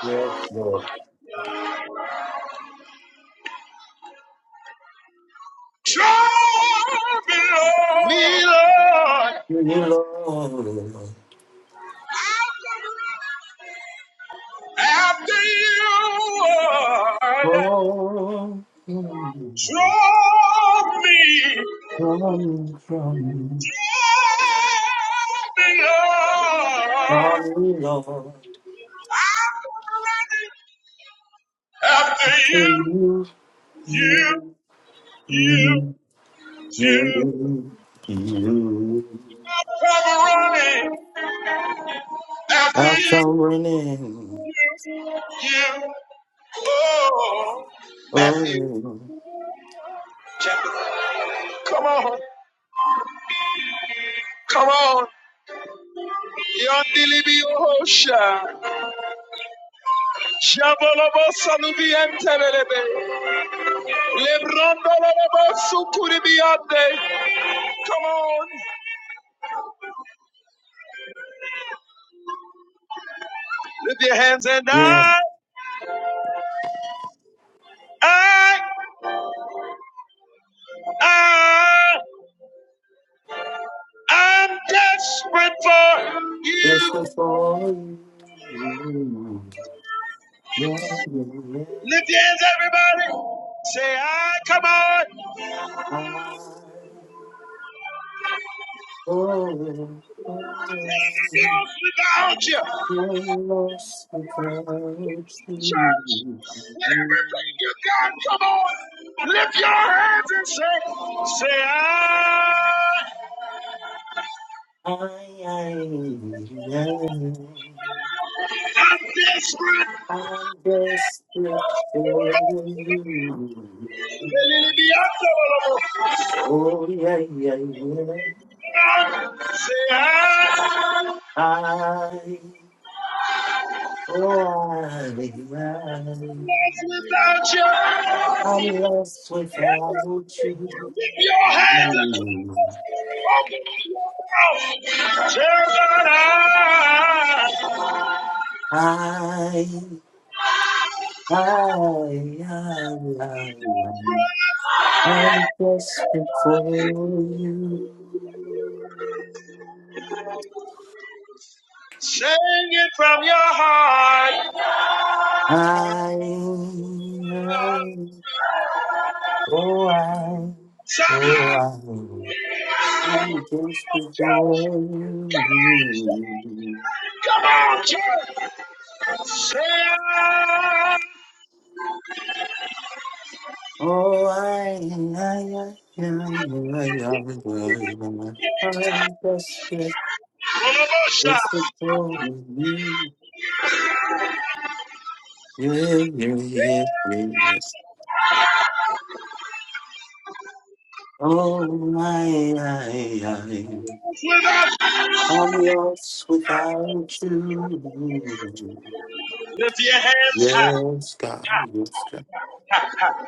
S1: Yes, Lord.
S4: Lord. Me, Lord.
S1: You, Lord.
S4: After you had
S1: Lord. Mm.
S4: drawn me,
S1: Run from me,
S4: drawn me up. After you,
S1: from, me, Lord.
S4: you,
S1: You,
S4: you,
S1: you,
S4: you
S1: you, you.
S4: I'm running.
S1: I'll
S4: After you,
S1: come running.
S4: you, oh. Matthew
S1: Oh,
S4: chapter. Come on, come on. Yondilibi Ohosha. Shabalaba Salubi and Telebe. Come on, lift your hands and
S1: yeah. Yeah,
S4: I, I, I, I'm desperate for.
S1: just for you. Yeah, yeah, yeah.
S4: Lift your hands, everybody. Say, I, come on.
S1: I, oh, yeah. oh,
S4: Nothing
S1: yeah.
S4: else without you.
S1: I'm lost without
S4: Church,
S1: you.
S4: lift your hands and say, say, I,
S1: I, I, I.
S4: I'm desperate.
S1: I'm desperate for you.
S4: Lelelebiandalabasukuribiande.
S1: Oh yeah, yeah, yeah.
S4: Say, I, I'm
S1: I, oh I, I,
S4: desperate without you.
S1: I'm lost without you.
S4: Lift your hands and Jebediah,
S1: I, I, I, I, I'm desperate for you.
S4: Sing it from your heart.
S1: I, Oh, I,
S4: Somebody,
S1: oh, I, I'm desperate for you.
S4: come on, church. Sing.
S1: Oh, I, I, I, I, I, I, I, I'm desperate, desperate for you. Yeah, yeah, yeah, yeah. yeah. Oh, I, I, I, I'm lost without you.
S4: Lift your hands high.
S1: Yes, God, yes, God.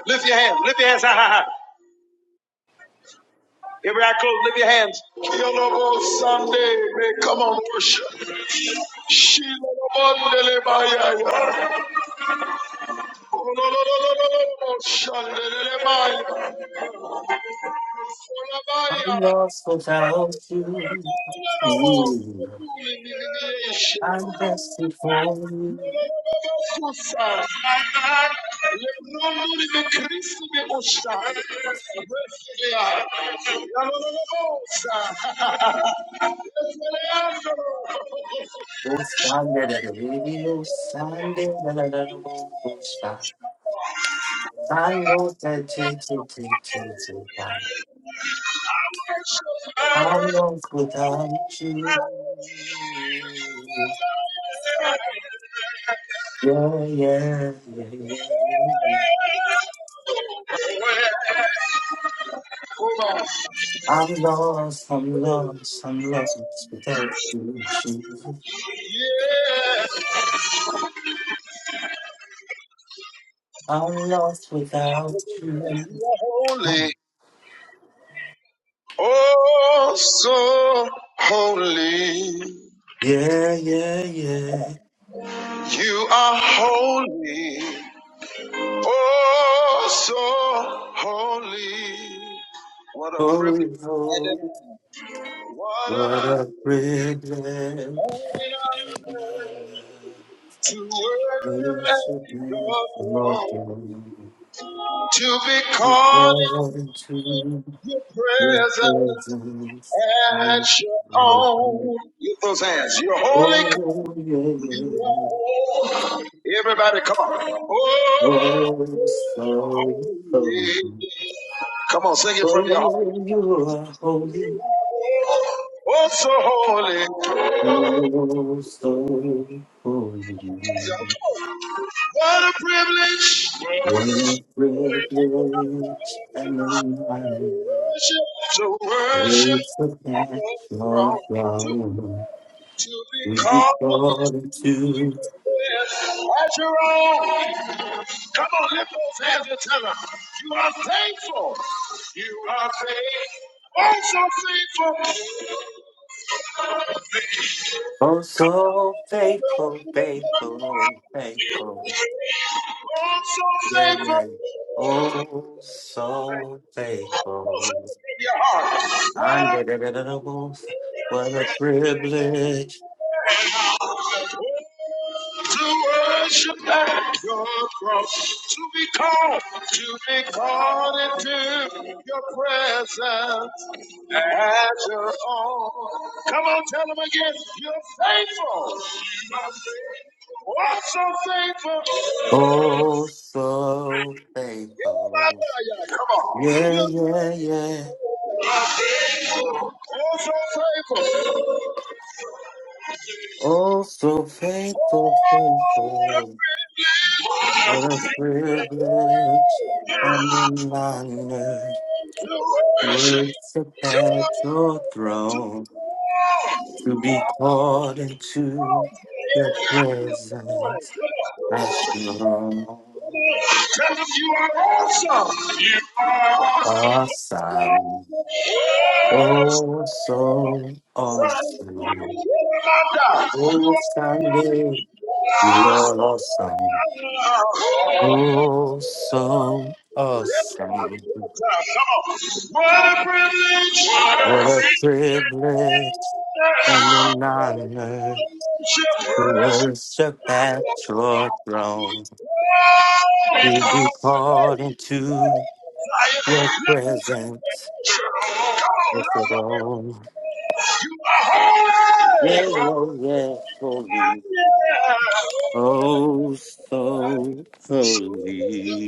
S4: Lift your hands. Lift your hands high. high, high. Every eye closed. Lift your hands. Kilobo Sunday. Man, come on, worship. Shilobondelebaya. Ololololololo. Shandelebaya.
S1: I'm lost without you. Mm.
S4: Yes,
S1: I'm destined for you. Oh, Sunday, da, da, radio, Sunday, da, da, da, da, bo- bo- sha. I know that take to take to take time. I'm lost without you. Yeah, yeah, yeah, yeah, yeah. yeah. I'm lost, I'm lost, I'm lost without you. I'm lost without
S4: you
S1: you.
S4: are holy, so holy.
S1: Yeah, yeah, yeah.
S4: You are holy. Oh, so holy. What a privilege
S1: Holy,
S4: and an
S1: holy,
S4: honor. What a
S1: what a privilege.
S4: and honor to worship
S1: Worship
S4: at
S1: and
S4: your
S1: adore
S4: throne,
S1: you.
S4: to be
S1: We
S4: called
S1: fall
S4: into
S1: into
S4: your
S1: your
S4: presence
S1: presence. and
S4: at your
S1: your power.
S4: own. Get those hands. You're holy. Come
S1: Oh, yeah, yeah. yeah.
S4: on. Everybody, come on. Oh,
S1: Oh, so holy.
S4: come on, sing it from your heart.
S1: Oh, you are holy.
S4: Oh, so holy.
S1: Oh, so holy.
S4: What a privilege.
S1: Worth privilege and enlightenment,
S4: worship, to worship
S1: worth the passion
S4: your throne, to,
S1: flown.
S4: to be
S1: To be
S4: called into
S1: devoted to,
S4: your presence as your own. Come on, lift those hands and tell them, you are faithful. You are faithful. Oh, so faithful.
S1: oh so faithful, faithful, faithful,
S4: Oh, so
S1: yeah,
S4: faithful
S1: yeah, oh so faithful.
S4: in your heart. What a
S1: Unbelievable, what a privilege,
S4: to worship at your cross, to be called, to be called into your presence as your own. Come on, tell them again, you're faithful. What's so faithful? Come
S1: oh so
S4: on.
S1: faithful, yeah,
S4: You're
S1: yeah, yeah.
S4: oh, so faithful.
S1: Oh, so faithful, faithful. What a privilege and an honor. Worship at your throne to be called into your presence as your
S4: Tell them you are awesome. You
S1: awesome. Oh, so awesome.
S4: are God.
S1: Oh, Sunday, you are awesome.
S4: Come on.
S1: Oh, so
S4: What
S1: awesome.
S4: a privilege. What a
S1: What a privilege
S4: privilege.
S1: and an honor
S4: Yeah.
S1: to worship at your throne, to be called into your presence with the throne. Yeah, oh, yeah, holy. Oh, so holy.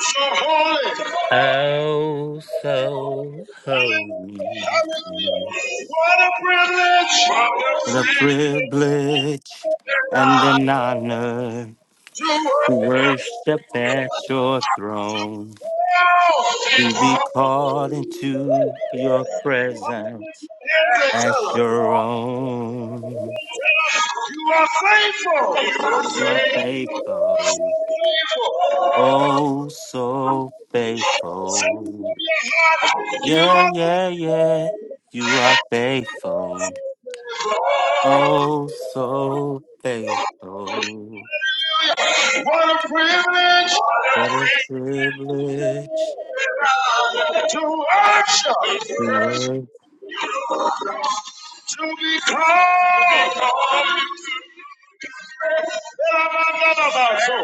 S4: So holy.
S1: Oh, so holy.
S4: Hallelujah. What a privilege. What a
S1: What a
S4: privilege
S1: privilege and an honor
S4: to
S1: to worship at your throne,
S4: worship
S1: to be called into your presence
S4: in the
S1: as
S4: temple.
S1: your own.
S4: You are faithful.
S1: You are faithful, oh, so
S4: Sing it
S1: faithful.
S4: from your heart. You
S1: Yeah,
S4: are
S1: yeah, yeah. You are faithful, oh, so faithful.
S4: what a privilege
S1: What a privilege
S4: to worship,
S1: you
S4: to
S1: were a
S4: be called. Let our minds not so.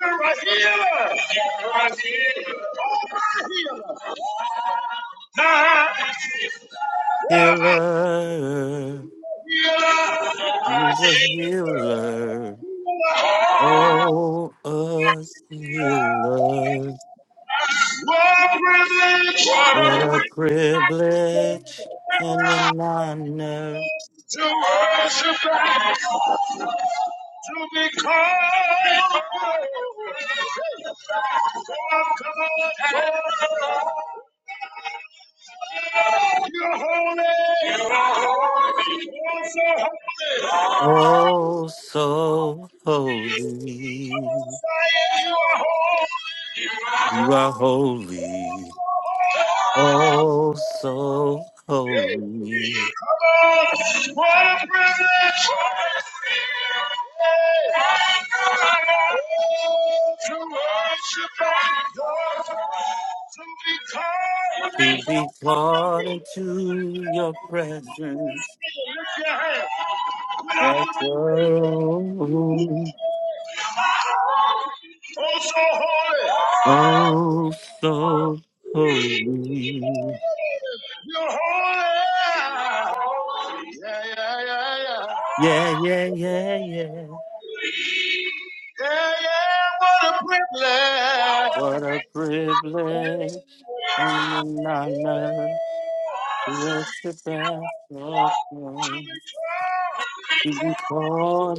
S4: Right here, right here. Now,
S1: healer.
S4: here.
S1: You're a healer. Oh, a healer,
S4: What privilege
S1: what a privilege and an honor.
S4: to worship God, to be called forth, You're holy. You're holy. You're so holy.
S1: Oh, so
S4: Come on,
S1: holy.
S4: Zion, you are holy.
S1: You are holy. Oh, so holy.
S4: Come on. What a privilege. to worship God, to be called,
S1: To
S4: lift
S1: be called into your presence
S4: your hand. We are
S1: at your own.
S4: oh so holy.
S1: Oh, so holy.
S4: You're holy. Yeah, yeah, yeah, yeah.
S1: Yeah, yeah, yeah, yeah.
S4: Yeah, yeah, what a privilege.
S1: What a privilege and an honor to worship at your
S4: To
S1: throne,
S4: be
S1: to be
S4: called.
S1: called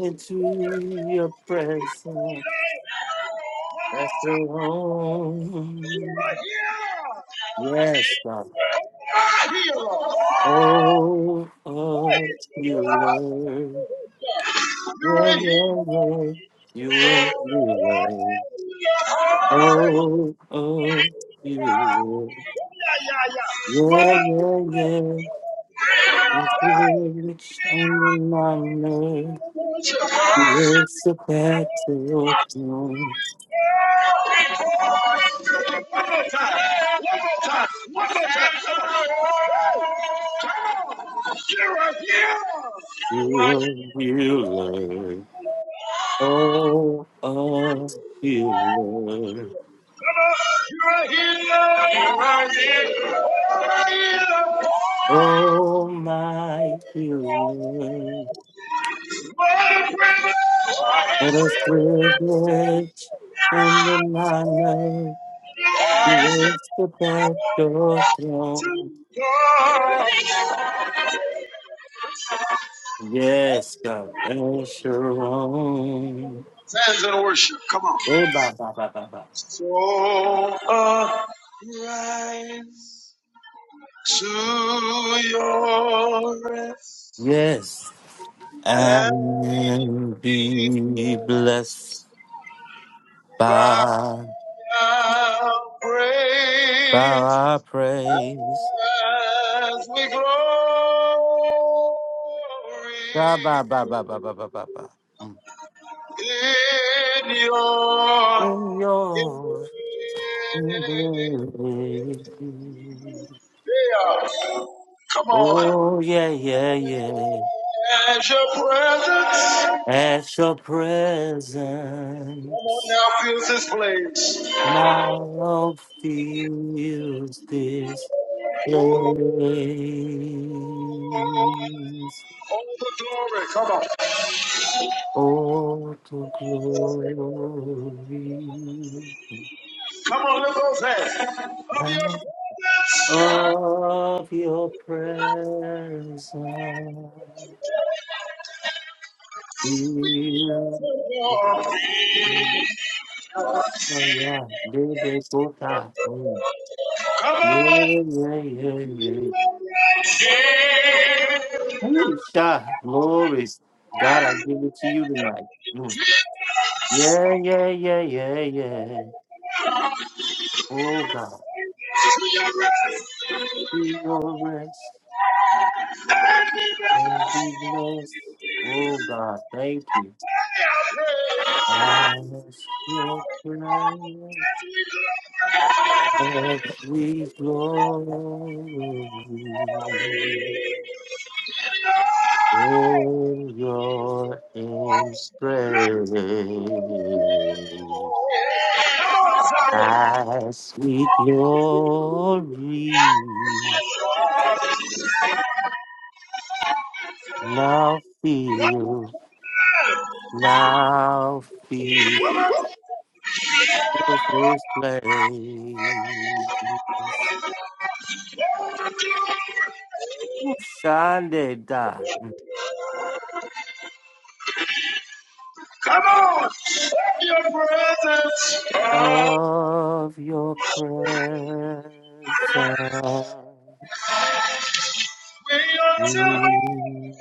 S4: One
S1: into your presence.
S4: more
S1: That's your home. Yes, the
S4: time. Healer. You're
S1: whole of you, Lord. Yeah, yeah,
S4: a here.
S1: yeah. You are healer.
S4: Hey,
S1: all of you, Lord. Yeah, yeah, yeah. It's on my name. Yes, the battle done.
S4: one more time. One more time. One more time. Come on. You're a healer.
S1: You are healer. Oh, a healer.
S4: Come on. You're a here. You're a here. You're a here.
S1: Oh, my healer.
S4: What a privilege. What a
S1: What a
S4: privilege
S1: privilege and an honor. Yes, the battle
S4: to
S1: done.
S4: God.
S1: Yes, God. El Sharon.
S4: Fans and worship. Come on.
S1: Oh, ba, ba, ba, ba, ba.
S4: So arise to your rest.
S1: Yes.
S4: And
S1: and
S4: it
S1: be
S4: was
S1: blessed
S4: thy
S1: by, by
S4: praise
S1: our praise.
S4: as we glory
S1: Ba, ba, ba, ba, ba, ba, ba, ba, ba. Mm.
S4: in your
S1: In your embrace.
S4: yeah. Come on.
S1: Oh, yeah, yeah, yeah.
S4: As your presence.
S1: At your
S4: Come on
S1: presence,
S4: now, fills this place.
S1: now feels this place.
S4: All the glory. Come on.
S1: All to glory
S4: Come on, lift those hands. Of your
S1: and
S4: presence,
S1: of your presence. You
S4: Lord.
S1: are God. Did they go down? Mm.
S4: Come
S1: Yeah,
S4: on.
S1: yeah, yeah, yeah. Hey, Shah, glory. God, I give it to you tonight. Mm. Yeah, yeah, yeah, yeah, yeah. Oh, God, be your rest and be blessed. Oh, God, thank you. As your presence we glory in your embrace. As we glory, now feel, now feel this place. Sunday, da.
S4: Come on, set your presence. God,
S1: of your presence.
S4: we are to
S1: we-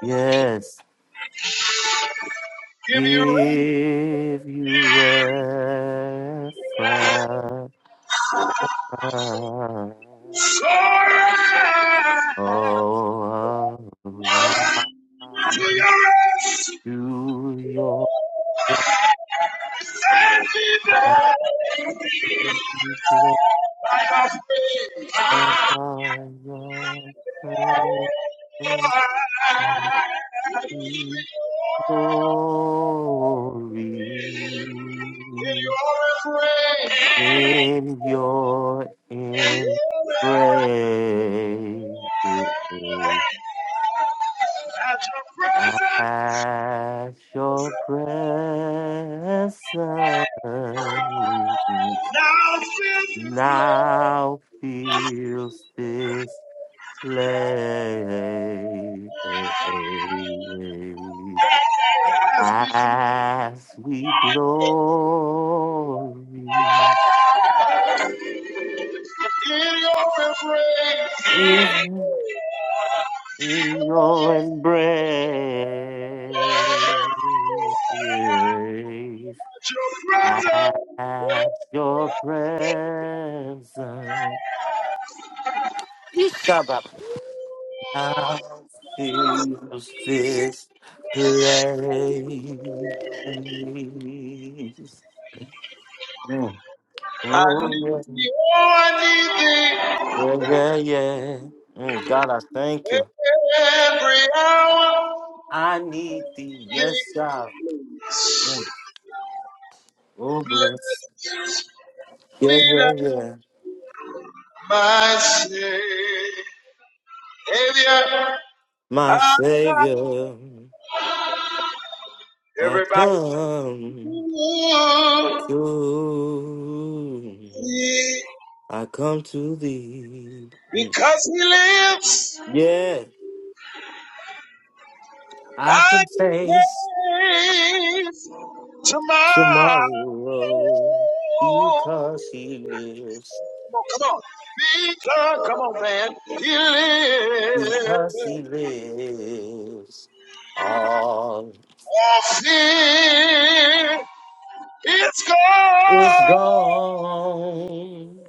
S1: Yes,
S4: give you rest.
S1: give you reference.
S4: So rise
S1: Oh,
S4: to
S1: arise
S4: your rest.
S1: to your grand glorious presence. glory
S4: Give your praise.
S1: and your in praise
S4: At your presence,
S1: at your presence
S4: now fill this place.
S1: now fills this place
S4: As we
S1: as we glory
S4: come in your praise.
S1: in, in your embrace
S4: At your presence,
S1: at your presence. Come up now fills this place. Mm.
S4: I
S1: Oh,
S4: need
S1: yeah,
S4: you. Oh, I need
S1: oh, yeah, yeah. Mm, God, I thank you.
S4: thee every hour.
S1: I need thee.
S4: Thee,
S1: Yes, God. Mm. Oh, bless. Yeah,
S4: Lean
S1: yeah,
S4: up.
S1: yeah.
S4: my Savior.
S1: My Savior, I
S4: Everybody
S1: come to.
S4: see,
S1: I come to thee. Mm.
S4: because He lives,
S1: Yeah, I
S4: I
S1: can face
S4: can face tomorrow.
S1: tomorrow because he lives.
S4: Come on, because come on, man, He lives.
S1: Because he lives. All
S4: All fear is
S1: is
S4: gone.
S1: gone.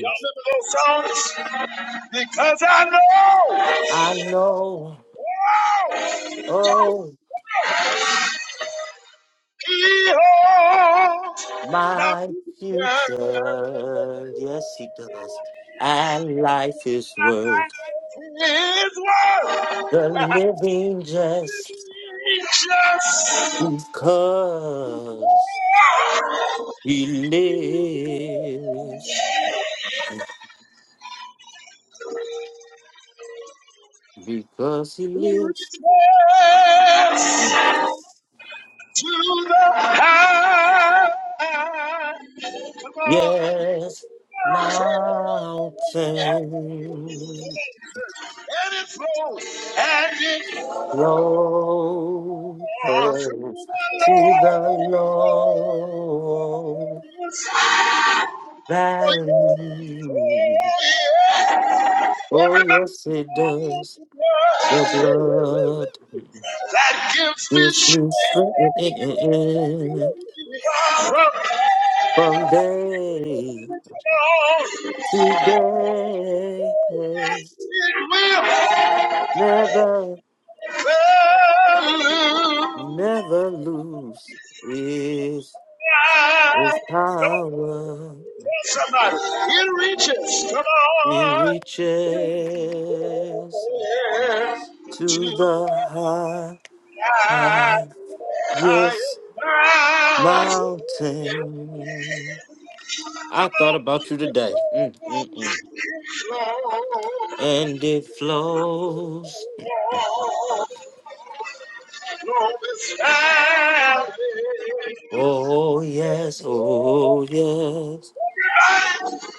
S4: Y'all remember those songs? Because I know
S1: I know, oh,
S4: He holds my
S1: my
S4: future.
S1: future. Yes, he does. And life is worth
S4: His word
S1: the living just
S4: reaches,
S1: because he lives. Because he
S4: reaches
S1: lives.
S4: to the high. Come on,
S1: Yes, mountains
S4: and it flows, and it
S1: flow
S4: flows through
S1: to
S4: the Lord.
S1: the Lord. valley. Oh,
S4: Everybody,
S1: yes, it does. The
S4: knows
S1: blood
S4: that gives me
S1: is me
S4: strength
S1: strength
S4: from the
S1: from day
S4: Lord.
S1: to day.
S4: It will.
S1: Never,
S4: fill. Come
S1: never lose its, its
S4: on.
S1: power.
S4: Somebody, it reaches, come
S1: It
S4: on,
S1: reaches
S4: to
S1: to the high,
S4: the
S1: highest
S4: highest
S1: mountain. I thought about you today. Mm, mm, mm.
S4: mountain.
S1: And it flows.
S4: Lord, is found in
S1: Oh, yes. Oh, yes.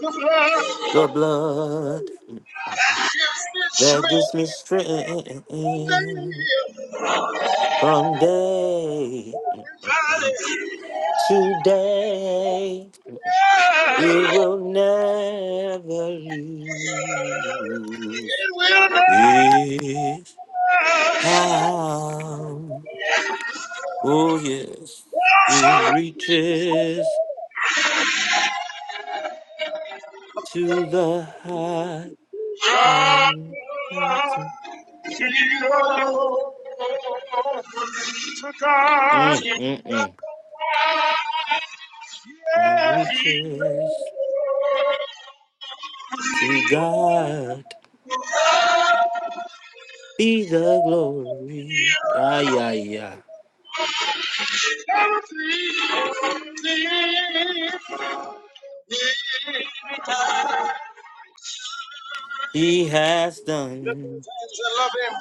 S4: love.
S1: The blood
S4: Gives me
S1: that gives
S4: strength
S1: me strength
S4: to live.
S1: from day
S4: Valley,
S1: to day. It will never
S4: it
S1: lose
S4: will not
S1: its power. Oh, yes. It
S4: suffer.
S1: reaches to the high
S4: God,
S1: mountain.
S4: you alone. To
S1: Mm,
S4: God.
S1: mm, mm. He reaches to God. Be the glory. Ah, yeah, yeah. He has done.
S4: love him.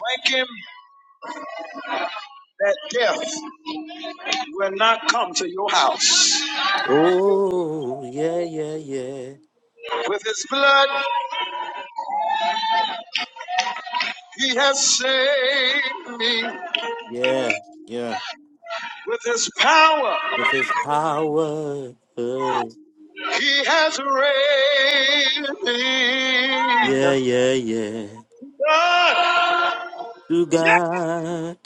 S4: Thank him that death will not come to your house.
S1: Oh, yeah, yeah, yeah.
S4: With his blood, he has saved me.
S1: Yeah, yeah.
S4: With his power,
S1: With his power. uh,
S4: he has raised me.
S1: Yeah, yeah, yeah.
S4: God,
S1: To
S4: yeah,
S1: God.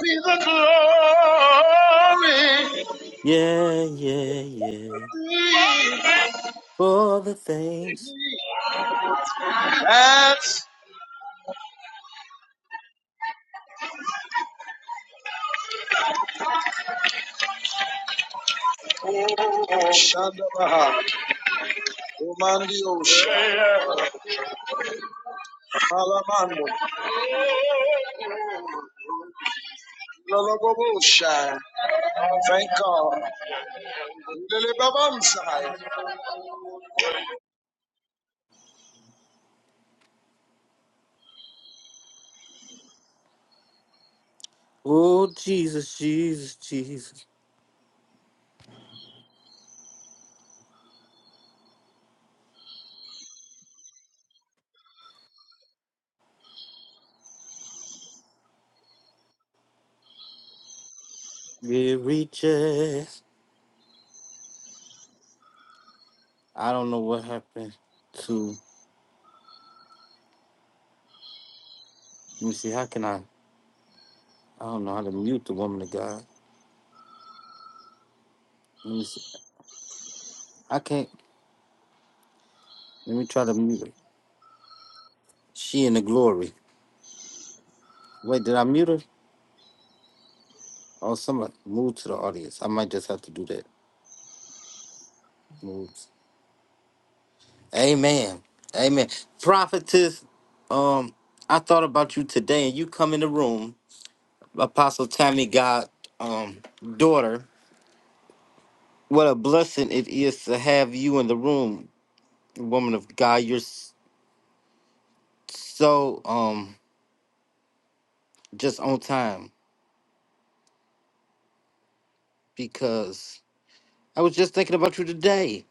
S4: be the
S1: Yeah, yeah, yeah.
S4: glory.
S1: For the things
S4: That's Shandabaha, Umandi Osha, Malamando, Lolobosha, thank God, Lilibabansai,
S1: Oh, Jesus, Jesus, Jesus. It reaches. I don't know what happened to. Let me see. How can I? I don't know how to mute the woman of God. Let me see. I can't. Let me try to mute her. She in the glory. Wait, did I mute her? Oh, somebody move to the audience. I might just have to do that. Move. Amen. Amen. Prophetess, um, I thought about you today, and you come in the room. Apostle Tammy got um daughter. What a blessing it is to have you in the room, woman of God. You're s- so um just on time because I was just thinking about you today.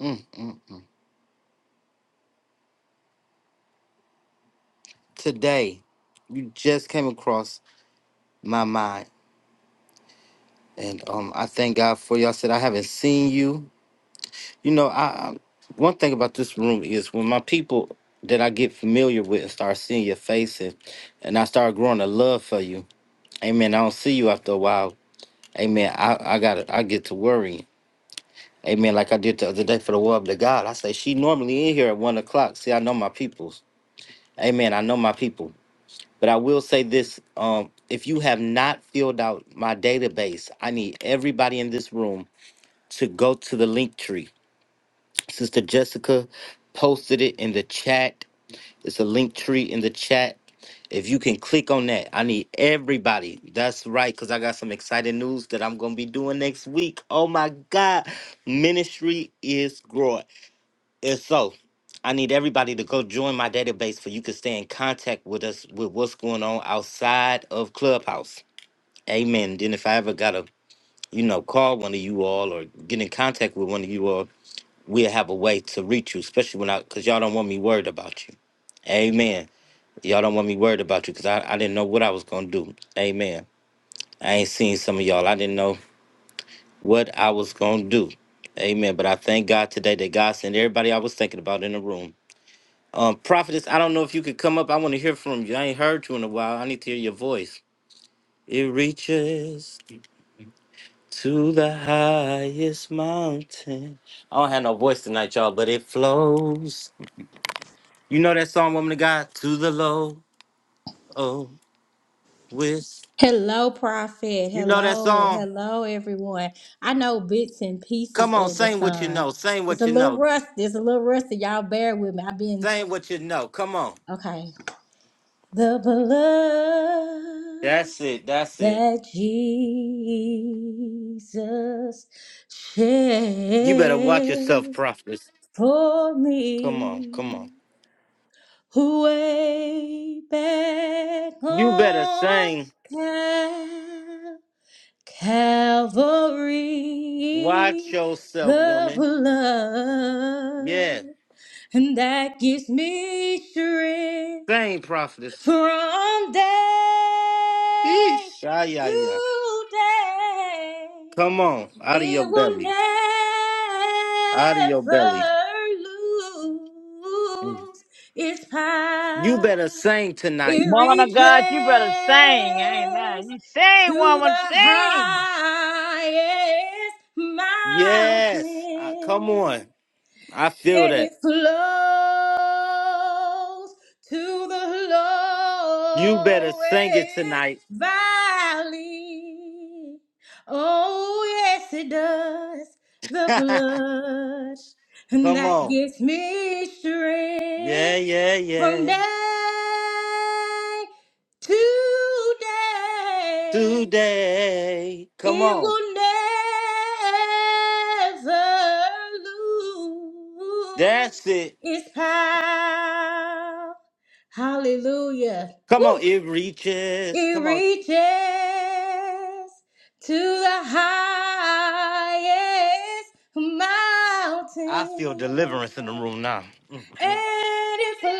S1: Mm, mm, mm. Today, you just came across my mind, and um I thank God for you. I said I haven't seen you. You know, I, I one thing about this room is when my people that I get familiar with and start seeing your face and, and I start growing a love for you. Amen. I don't see you after a while Amen. I, I got I get to worrying. Amen. Like I did the other day for the word of the God. I say she normally in here at one o'clock. See, I know my peoples. Amen. I know my people. But I will say this: um, if you have not filled out my database, I need everybody in this room to go to the link tree. Sister Jessica posted it in the chat. It's a link tree in the chat. If you can click on that, I need everybody. That's right, because I got some exciting news that I'm going to be doing next week. Oh my God. Ministry is growing. And so I need everybody to go join my database for you can stay in contact with us with what's going on outside of Clubhouse. Amen. Then if I ever got to, you know, call one of you all or get in contact with one of you all, we'll have a way to reach you, especially when I, because y'all don't want me worried about you. Amen. Y'all don't want me worried about you because I, I didn't know what I was going to do. Amen. I ain't seen some of y'all. I didn't know what I was going to do. Amen. But I thank God today that God sent everybody I was thinking about in the room. Um, prophetess, I don't know if you could come up. I want to hear from you. I ain't heard you in a while. I need to hear your voice. It reaches to the highest mountain. I don't have no voice tonight, y'all, but it flows. You know that song, Woman of God, to the low. Oh, with
S6: Hello, Prophet.
S1: you know that
S6: Hello,
S1: song.
S6: hello, everyone. I know bits and pieces
S1: Come on,
S6: of the
S1: sing what you
S6: song.
S1: know. Sing
S6: It's
S1: what
S6: a
S1: you
S6: little
S1: know.
S6: rust. It's a little rusty. Y'all bear with me. I've been
S1: Sing what you know. Come on.
S6: okay. The blood
S1: That's it. That's it.
S6: that Jesus
S1: You better watch yourself,
S6: shed
S1: prophets.
S6: for
S1: Come on.
S6: me,
S1: Come on.
S6: who way back
S1: You better
S6: on
S1: sing. Watch
S6: Calvary,
S1: yourself,
S6: the
S1: woman. Yeah.
S6: blood, and that gives me strength
S1: Sing, prophetess.
S6: from day
S1: Yeesh. Ah, yeah, yeah.
S6: to day.
S1: Come on. Out of your
S6: It will
S1: belly.
S6: never
S1: Out of your belly. Mm.
S6: lose its
S1: You better
S6: power.
S1: sing tonight.
S6: It
S7: Woman of
S6: reaches
S7: God, you better sing. Amen. You sing,
S6: to
S7: woman,
S6: the highest
S7: sing.
S1: Yes. Ah, come on.
S6: mountain
S1: I feel
S6: and
S1: that.
S6: it flows to the lowest
S1: You better sing it tonight.
S6: valley. Oh, yes, it does. The
S1: come
S6: blood and that
S1: on.
S6: gives me
S1: Yeah,
S6: strength
S1: yeah, yeah.
S6: from day to day.
S1: today. Come
S6: It
S1: on.
S6: will never lose
S1: That's it.
S6: its power. Hallelujah.
S1: Come on.
S6: Woo.
S1: It reaches.
S6: It
S1: Come on.
S6: reaches to the highest
S1: I feel deliverance in the
S6: mountain
S1: room now. Mm, mm,
S6: and it flows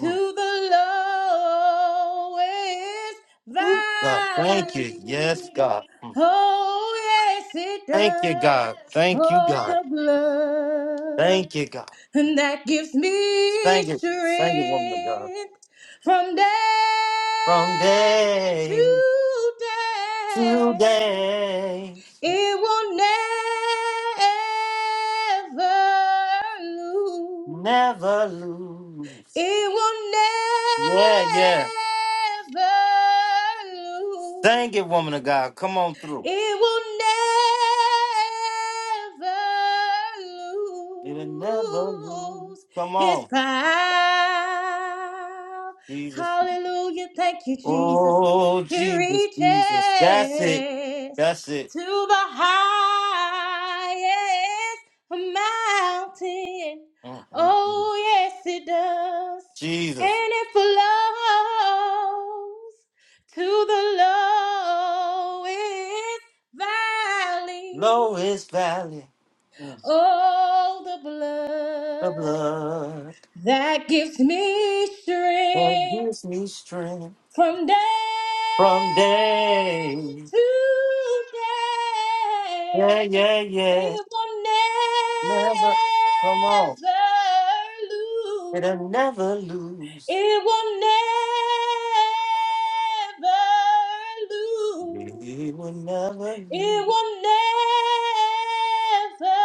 S1: mm.
S6: the lowest
S1: Woo, God, thank you. Yes,
S6: valley.
S1: God. Mm.
S6: Oh, yes, it
S1: Thank you,
S6: does.
S1: God. Thank you,
S6: Oh,
S1: God.
S6: the blood
S1: Thank you, God.
S6: and that gives me
S1: Thank you. Thank you, woman of God.
S6: strength from day
S1: From
S6: to
S1: day to
S6: day.
S1: day,
S6: It will never lose.
S1: never lose.
S6: It will
S1: Yeah, yeah.
S6: never
S1: Thank you, woman of
S6: lose.
S1: God. Come on through.
S6: It will never
S1: It'll never lose.
S6: lose
S1: Come on.
S6: its power.
S1: Jesus.
S6: Hallelujah. Thank you, Jesus.
S1: Oh,
S6: It
S1: Jesus,
S6: reaches
S1: Jesus. That's it. That's it.
S6: to the highest mountain.
S1: Mm, mm, mm.
S6: Oh, yes, it does.
S1: Jesus.
S6: And it flows to the lowest valley.
S1: Lowest valley. Mm.
S6: oh, the
S1: The
S6: blood
S1: blood
S6: that gives me
S1: that
S6: strength
S1: gives me strength
S6: from day
S1: from day.
S6: to day.
S1: Yeah, yeah, yeah.
S6: It will
S1: Never. Come on.
S6: never
S1: It'll
S6: lose.
S1: never lose.
S6: It will never
S1: It
S6: lose.
S1: will never
S6: It
S1: lose.
S6: will never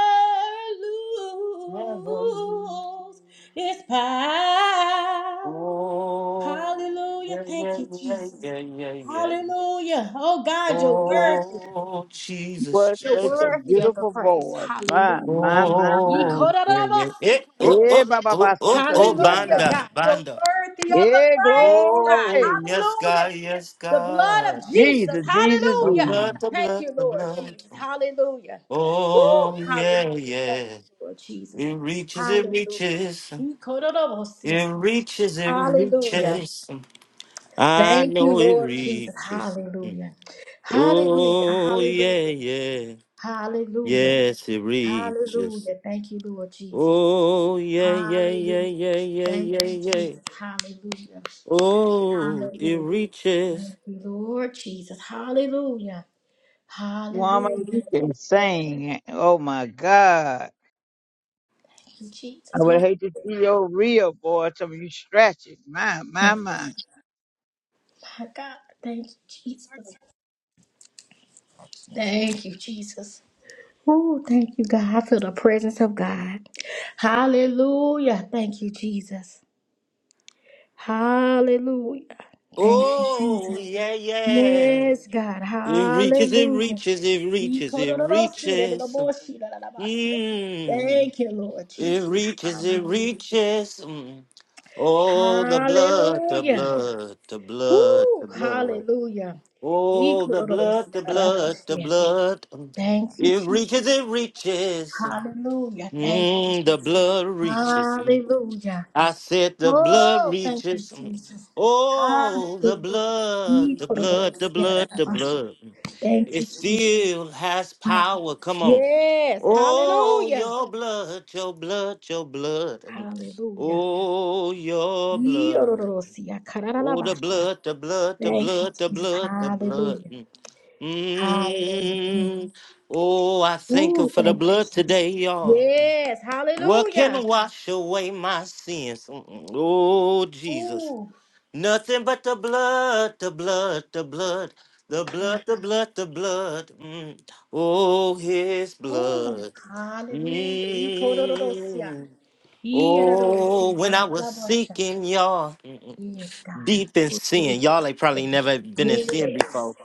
S1: Never lose.
S6: lose its power.
S1: Oh,
S6: Hallelujah.
S1: yeah,
S6: Thank
S1: yeah,
S6: you,
S1: yeah,
S6: Jesus.
S1: yeah, yeah, yeah. yeah.
S6: Hallelujah. Oh God, you're worthy.
S1: Oh, Jesus,
S7: What
S6: You're
S7: such
S1: Jesus.
S7: a
S6: worthy of the
S7: beautiful
S6: praise.
S7: voice. My,
S6: Hallelujah.
S7: my, my, my.
S1: Oh, yeah, yeah. Eh,
S6: Ikorarabasi,
S1: oh,
S7: Eh,
S1: oh,
S6: korarabosi.
S7: ba, ba,
S1: oh,
S7: ba,
S1: oh,
S7: sika de
S1: oh,
S6: Hallelujah,
S7: yada.
S1: Banda,
S6: God. You're
S1: Banda.
S6: worthy of the
S7: Eh,
S6: praise, God.
S1: Oh,
S7: glory.
S1: yes,
S6: Hallelujah.
S1: God, yes,
S6: The blood
S1: God,
S6: of
S1: yes.
S6: Jesus.
S7: Jesus, Jesus,
S1: The
S6: Hallelujah.
S1: blood,
S7: Jesus.
S1: the
S6: Thank
S1: blood,
S6: you,
S1: the
S6: Lord
S1: blood.
S6: Jesus. Hallelujah. Woo.
S1: Oh,
S6: Hallelujah.
S1: yeah,
S6: Thank
S1: yeah.
S6: you, Lord Jesus.
S1: It reaches, it
S6: Hallelujah.
S1: reaches.
S6: Ikororobosia.
S1: It reaches, it
S6: Hallelujah.
S1: reaches. I
S6: Thank you,
S1: know it
S6: Lord Jesus.
S1: reaches. Mm.
S6: Hallelujah. Hallelujah.
S1: Oh, yeah,
S6: Hallelujah.
S1: yeah.
S6: Hallelujah.
S1: Yes, it reaches.
S6: Hallelujah. Thank you, Lord Jesus.
S1: Oh, yeah, yeah, yeah,
S6: Hallelujah.
S1: yeah, yeah,
S6: Thank
S1: yeah,
S6: you,
S1: yeah.
S6: Jesus. Hallelujah.
S1: Oh, it
S6: Hallelujah. Thank
S1: reaches.
S6: you, Lord Jesus. Hallelujah.
S7: Woman,
S6: Hallelujah.
S7: you can sing. Oh, my God.
S6: you,
S7: I
S6: Jesus.
S7: would hate to see your real voice if you stretch it. My, my,
S6: Hallelujah.
S7: my. Come
S6: My God, thank you, Jesus. Thank you, Jesus. Oh, thank you, God. I feel the presence of God. Hallelujah. Thank you, Jesus. Hallelujah. Thank you,
S1: Oh,
S6: Jesus.
S1: yeah, yeah.
S6: Yes, God.
S1: It reaches, it
S6: Hallelujah.
S1: reaches, it reaches, it reaches. Mm.
S6: Thank you, Lord
S1: It
S6: Jesus.
S1: reaches, it
S6: Hallelujah.
S1: reaches. Mm. Oh, the blood, the
S6: Hallelujah.
S1: blood, the blood,
S6: Ooh,
S1: the blood.
S6: Hallelujah.
S1: Oh, the blood, the blood, the blood. Mm.
S6: Thank you,
S1: It
S6: Jesus.
S1: reaches, it reaches.
S6: Hallelujah. Thank you.
S1: Mm, the blood reaches.
S6: Hallelujah.
S1: I said the blood
S6: Oh, thank you,
S1: reaches.
S6: Jesus.
S1: Oh, the
S6: Hallelujah.
S1: blood,
S6: Ee,
S1: the
S6: kororo,
S1: blood, the blood,
S6: yarara,
S1: the
S6: mas-
S1: blood.
S6: Thank you,
S1: It
S6: Jesus.
S1: still has
S6: Ha-
S1: power. Come on.
S6: Yes.
S1: Oh,
S6: Hallelujah.
S1: your blood, your blood, your blood.
S6: Hallelujah.
S1: Oh, your
S6: Ee,
S1: blood.
S6: ororo, siya, karara, la,
S1: Oh, the
S6: basha.
S1: blood, the blood, the
S6: Thank you,
S1: blood, the
S6: Jesus.
S1: blood, the blood.
S6: Hallelujah. Hallelujah.
S1: Mm. Oh, I thank you
S6: Ooh,
S1: for the
S6: thank you,
S1: blood
S6: Jesus.
S1: today, y'all.
S6: Yes.
S1: What can
S6: Hallelujah.
S1: wash away my sins? Mm-mm. Oh, Jesus. Nothing but the blood, the blood, the blood, the blood, the blood, the blood. Mm. Oh, his
S6: Oh,
S1: blood.
S6: hallelujah. Ikorororosia.
S1: Mm.
S6: Iyerororosi,
S1: Oh, when I was
S6: kararabasha.
S1: seeking y'all
S6: Yes,
S1: deep in
S6: God.
S1: sin. Y'all ain't probably never been in sin
S6: Yes.
S1: before.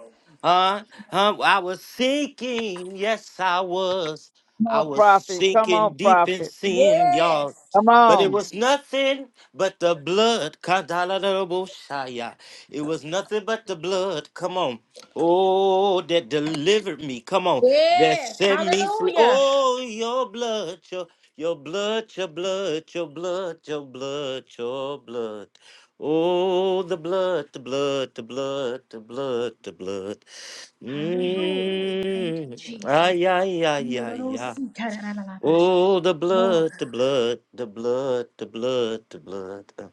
S1: Huh? Huh? I was sinking. Yes, I was. I
S7: on,
S1: was
S7: prophet. Come on,
S1: sinking deep in
S7: prophet.
S1: sin, y'all.
S6: Yes.
S7: Come
S1: But it
S7: on.
S1: was nothing but the blood. Kadalaboshaya. It was nothing but the blood. Come on. Oh, that delivered me. Come on. That
S6: Yes.
S1: set me free.
S6: Hallelujah.
S1: Oh, your blood, your your blood, your blood, your blood, your blood, your blood. Oh, the blood, the blood, the blood, the blood, the blood.
S6: Hallelujah. Thank you,
S1: Mm.
S6: Jesus.
S1: Ay, ay, ay, ay, ay.
S6: Iyororosi, kararabasha.
S1: Oh, the
S6: Oh,
S1: blood,
S6: God.
S1: the blood, the blood, the blood, the blood. Uh,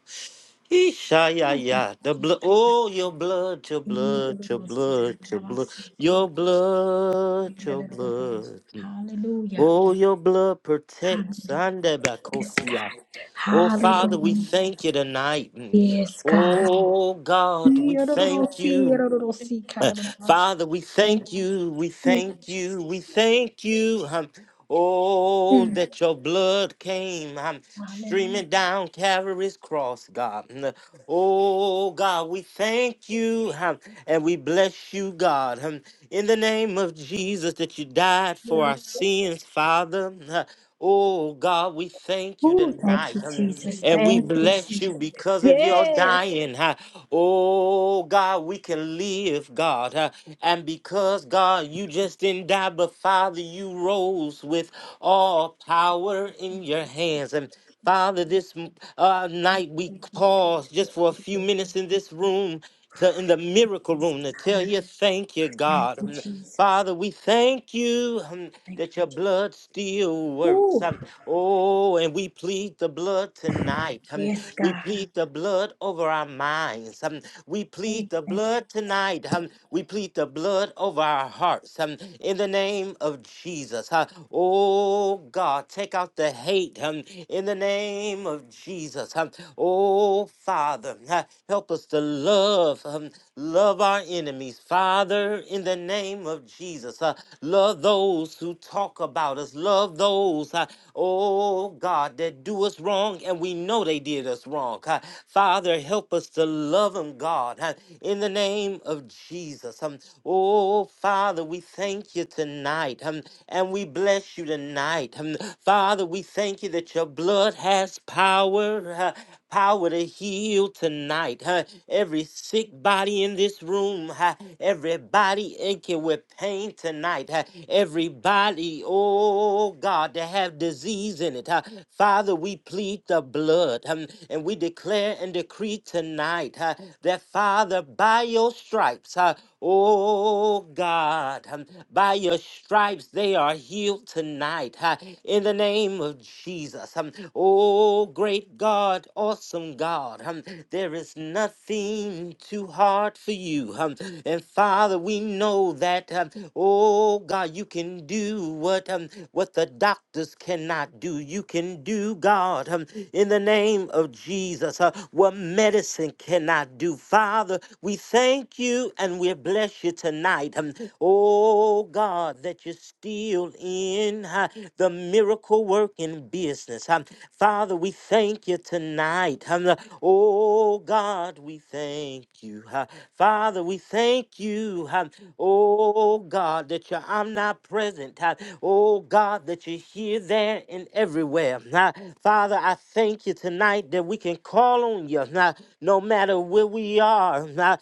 S1: Eesh, ay,
S6: Ooh,
S1: ay,
S6: thank
S1: ay.
S6: you,
S1: The blood.
S6: Jesus.
S1: Oh, your blood, your blood, your
S6: Iyororosi,
S1: blood, your blood,
S6: kararabasi,
S1: your blood, your blood.
S6: Hallelujah.
S1: Oh, your blood protects.
S6: Hallelujah.
S1: Ande
S6: Yes,
S1: bakosia.
S6: God.
S1: Oh, Father, we
S6: Hallelujah.
S1: thank you tonight. Mm.
S6: Yes, God.
S1: Oh, God, we thank
S6: Yorororosi,
S1: you.
S6: yorororosi, kararorosi.
S1: Father, we thank
S6: Thank
S1: you, we
S6: you,
S1: thank
S6: Jesus.
S1: you, we thank you. um, Oh,
S6: Mm.
S1: that your blood came um,
S6: Hallelujah.
S1: streaming down Calvary's cross, God. Mm, Oh, God, we thank you um, and we bless you, God. um, In the name of Jesus, that you died for our sins, Father. Uh, Oh, God, we thank you
S6: Ooh, thank
S1: tonight
S6: you,
S1: um,
S6: Jesus.
S1: and we
S6: Thank you,
S1: bless you
S6: Jesus.
S1: because of your
S6: Yes.
S1: dying. huh? Oh, God, we can live, God. uh, and because, God, you just didn't die, but Father, you rose with all power in your hands. And Father, this m- uh, night we pause just for a few minutes in this room, to, in the miracle room, to tell
S6: Hallelujah.
S1: you thank you,
S6: Thank
S1: God.
S6: you,
S1: Um,
S6: Jesus.
S1: Father, we thank you um,
S6: Thank you.
S1: that your
S6: Jesus.
S1: blood still works.
S6: Ooh,
S1: Um, oh, and we plead the blood tonight. Um,
S6: yes,
S1: we
S6: God.
S1: plead the blood over our minds. Um, we plead
S6: Ooh,
S1: the
S6: thank you.
S1: blood tonight. Um, we plead the blood over our hearts. Um, in the name of Jesus. Uh, oh God, take out the hate. Um, in the name of Jesus. Um, oh Father, uh, help us to love. Um, love our enemies. Father, in the name of Jesus. Uh, love those who talk about us. Love those, uh, oh God, that do us wrong and we know they did us us wrong. Uh, Father, help us to love them, God, uh, in the name of Jesus. Um, oh, Father, we thank you tonight um, and we bless you tonight. Um, Father, we thank you that your blood has power. uh, power to heal tonight. huh? Every sick body in this room, huh? everybody aching with pain tonight, huh? everybody, oh God, to have disease in it. huh? Father, we plead the blood um, and we declare and decree tonight huh, that, Father, by your stripes, huh, Oh God, um, by your stripes they are healed tonight. ha, in the name of Jesus. um, oh great God, awesome God, um, there is nothing too hard for you. um, and Father, we know that, um, oh God, you can do what, um, what the doctors cannot do. You can do, God. God, um, in the name of Jesus, uh, what medicine cannot do. Father, we thank you and we bless you tonight. Um, oh God, that you're still in uh, the miracle working business. Um, Father, we thank you tonight. Um, uh, oh God, we thank you. uh, Father, we thank you. um, Oh God, that you're I'm not present. Ah, Oh God, that you're here, there, and everywhere. Ah, Father, I thank you tonight that we can call on you. Ah, No matter where we are. Ah,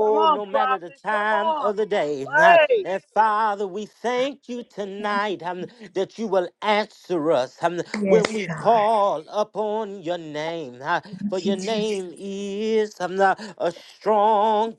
S7: Come on,
S1: no matter the
S7: prophet. Come
S1: time
S7: on.
S1: of the day. Ah,
S7: Pray.
S1: And Father, we
S6: God.
S1: thank you tonight um, that you will answer us um, when we
S6: Yes,
S1: Yes.
S6: God.
S1: call upon your name. Ah, For
S6: Thank you,
S1: your
S6: Jesus.
S1: name is um, a strong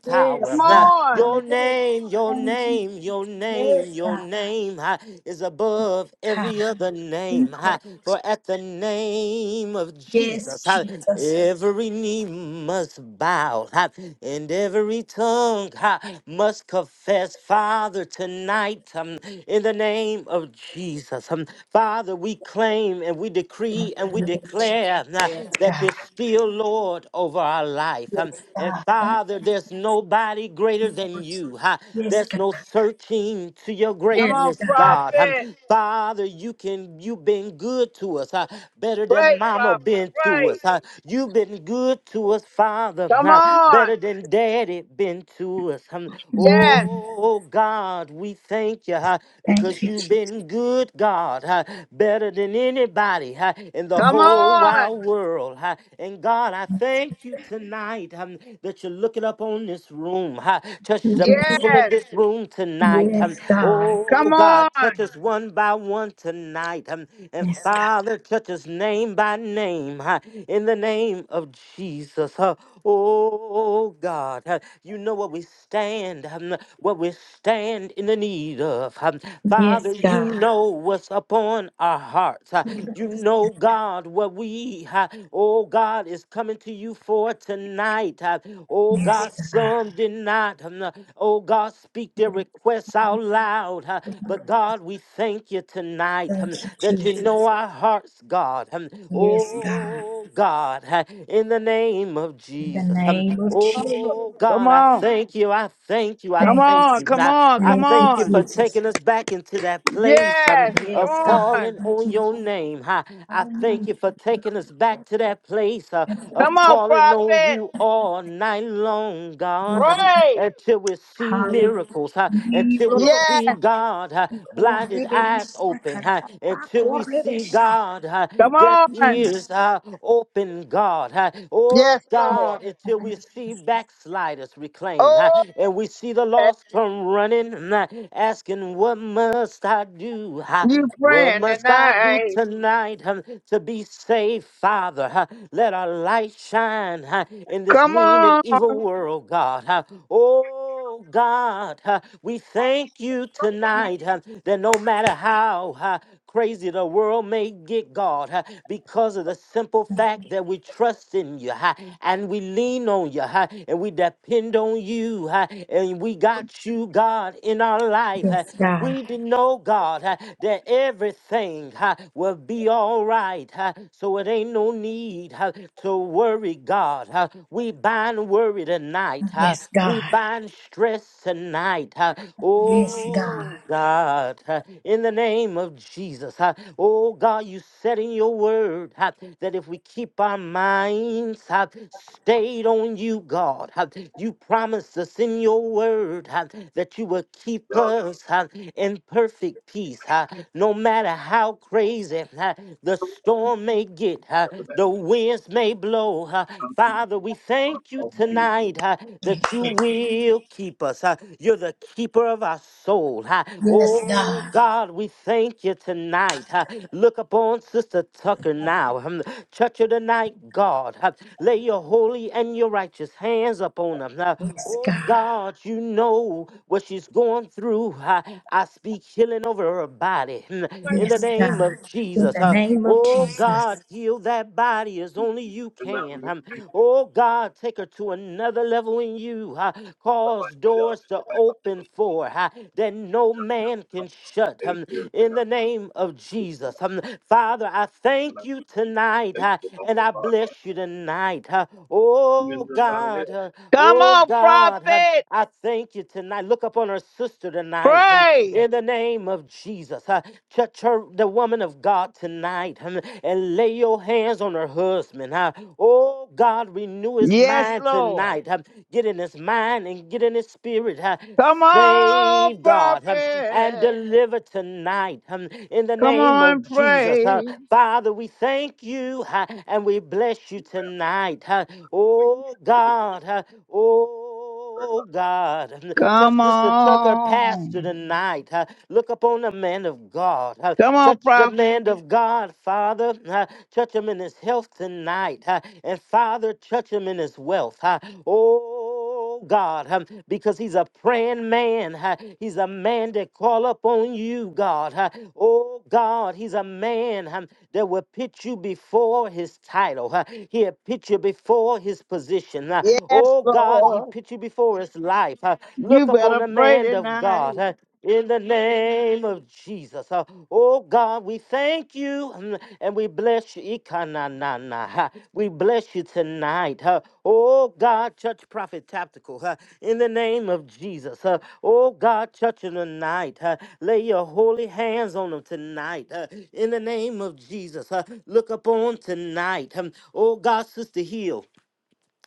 S7: Come
S1: tower.
S6: Yes,
S1: huh?
S6: God.
S7: on.
S1: Your
S6: Hallelujah.
S1: name, your
S6: Thank you.
S1: name, your name,
S6: Yes,
S1: your
S6: God.
S1: name ha, is above
S6: God.
S1: every other
S6: Thank
S1: name.
S6: you.
S1: ha. For at the name of
S6: Yes,
S1: Jesus, ha,
S6: Jesus.
S1: every knee must bow ha, and every tongue ha, must confess. Father, tonight, um, in the name of Jesus, um, Father, we claim and we decree
S6: Thank
S1: and
S6: you,
S1: we
S6: Lord Jesus.
S1: declare uh,
S6: Yes,
S1: that you're
S6: God.
S1: still Lord over our life. Um,
S6: Yes,
S1: and
S6: God. Thank
S1: Father, there's nobody
S6: you,
S1: greater than
S6: Lord.
S1: you. huh?
S6: Yes,
S1: There's
S6: God.
S1: no searching to your
S7: Come
S6: Yes,
S7: on,
S1: greatness,
S6: God.
S1: God. Um,
S7: prophet.
S1: Father, you can you've been good to us, huh? better
S7: Pray,
S1: than mama
S7: prophet.
S1: been to
S7: Pray.
S1: us. huh? You've been good to us, Father,
S7: Come
S1: huh? better
S7: on.
S1: than daddy been into us. Hum.
S7: Yes.
S6: Mm.
S1: Oh God, we thank you huh,
S6: Thank
S1: because
S6: you,
S1: you've
S6: Jesus.
S1: been good, God, huh, better than anybody huh, in the
S7: Come
S1: whole
S7: on.
S1: wide world. huh. And God, I
S6: Yes,
S1: thank you tonight um, that you're looking up on this room. huh. Touch the
S7: Yeah.
S1: people in this room tonight. um.
S6: yes, God.
S1: Oh
S7: Come
S1: God,
S7: on.
S1: touch us one by one tonight. Um, and
S6: Yes, God. Yes, God.
S1: Father, touch us name by name huh, in the name of Jesus. huh. Oh God, huh, you know what we stand, um, what we stand in the need of. um. Father, you know what's upon our hearts. huh. You know, God, what we, huh, oh God, is coming to you for tonight. huh. Oh
S6: Yes,
S1: God,
S6: God.
S1: some did not, um, oh God, speak their requests out loud. huh. But God, we thank you tonight.
S6: Thank
S1: huh,
S6: you,
S1: that you
S6: Jesus.
S1: know our hearts, God. Um,
S6: Yes, God.
S1: Oh, God, uh, in the name of
S6: In the
S1: Jesus. Um,
S6: name of
S7: Come
S6: Jesus.
S1: Oh, God, I
S7: on. Come on.
S1: thank you. I thank you. I
S6: Thank you,
S1: thank you.
S7: Come
S6: Jesus.
S1: I,
S7: on.
S1: I
S7: Come
S6: Thank you,
S1: thank you
S7: on.
S1: for
S6: Jesus.
S1: taking us back into that place um,
S7: Yes.
S1: of
S6: Yes,
S7: Come
S6: God.
S7: on.
S1: calling
S6: Thank
S1: on
S6: you.
S1: your name. I, I thank
S6: Hallelujah.
S1: you for taking us back to that place uh, of
S7: Come on,
S1: calling on
S7: prophet.
S1: you all night long, God,
S6: Yes.
S1: um,
S7: Pray.
S1: until we see
S6: Hallelujah.
S1: miracles, uh, until we
S7: Yes.
S1: see God uh,
S6: Yes,
S1: blinded eyes
S6: God.
S1: open huh, until we see God, huh,
S7: Come
S1: deaf
S7: on.
S1: ears uh, open, God. huh. Oh
S7: Yes, Lord.
S1: God, until we see backsliders reclaimed huh,
S7: Oh,
S1: and we see the lost come running, huh, asking, What must I do? huh?
S7: you
S1: What
S7: praying
S1: must I do
S7: tonight.
S1: tonight huh, to be saved, Father? huh? Let our light shine huh, in this
S7: Come
S1: mean
S7: on.
S1: and evil world, God. huh. Oh, Oh God, uh, we thank you tonight uh, that no matter how uh, crazy the world may get, God, uh, because of the simple fact that we trust in you uh, and we lean on you uh, and we depend on you uh, and we got you, God, in our life. uh,
S6: Yes, God.
S1: we did know, God, uh, that everything uh, will be all right. uh, so it ain't no need uh, to worry, God. uh, we bind worry tonight. uh,
S6: Yes,
S1: we
S6: God.
S1: bind stress tonight. huh?
S6: Yes, God.
S1: Oh God, huh, in the name of Jesus. huh? Oh God, you said in your word huh, that if we keep our minds huh, stayed on you, God, huh, you promised us in your word huh, that you will keep us huh, in perfect peace. huh, No matter how crazy huh, the storm may get, huh, the winds may blow know, uh, Father, we thank you tonight uh, that you will keep us. uh, you're the keeper of our soul. uh,
S6: Yes,
S1: oh,
S6: God.
S1: God, we thank you tonight. uh, look upon Sister Tucker now. Um, touch her tonight, God. uh, lay your holy and your righteous hands upon her. uh, oh, God, you know what she's going through. uh, I speak healing over her body mm, in the
S6: Yes,
S1: name
S6: God.
S1: of
S6: In
S1: Jesus.
S6: the
S1: Uh,
S6: name of
S1: Oh
S6: Jesus.
S1: God, heal that body as only you can. Um, oh God, take her to another level in you. Uh, cause doors to open for her uh, that no man can shut. Um, in the name of Jesus. Um, Father, I thank you tonight uh, and I bless you tonight. uh, oh God, uh,
S7: Come
S1: oh
S7: on,
S1: God, um,
S7: prophet.
S1: I thank you tonight. Look up on her sister tonight. um,
S7: Pray.
S1: in the name of Jesus. Uh, touch her, the woman of God tonight um, and lay your hands on her husband. uh. oh, God, renew his
S7: Yes,
S1: mind
S7: Lord.
S1: tonight. um, get in his mind and get in his spirit. uh.
S7: Come on,
S1: save God um, and
S7: prophet.
S1: deliver tonight um, in the
S7: Come
S1: name
S7: on,
S1: of Jesus. uh.
S7: pray.
S1: Father, we thank you uh, and we bless you tonight. uh. oh, God. uh, oh, Oh God,
S7: Come
S1: touch Sister Tucker, pastor
S7: on.
S1: tonight. huh. Look upon the man of God. huh.
S7: Come on,
S1: Touch the
S7: prophet.
S1: man of God, Father. huh. Touch him in his health tonight. huh. And Father, touch him in his wealth. huh. Oh God, huh, because he's a praying man. huh. He's a man that call upon you, God. Uh, Oh. Oh God, he's a man huh, that will put you before his title. huh. He'll put you before his position. huh.
S7: Yes,
S1: Oh God, he
S7: Lord.
S1: put you before his life. huh.
S7: You
S1: Look upon
S7: better
S1: the
S7: pray
S1: man of
S7: tonight.
S1: God. huh, In the name of Jesus. huh. Oh God, we thank you mm, and and we bless you. Ikananana, ha. We bless you tonight. huh? Oh God, touch Prophet Tactical huh? in the name of Jesus. huh? Oh God, touch him tonight. huh? Lay your holy hands on him tonight huh? in the name of Jesus. huh? Look upon tonight. huh? Oh God, Sister Heal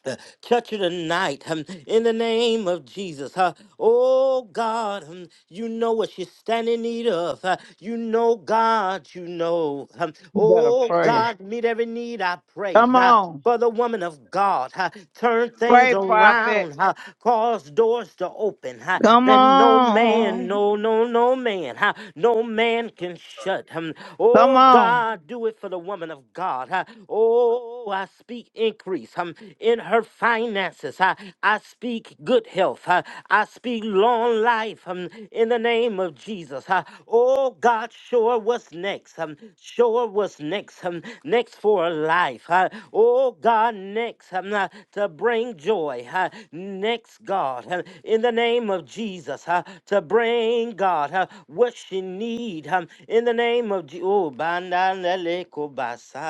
S1: uh, touch her tonight um, in the name of Jesus. huh? oh God, um, you know what she's standing in need of. huh? you know, God, you know. um,
S7: You better
S1: oh
S7: pray.
S1: God, meet every need, I pray.
S7: Come
S1: huh?
S7: on.
S1: for the woman of God. huh, Turn things
S7: Pray, prophet.
S1: around. huh, Cause doors to open huh,
S7: Come
S1: that no man,
S7: on.
S1: no, no, no man, huh, no man can shut. hum.
S7: Come
S1: Oh,
S7: on.
S1: God, do it for the woman of God. huh. Oh, I speak increase hum, in her finances. huh. I speak good health. huh. I speak long life hum, in the name name of Jesus. huh? Oh God, sure what's next. Um, sure what's next. Um, next for a life. huh? Oh God, next um, uh, to bring joy. huh? Next, God, huh, in the name of Jesus, huh, to bring God huh, what she need. huh, In the name of Jesus. Oh, bandaneleko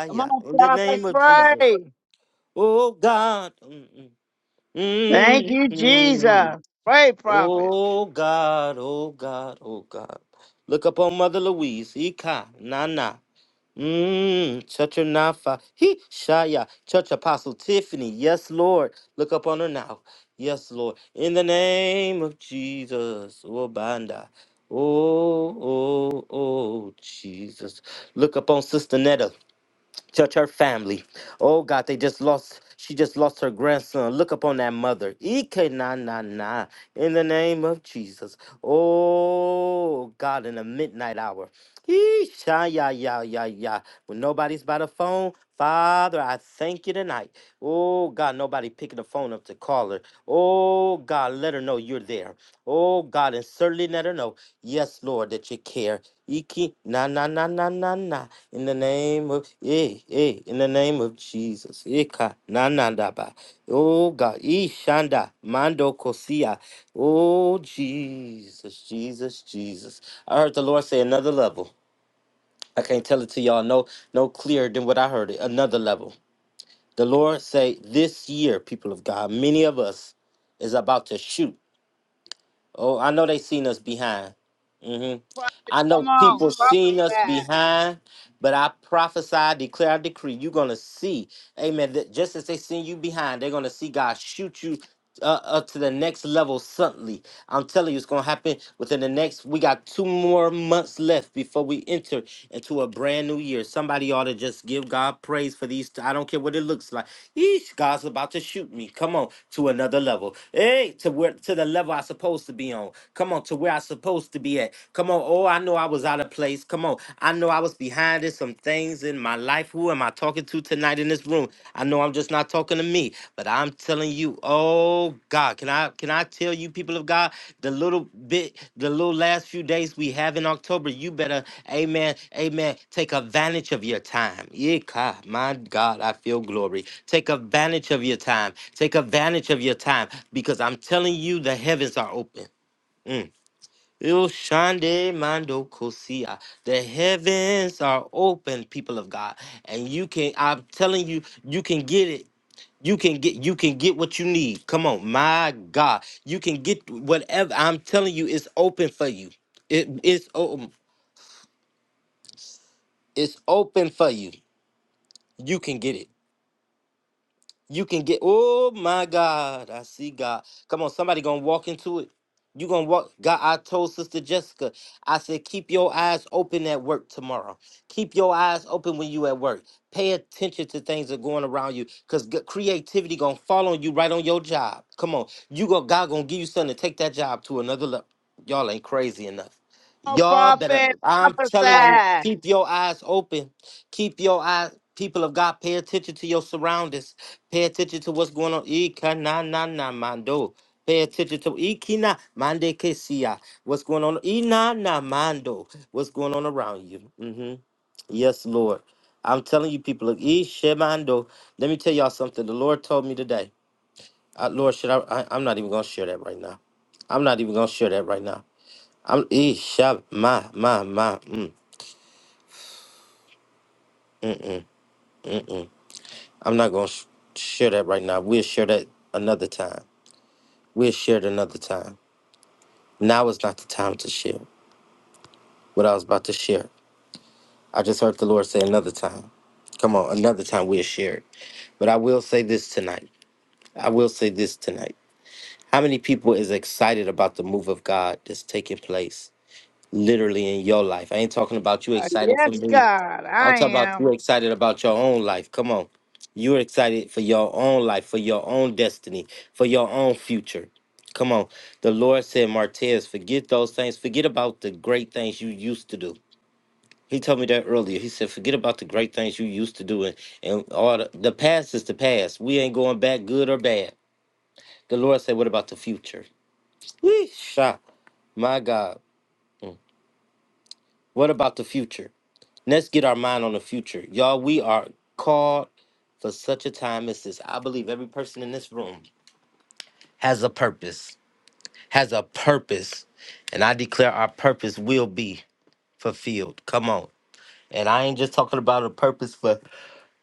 S7: Come on,
S1: in the
S7: prophet.
S1: name of Jesus.
S7: Pray.
S1: Oh God. Mm,
S7: Thank
S1: mm,
S7: you,
S1: mm, mm,
S7: Jesus. Pray, prophet.
S1: Oh God, oh God, oh God. Look up on Mother Louise. Ika, Nana. Mmm, touch her now, Nafa. He, Shaya. touch Apostle Tiffany. Yes, Lord. Look up on her now. Yes, Lord. In the name of Jesus. Oh, Banda. Oh, oh, oh, Jesus. Look up on Sister Netta touch her family. Oh God, they just lost. She just lost her grandson. Look upon that mother. Ike na na na. In the name of Jesus. Oh God, in the midnight hour. Yeesh, ah, ya ya ya ya. When nobody's by the phone, Father, I thank you tonight. Oh God, nobody picking the phone up to call her. Oh God, let her know you're there. Oh God, and certainly let her know. Yes, Lord, that you care. Iki na na na na na na. In the name of eh eh. In the name of Jesus. Ika na na da ba. Oh God. Ishanda mando kosia. Oh Jesus, Jesus, Jesus. I heard the Lord say another level. I can't tell it to y'all no no clearer than what I heard it. Another level. The Lord say this year, people of God, many of us is about to shoot Oh, I know they seen us behind. hmm
S7: Prophet,
S1: I know
S7: come on.
S1: people seen us
S7: Prophesy.
S1: behind, but I prophesy, declare, I decree, you're gonna see, Amen. That just as they seen you behind, they're gonna see God shoot you uh, up to the next level suddenly. I'm telling you, it's gonna happen within the next. We got two more months left before we enter into a brand new year. Somebody ought to just give God praise for these. I don't care what it looks like. Yeesh, God's about to shoot me. Come on to another level. Hey, to where to the level I'm supposed to be on. Come on to where I'm supposed to be at. Come on. Oh, I know I was out of place. Come on. I know I was behind in some things in my life. Who am I talking to tonight in this room? I know I'm just not talking to me, but I'm telling you, oh God, can I can I tell you, people of God, the little bit, the little last few days we have in October, you better, amen, amen, take advantage of your time. Yeah, God, my God, I feel glory. Take advantage of your time. Take advantage of your time because I'm telling you, the heavens are open. Mm. Ilshande Mando Kosia. The heavens are open, people of God. And you can, I'm telling you, you can get it. You can get you can get what you need. Come on, my God. You can get whatever. I'm telling you, it's open for you. It is it's o- it's open for you. You can get it. You can get, oh my God, I see God. Come on, somebody gonna walk into it. You gonna walk. God, I told Sister Jessica, I said, keep your eyes open at work tomorrow. Keep your eyes open when you at work. Pay attention to things that are going around you, cause creativity gonna fall on you right on your job. Come on, you go. God gonna give you something to take that job to another level. Y'all ain't crazy enough.
S7: Come on,
S1: Y'all better.
S7: prophet.
S1: I'm telling you,
S7: Prophesy.
S1: keep your eyes open. Keep your eyes. People of God, pay attention to your surroundings Pay attention to what's going on. Ika na na na mando. Pay attention to ikina mande kesia. What's going on? Ina na mando. What's going on around you? hmm Yes, Lord. I'm telling you, people. Look, ishemando. Let me tell y'all something. The Lord told me today. Uh, Lord, should I, I? I'm not even gonna share that right now. I'm not even gonna share that right now. I'm isha ma ma ma. Mm, mm, mm, mm, mm. I'm not gonna sh- share that right now. We'll share that another time. We'll share it another time. Now is not the time to share what I was about to share. I just heard the Lord say another time. Come on, another time we'll share it. But I will say this tonight. I will say this tonight. How many people is excited about the move of God that's taking place literally in your life? I ain't talking about you excited for
S7: Yes,
S1: me.
S7: God,
S1: I'm
S7: I
S1: talking about you
S7: am.
S1: excited about your own life. Come on. You're excited for your own life, for your own destiny, for your own future. Come on. The Lord said, Martez, forget those things. Forget about the great things you used to do. He told me that earlier. He said, forget about the great things you used to do and, and all the, the past is the past. We ain't going back, good or bad. The Lord said, what about the future? Weesh, my God. Mm. What about the future? Let's get our mind on the future. Y'all, we are called for such a time as this. I believe every person in this room has a purpose, has a purpose. And I declare our purpose will be fulfilled. Come on. And I ain't just talking about a purpose for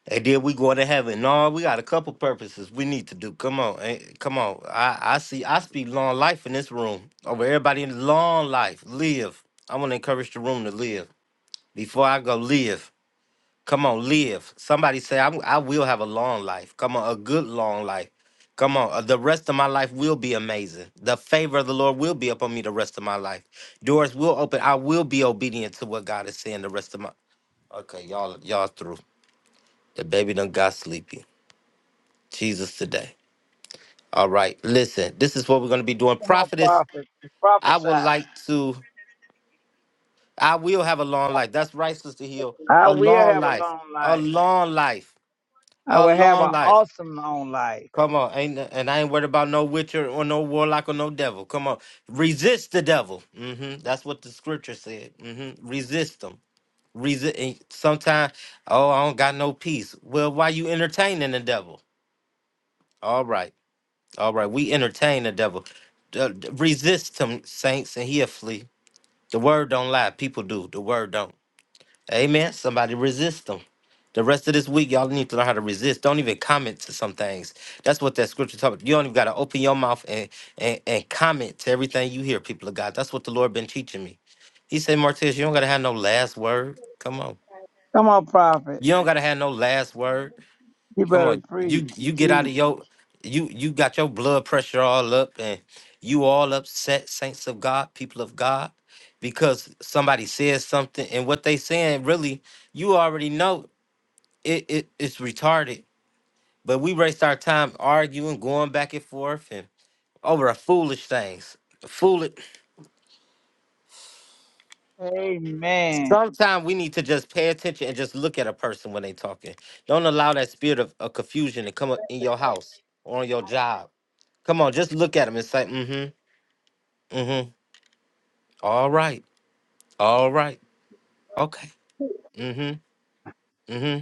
S1: And then we going to heaven. No, we got a couple purposes we need to do. Come on, ain't- come on. I, I see. I speak long life in this room. Over everybody in long life, live. I want to encourage the room to live. Before I go, live. Come on, live. Somebody say I'm, I will have a long life. Come on, a good long life. Come on, uh, the rest of my life will be amazing. The favor of the Lord will be upon me the rest of my life. Doors will open. I will be obedient to what God is saying the rest of my. Okay, y'all, y'all through. The baby done got sleepy. Jesus today. All right. Listen, this is what we're going to be doing.
S7: Come on,
S1: Prophetess,
S7: prophet.
S1: I would
S7: Prophesy.
S1: like to, I will have a long life. That's right, Sister Hill.
S7: I
S1: A
S7: will
S1: long
S7: have a
S1: life.
S7: long
S1: A
S7: life.
S1: long life.
S7: I
S1: A
S7: will have an
S1: long life.
S7: awesome long life.
S1: Come on. Ain't, and I ain't worried about no witcher or no warlock or no devil. Come on. Resist the devil. hmm That's what the scripture said. hmm Resist them. Resist. Sometimes, oh, I don't got no peace. Well, why you entertaining the devil? All right. All right, we entertain the devil. D- d- Resist him, saints, and he'll flee. The word don't lie. People do. The word don't. Amen. Somebody resist him. The rest of this week, y'all need to learn how to resist. Don't even comment to some things. That's what that scripture talks about. You don't even got to open your mouth and, and, and comment to everything you hear, people of God. That's what the Lord been teaching me. He said, Martez, you don't got to have no last word. Come on.
S7: Come on, prophet.
S1: You don't got to have no last word.
S7: You
S1: Come
S7: better
S1: on,
S7: preach.
S1: you you get out
S7: Teach.
S1: of your you you got your blood pressure all up and you all upset, saints of God, people of God, because somebody says something and what they saying really, you already know it, it it's retarded. But we waste our time arguing, going back and forth and over a foolish things. Foolish
S7: Amen.
S1: sometimes we need to just pay attention and just look at a person when they talking. Don't allow that spirit of, of confusion to come up in your house or on your job Come on, just look at him and say, mm-hmm, mm-hmm. All right. All right. Okay. Mm-hmm. Mm-hmm.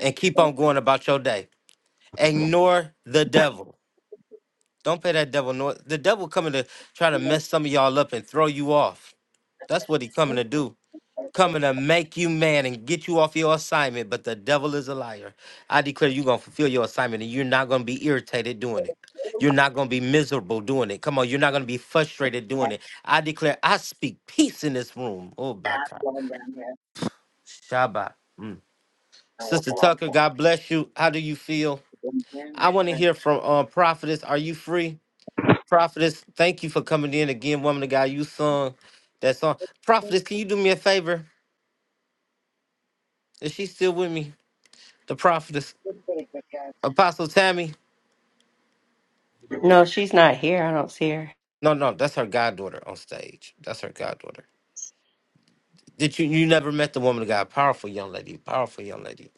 S1: And keep on going about your day. Ignore the devil. Don't pay that devil no. The devil coming to try to mess some of y'all up and throw you off. That's what he coming to do. coming to make you man and get you off your assignment, but the devil is a liar. I declare you're going to fulfill your assignment and you're not going to be irritated doing it. You're not going to be miserable doing it. Come on, you're not going to be frustrated doing it. I declare, I speak peace in this room. Oh, by God.
S7: God
S1: Shabbat. Mm. Sister Tucker, God bless you. How do you feel? I want to hear from um, Prophetess. Are you free? Prophetess, thank you for coming in again, woman of God. You sung that song. Prophetess, can you do me a favor? Is she still with me? The prophetess. Apostle Tammy.
S8: No, she's not here. I don't see her.
S1: No, no, that's her goddaughter on stage. That's her goddaughter. Did you you never met the woman of God? Powerful young lady. Powerful young lady.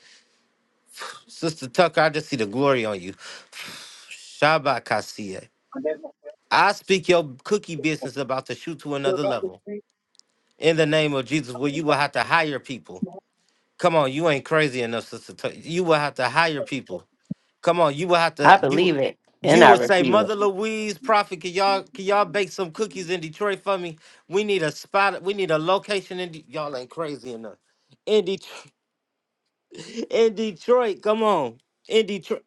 S1: Sister Tucker, I just see the glory on you. Shabbat Kasia. I speak your cookie business about to shoot to another level. In the name of Jesus, where you will have to hire people. Come on, you ain't crazy enough, Sister Tucker. You will have to hire people. Come on, you will have to
S8: I
S1: you
S8: believe it and
S1: you
S8: I
S1: will say,
S8: receive it.
S1: Mother Louise, Prophet, can y'all can y'all bake some cookies in Detroit for me? We need a spot, we need a location in De- y'all ain't crazy enough. In Detroit, in Detroit, come on. In Detroit.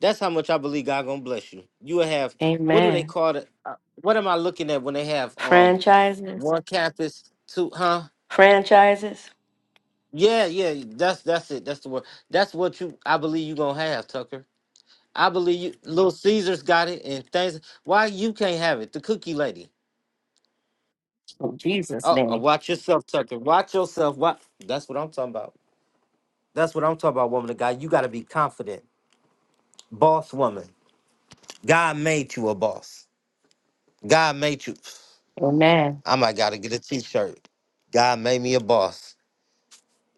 S1: That's how much I believe God gonna bless you. You will have what do they
S8: Amen.
S1: call it? Uh, What am I looking at when they have um
S8: Franchises,
S1: one campus, two huh?
S8: franchises,
S1: Yeah, yeah, that's that's it. That's the word. That's what you I believe you gonna have, Tucker. I believe you, Little Caesars got it, and things. Why you can't have it? The cookie lady.
S8: in Jesus'
S1: Oh, uh,
S8: name.
S1: watch yourself, Tucker. Watch yourself. What? That's what I'm talking about. That's what I'm talking about, woman of God. You got to be confident, boss woman. God made you a boss. God made you.
S8: Amen.
S1: I might gotta get a T-shirt. God made me a boss.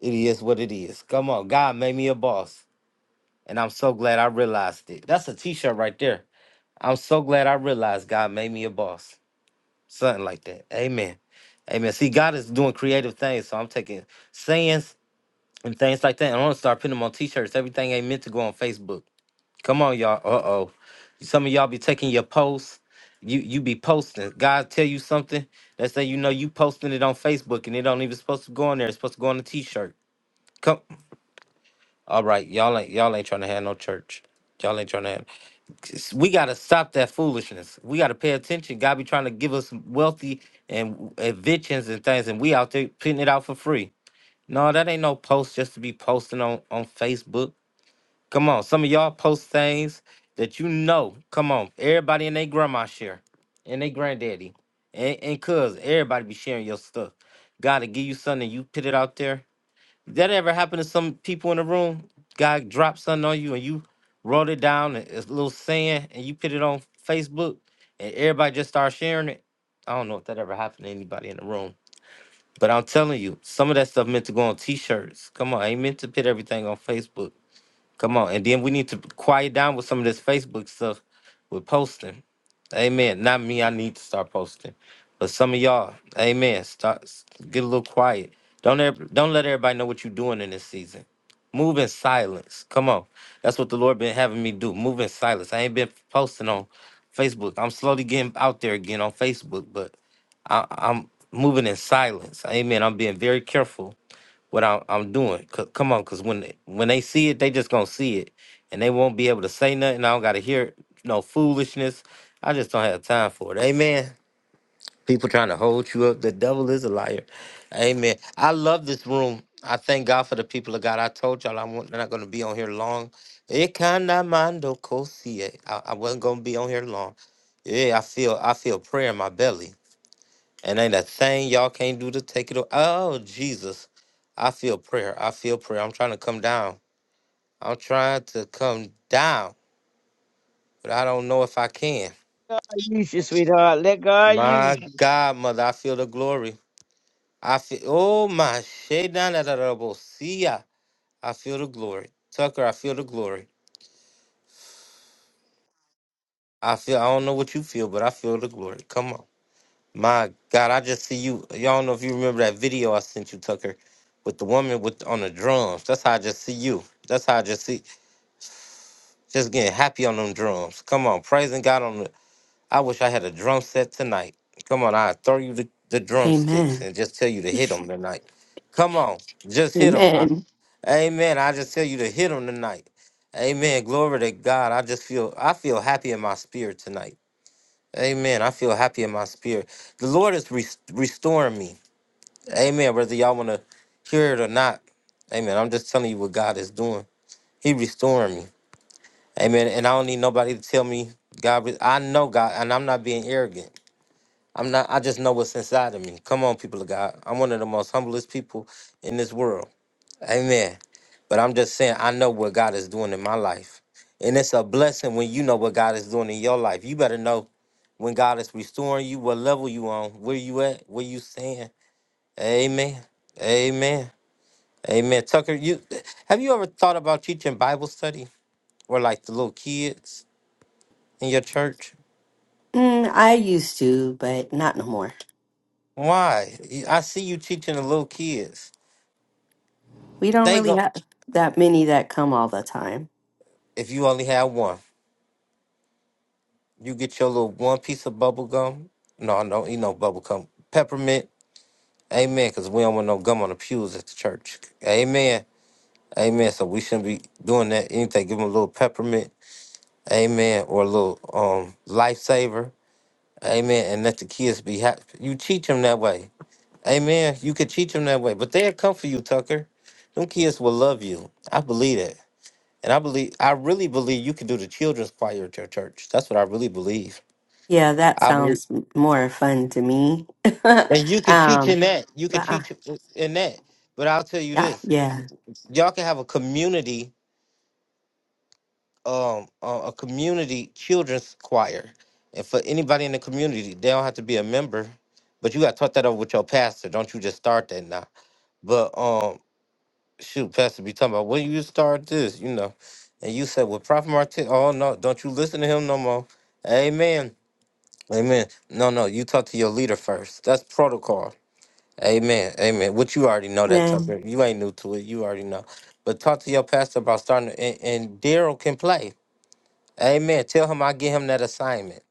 S1: It is what it is. Come on, God made me a boss, and I'm so glad I realized it. That's a T-shirt right there. I'm so glad I realized God made me a boss. Something like that. Amen. Amen. See, God is doing creative things. So I'm taking sayings and things like that. And I'm gonna start putting them on t-shirts. Everything ain't meant to go on Facebook. Come on, y'all. Uh-oh. Some of y'all be taking your posts. You you be posting. God tell you something. Let's say you know you posting it on Facebook and it don't even supposed to go on there. It's supposed to go on a t-shirt. Come all right. Y'all ain't y'all ain't trying to have no church. Y'all ain't trying to have s- we got to stop that foolishness. We got to pay attention. God be trying to give us wealthy and inventions and things, and we out there putting it out for free. No, that ain't no post just to be posting on, on Facebook. Come on, some of y'all post things that you know. Come on, everybody and their grandma share, and they granddaddy, and, and cuz everybody be sharing your stuff. God to give you something, you put it out there that ever happen to some people in the room? Guy dropped something on you and you wrote it down and It's a little saying and you put it on Facebook and everybody just started sharing it. I don't know if that ever happened to anybody in the room. But I'm telling you, some of that stuff meant to go on t-shirts. Come on, I ain't meant to put everything on Facebook. Come on. And then we need to quiet down with some of this Facebook stuff with posting. Amen. Not me, I need to start posting. But some of y'all, amen. Start s- get a little quiet. Don't ev- don't let everybody know what you're doing in this season. Move in silence. Come on. That's what the Lord been having me do. Move in silence. I ain't been posting on Facebook. I'm slowly getting out there again on Facebook, but I, I'm moving in silence. Amen. I'm being very careful what I, I'm doing. C- come on, cause when when they see it, they just gonna see it, and they won't be able to say nothing. I don't gotta hear no foolishness. I just don't have time for it. Amen. People trying to hold you up. The devil is a liar. Amen. I love this room. I thank God for the people of God. I told y'all I'm not gonna be on here long. It mando cosie. I, I wasn't gonna be on here long. Yeah, I feel I feel prayer in my belly. And ain't a thing y'all can't do to take it away. Oh, Jesus. I feel prayer. I feel prayer. I'm trying to come down. I'm trying to come down, but I don't know if I can.
S7: use you, sweetheart. Let God use
S1: My
S7: you.
S1: God, mother, I feel the glory. I feel, oh, my shade down at the I feel the glory. Tucker, I feel the glory. I feel, I don't know what you feel, but I feel the glory. Come on. My God, I just see you. Y'all don't know if you remember that video I sent you, Tucker, with the woman with on the drums. That's how I just see you. That's how I just see. Just getting happy on them drums. Come on, praising God on the. I wish I had a drum set tonight. Come on, I throw you the, the drumsticks
S8: Amen.
S1: and just tell you to hit them tonight. Come on, just hit them.
S8: Amen.
S1: amen. I just tell you to hit them tonight. Amen. Glory to God. I just feel I feel happy in my spirit tonight. Amen. I feel happy in my spirit. The Lord is res- restoring me. Amen. Whether y'all want to hear it or not. Amen. I'm just telling you what God is doing. He restoring me. Amen. And I don't need nobody to tell me God. re- I know God, and I'm not being arrogant. I'm not. I just know what's inside of me. Come on, people of God. I'm one of the most humblest people in this world. Amen. But I'm just saying, I know what God is doing in my life, and it's a blessing when you know what God is doing in your life. You better know when God is restoring you, what level you on, where you at, where you stand. Amen. Amen. Amen. Tucker, you have you ever thought about teaching Bible study or like the little kids in your church?
S8: Mm, I used to, but not no more.
S1: Why? I see you teaching the little kids.
S8: We don't
S1: They
S8: really
S1: go.
S8: have that many that come all the time.
S1: If you only have one, you get your little one piece of bubble gum. No, I don't eat no bubble gum. Peppermint. Amen. Because we don't want no gum on the pews at the church. Amen. Amen. So we shouldn't be doing that. Anything. Give them a little peppermint. Amen. Or a little um lifesaver. Amen. And let the kids be happy. You teach them that way. Amen. You could teach them that way, but they'll come for you, Tucker. Them kids will love you. I believe that. And I believe, I really believe you can do the children's choir at your church. That's what I really believe.
S8: Yeah, that
S1: I believe,
S8: sounds m- more fun to me.
S1: and you could teach
S8: um,
S1: in that. You could
S8: but, uh,
S1: teach in that. But I'll tell you
S8: yeah,
S1: this:
S8: yeah,
S1: y'all can have a community, um, uh, a community children's choir, and for anybody in the community, they don't have to be a member. But you got to talk that over with your pastor. Don't you just start that now? But um, shoot, pastor be talking about when you start this, you know, and you said, "Well, Prophet Martin, oh no, don't you listen to him no more." Amen. Amen. No, no, you talk to your leader first. That's protocol. Amen. Amen. Which you already know that,
S8: man.
S1: Tucker. You ain't new to it. You already know. But talk to your pastor about starting, to, and, and Daryl can play. Amen. Tell him I give him that assignment.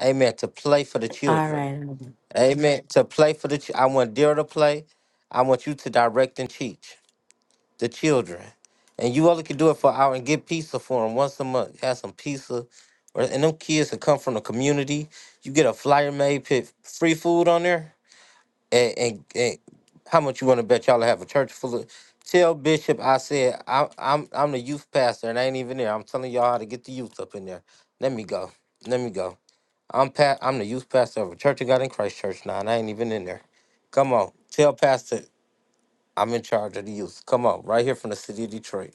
S1: Amen. To play for the
S8: All
S1: children.
S8: right. All right.
S1: Amen. To play for the. Ch- I want Daryl to play. I want you to direct and teach the children. And you only can do it for an hour and get pizza for them once a month. Have some pizza. Or, and them kids that come from the community, you get a flyer made, put free food on there. And, and, and how much you want to bet y'all have a church full of? Tell Bishop I said, I, I'm, I'm the youth pastor and I ain't even there. I'm telling y'all how to get the youth up in there. Let me go. Let me go. I'm pa- I'm the youth pastor of a church of God in Christ Church now, and I ain't even in there. Come on. Tell Pastor. I'm in charge of the youth. Come on, right here from the city of Detroit.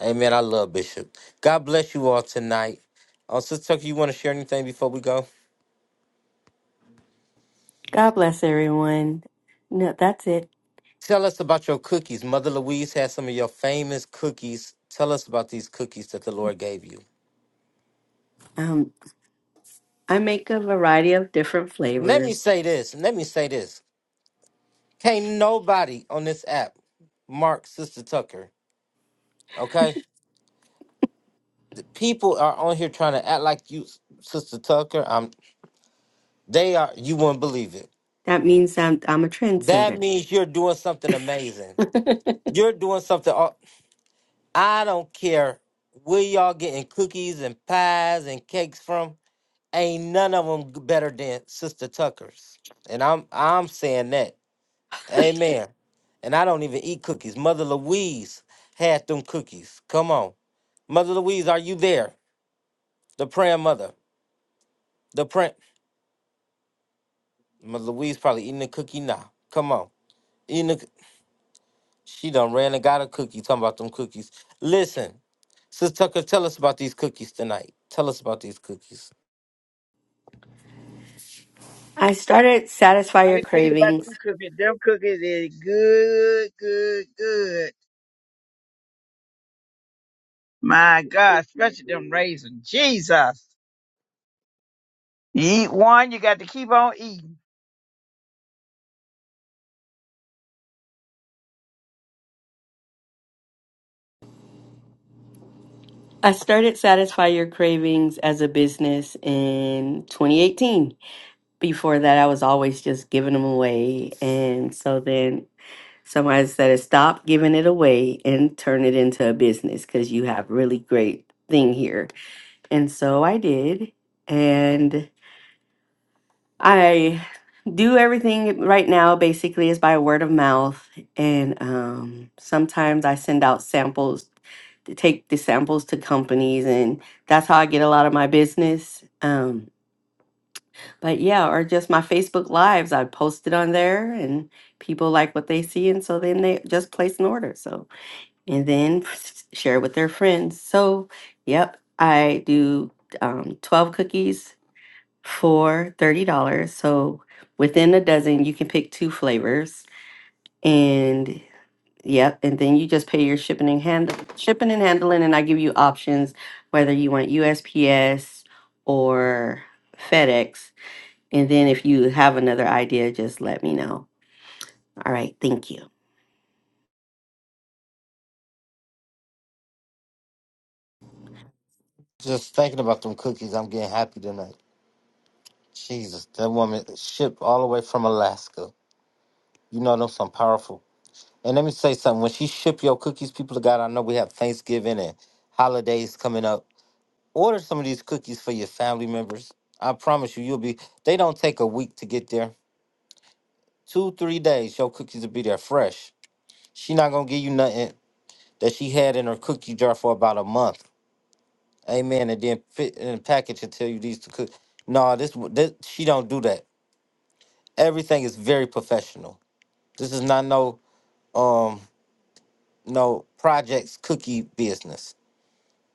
S1: Amen. I love Bishop. God bless you all tonight. Uh, Sister Tucker, you want to share anything before we go?
S8: God bless everyone. No, that's it.
S1: Tell us about your cookies. Mother Louise has some of your famous cookies. Tell us about these cookies that the Lord gave you.
S8: Um. I make a variety of different
S1: Let me
S8: flavors.
S1: say this. Let me say this. Can't nobody on this app mark Sister Tucker. Okay? The people are on here trying to act like you, Sister Tucker. Um, they are, you wouldn't believe it.
S8: That means I'm, I'm a
S1: That
S8: trendsetter.
S1: means you're doing something amazing. You're doing something. all- I don't care where y'all getting cookies and pies and cakes from. Ain't none of them better than Sister Tucker's. And I'm I'm saying that. Amen. And I don't even eat cookies. Mother Louise had them cookies. Come on, Mother Louise, are you there? The praying mother. The praying. Mother Louise probably eating a cookie now. Come on, eating. A, she done ran and got a cookie. Talking about them cookies. Listen. Sis Tucker, tell us about these cookies tonight. Tell us about these cookies.
S8: I started Satisfy
S7: I
S8: Your
S7: can tell you about
S8: Cravings.
S7: them cookies. Them cookies is good, good, good. My God, especially them raisins. Jesus. You eat one, you got to keep on eating.
S8: I started Satisfy Your Cravings as a business in 2018. Before that, I was always just giving them away. And so then somebody said, stop giving it away and turn it into a business because you have really great thing here. And so I did. And I do everything right now basically is by word of mouth. And um, sometimes I send out samples, to take the samples to companies, and that's how I get a lot of my business. Um, but yeah, or just my Facebook Lives, I post it on there and people like what they see. And so then they just place an order. So, and then share with their friends. So, yep, I do um, 12 cookies for $30. So within a dozen, you can pick two flavors. And yep, and then you just pay your shipping and handle shipping and handling and I give you options whether you want USPS or FedEx. And then if you have another idea, just let me know. All right, thank you.
S1: Just thinking about them cookies, I'm getting happy tonight. Jesus, that woman shipped all the way from Alaska. You know them some powerful. And let me say something. When she ship your cookies, people of God, I know we have Thanksgiving and holidays coming up. Order some of these cookies for your family members. I promise you, you'll be. They don't take a week to get there. Two, three days, your cookies will be there fresh. She not gonna give you nothing that she had in her cookie jar for about a month. Amen. And then fit in a package and tell you these to cook. No, this, this she don't do that. Everything is very professional. This is not no um no projects cookie business.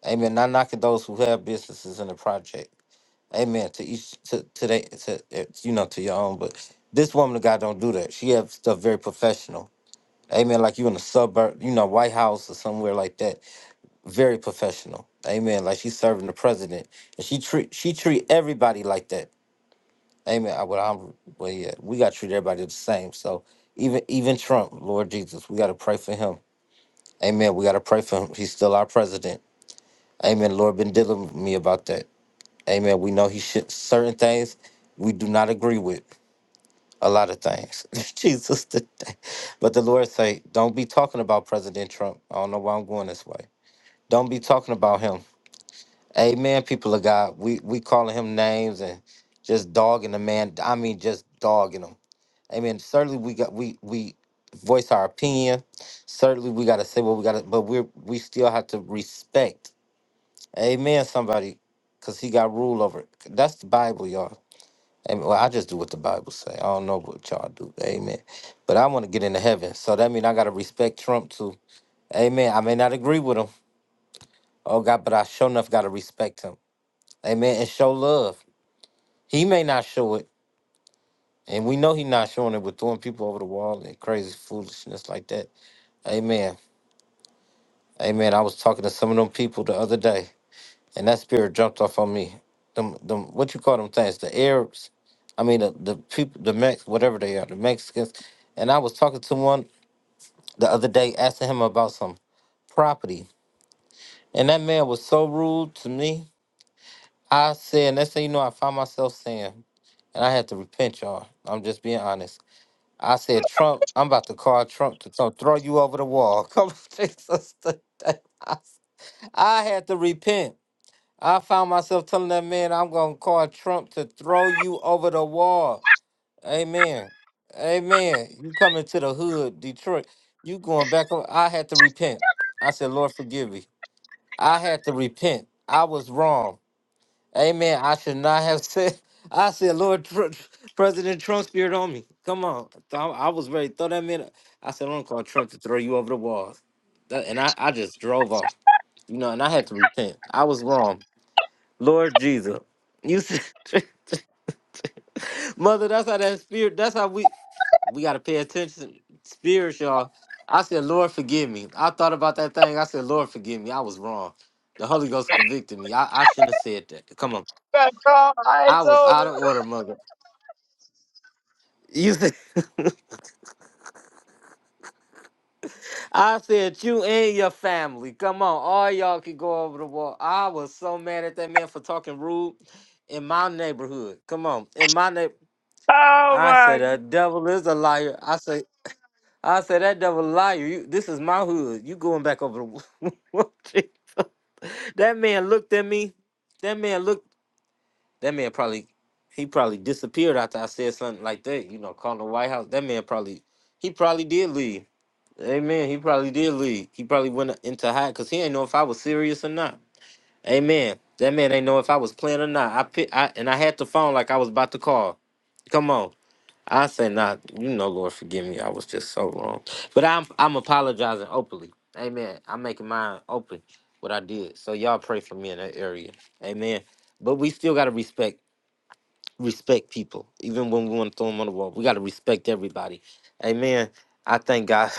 S1: Amen. Not knocking those who have businesses in the project. Amen. To each to today to, they- to, uh, you know to your own, but this woman of God don't do that. She have stuff very professional. Amen. Like you in a suburb, you know, White House or somewhere like that. Very professional. Amen. Like she's serving the president, and she treat she treat everybody like that. Amen. I, what I'm, well, yeah, we got to treat everybody the same. So even even Trump, Lord Jesus, we got to pray for him. Amen. We got to pray for him. He's still our president. Amen. Lord been dealing with me about that. Amen. We know he should certain things we do not agree with. A lot of things, Jesus. Today. But the Lord say, don't be talking about President Trump. I don't know why I'm going this way. Don't be talking about him. Amen. People of God, we we calling him names and just dogging the man. I mean, just dogging him. I mean, certainly we got we we voice our opinion. Certainly we got to say what we got to, but we are we still have to respect. Amen. Somebody, because he got rule over it. That's the Bible, y'all. Amen. Well, I just do what the Bible say. I don't know what y'all do. Amen. But I want to get into heaven, so that means I got to respect Trump too. Amen. I may not agree with him. Oh God, but I sure enough got to respect him. Amen. And show love. He may not show it, and we know he not showing it with throwing people over the wall and crazy foolishness like that. Amen. Hey man, I was talking to some of them people the other day, and that spirit jumped off on me. Them, them, what you call them things? The Arabs, I mean the the people, the Mex, whatever they are, the Mexicans. And I was talking to one the other day, asking him about some property, and that man was so rude to me. I said, next thing you know, I found myself saying, and I had to repent, y'all. I'm just being honest. I said, Trump, I'm about to call Trump to come throw you over the wall. Come, Jesus, today. I, I had to repent. I found myself telling that man, I'm going to call Trump to throw you over the wall. Amen. Amen. You coming to the hood, Detroit. You going back. on. I had to repent. I said, Lord, forgive me. I had to repent. I was wrong. Amen. I should not have said. I said, Lord, Tr- President Trump spirit on me. Come on. So, I I was ready. to Throw that man. up. I said, I'm going to call Trump to throw you over the wall. That- And I, I just drove off, you know, and I had to repent. I was wrong. Lord Jesus. You said, Mother, that's how that spirit, that's how we we gotta pay attention. Spirits, y'all. I said, Lord, forgive me. I thought about that thing. I said, Lord, forgive me. I was wrong. The Holy Ghost convicted me. I, I shouldn't have said that. Come on.
S7: Got tall
S1: I
S7: eyes
S1: was
S7: on
S1: out
S7: it.
S1: of order, mother. You said I said you and your family. Come on. All y'all can go over the wall. I was so mad at that man for talking rude in my neighborhood. Come on. In my neighborhood,
S7: Oh
S1: I said
S7: my God.
S1: the devil is a liar. I said I said that devil liar. You, this is my hood. You going back over the wall. that man looked at me. That man looked. That man probably he probably disappeared after I said something like that. You know, calling the White House. That man probably he probably did leave. Amen. He probably did leave. He probably went into hide because he ain't know if I was serious or not. Amen. That man ain't know if I was playing or not. I, pick, I and I had the phone like I was about to call. Come on. I say not, you know, Lord, forgive me. I was just so wrong. But I'm I'm apologizing openly. Amen. I'm making mine open what I did. So y'all pray for me in that area. Amen. But we still gotta respect respect people, even when we want to throw them on the wall. We gotta respect everybody. Amen. I thank God.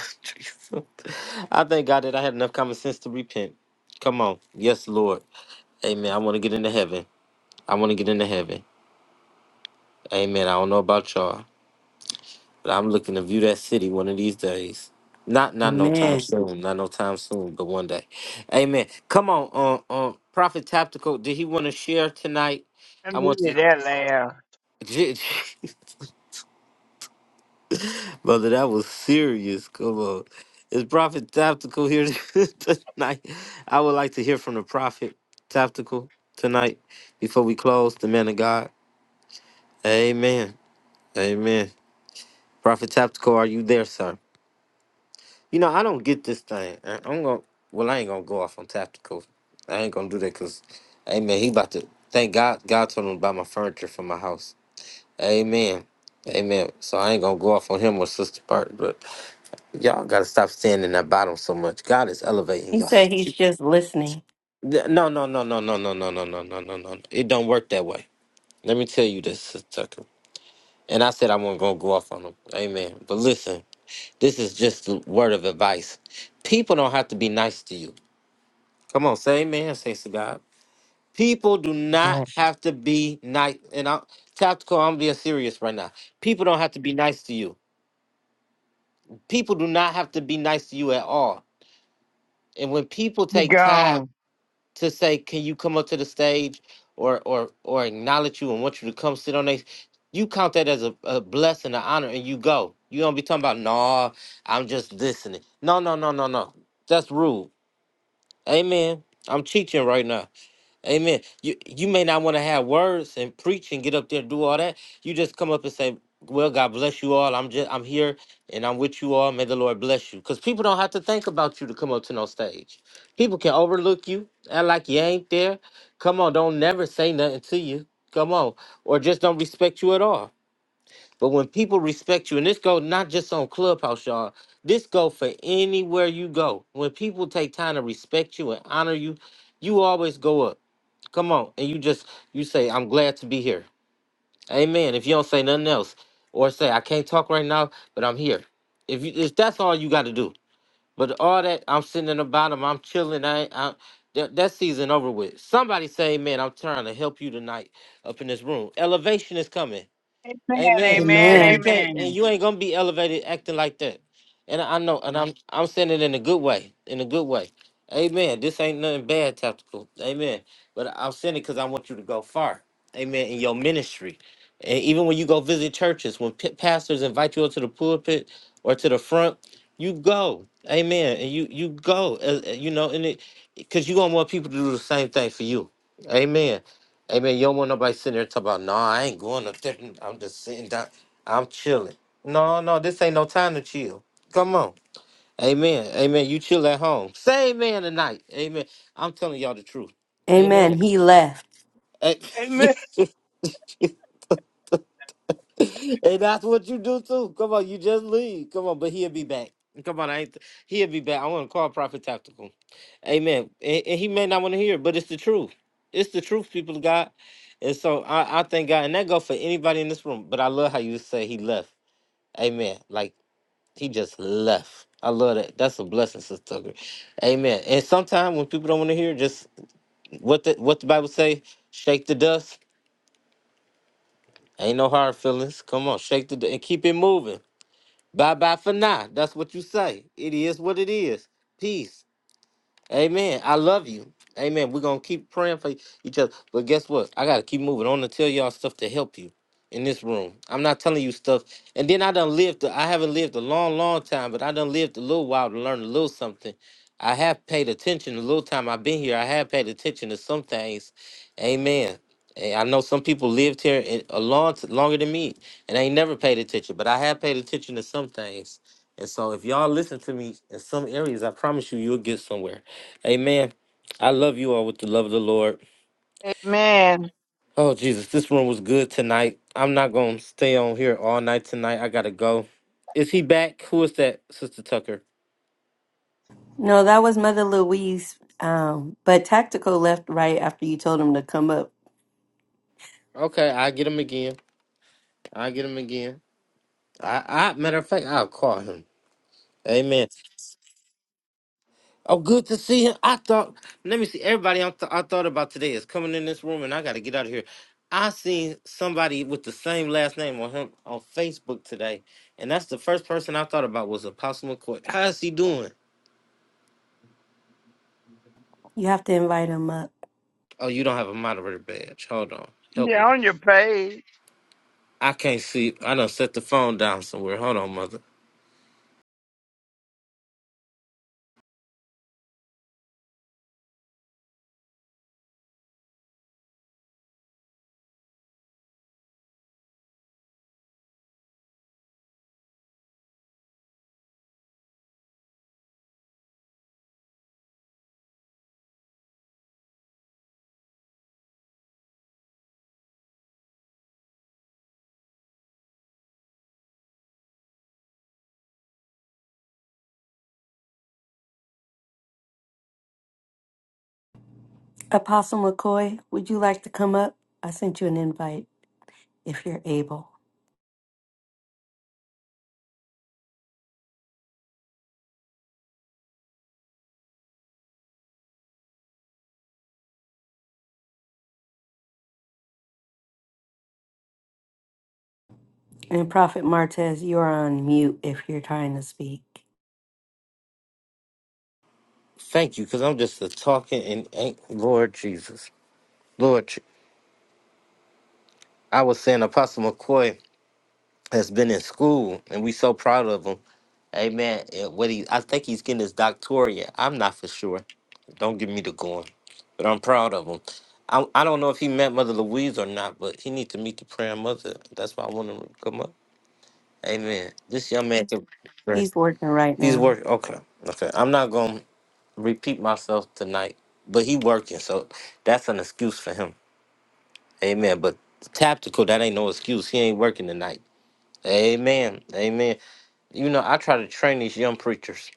S1: I thank God that I had enough common sense to repent. Come on. Yes, Lord. Amen. I want to get into heaven. I want to get into heaven. Amen. I don't know about y'all. But I'm looking to view that city one of these days. Not not no time
S8: Amen.
S1: soon. Not no time soon, but one day. Amen. Come on, um, um, Prophet Tactical. Did he want to share tonight?
S7: I
S1: I want to.
S7: needed that laugh.
S1: Brother, that was serious. Come on. Is Prophet Tactical here tonight? I would like to hear from the Prophet Tactical tonight before we close. The man of God. Amen. Amen. Prophet Tactical, are you there, sir? You know, I don't get this thing. I- I'm gonna. Well, I ain't gonna go off on tactical. I ain't gonna do that because, Amen. He about to thank God. God told him to buy my furniture for my house. Amen. Amen. So I ain't gonna go off on him or Sister Bart, but y'all gotta stop staying in that bottom so much. God is elevating
S8: He
S1: y'all.
S8: said he's
S1: Th-
S8: just listening.
S1: No, no, no, no, no, no, no, no, no, no, no, no. It don't work that way. Let me tell you this, Sister Tucker. And I said I wasn't gonna go off on him. Amen. But listen, this is just a word of advice. People don't have to be nice to you. Come on, say amen, saints to God. People do
S8: Amen.
S1: not have to be nice. And I'm tactical, I'm being serious right now. People don't have to be nice to you. People do not have to be nice to you at all. And when people
S7: You
S1: take time
S7: gone.
S1: to say, Can you come up to the stage or or or acknowledge you and want you to come sit on they you count that as a, a blessing, an honor, and you go. You don't be talking about, no. I'm just listening. No, no, no, no, no. That's rude. Amen. I'm teaching right now. Amen. You you may not want to have words and preach and get up there and do all that. You just come up and say, "Well, God bless you all. I'm just I'm here and I'm with you all. May the Lord bless you." Because people don't have to think about you to come up to no stage. People can overlook you, act like you ain't there. Come on, don't never say nothing to you. Come on, or just don't respect you at all. But when people respect you, and this go not just on Clubhouse, y'all. This go for anywhere you go. When people take time to respect you and honor you, you always go up. Come on. And you just you say, I'm glad to be here. Amen. If you don't say nothing else. Or say, I can't talk right now, but I'm here. If you if that's all you gotta do. But all that I'm sitting in the bottom, I'm chilling, I ain't I that, that season over with. Somebody say, Amen. I'm trying to help you tonight up in this room. Elevation is coming.
S7: Amen,
S1: Amen.
S7: amen,
S1: And you
S8: Amen.
S1: can't and
S7: amen.
S1: you ain't gonna be elevated acting like that. And I know, and I'm I'm saying it in a good way. In a good way. Amen. This ain't nothing bad tactical. Amen. But I'm saying it because I want you to go far. Amen. In your ministry. And even when you go visit churches, when p- pastors invite you up to the pulpit or to the front, you go. Amen. And you you go. uh, uh, you know, and it because you're gonna want people to do the same thing for you. Amen. Hey man, you don't want nobody sitting there talking about, no, I ain't going to different. I'm just sitting down. I'm chilling. No, no, this ain't no time to chill. Come on. Amen. Amen. You chill at home. Say amen tonight. Amen. I'm telling y'all the truth.
S8: Amen.
S1: Amen.
S8: He left.
S1: Hey,
S7: Amen.
S1: and that's what you do too. Come on, you just leave. Come on, but he'll be back. Come on, I ain't he'll be back. I want to call Prophet Tactical. Amen. And, and he may not want to hear it, but it's the truth. It's the truth, people of God. And so I, I thank God, and that go for anybody in this room. But I love how you say he left. Amen. Like he just left. I love that. That's a blessing, Sister Tucker. Amen. And sometimes when people don't want to hear, just what the what the Bible say, shake the dust. Ain't no hard feelings. Come on, shake the dust and keep it moving. Bye bye for now. That's what you say. It is what it is. Peace. Amen. I love you. Amen. We're gonna keep praying for each other. But guess what? I gotta keep moving. I want to tell y'all stuff to help you in this room. I'm not telling you stuff. And then I done lived. I haven't lived a long, long time, but I done lived a little while to learn a little something. I have paid attention a little time I've been here. I have paid attention to some things. Amen. And I know some people lived here in- a long, longer than me, and I ain't never paid attention. But I have paid attention to some things. And so, if y'all listen to me in some areas, I promise you, you'll get somewhere. Amen. I love you all with the love of the Lord.
S7: Amen.
S1: Oh, Jesus, this room was good tonight. I'm not going to stay on here all night tonight. I got to go. Is he back? Who is that, Sister Tucker?
S8: No, that was Mother Louise. Um, but Tactical left right after you told him to come up.
S1: Okay, i get him again. i get him again. I, I Matter of fact, I'll call him. Amen. Oh, good to see him. I thought, let me see, everybody I, th- I thought about today is coming in this room and I got to get out of here. I seen somebody with the same last name on him on Facebook today. And that's the first person I thought about was Apostle McCoy. How is he doing?
S8: You have to invite him up.
S1: Oh, you don't have a moderator badge. Hold on. Help
S7: Yeah,
S1: me.
S7: on your page.
S1: I can't see. I done set the phone down somewhere. Hold on, mother.
S8: Apostle McCoy, would you like to come up? I sent you an invite if you're able. And Prophet Martez, you're on mute if you're trying to speak.
S1: Thank you, because I'm just a talking and ain't Lord Jesus. Lord, Je- I was saying Apostle McCoy has been in school, and we so proud of him. Amen. And what he, I think he's getting his doctorate. I'm not for sure. Don't give me the going, but I'm proud of him. I, I don't know if he met Mother Louise or not, but he needs to meet the praying mother. That's why I want him to come up. Amen. This young man can.
S8: He's working right
S1: He's
S8: now.
S1: working. Okay. Okay. I'm not going to repeat myself tonight, but he working. So that's an excuse for him. Amen. But tactical, that ain't no excuse. He ain't working tonight. Amen. Amen. You know, I try to train these young preachers.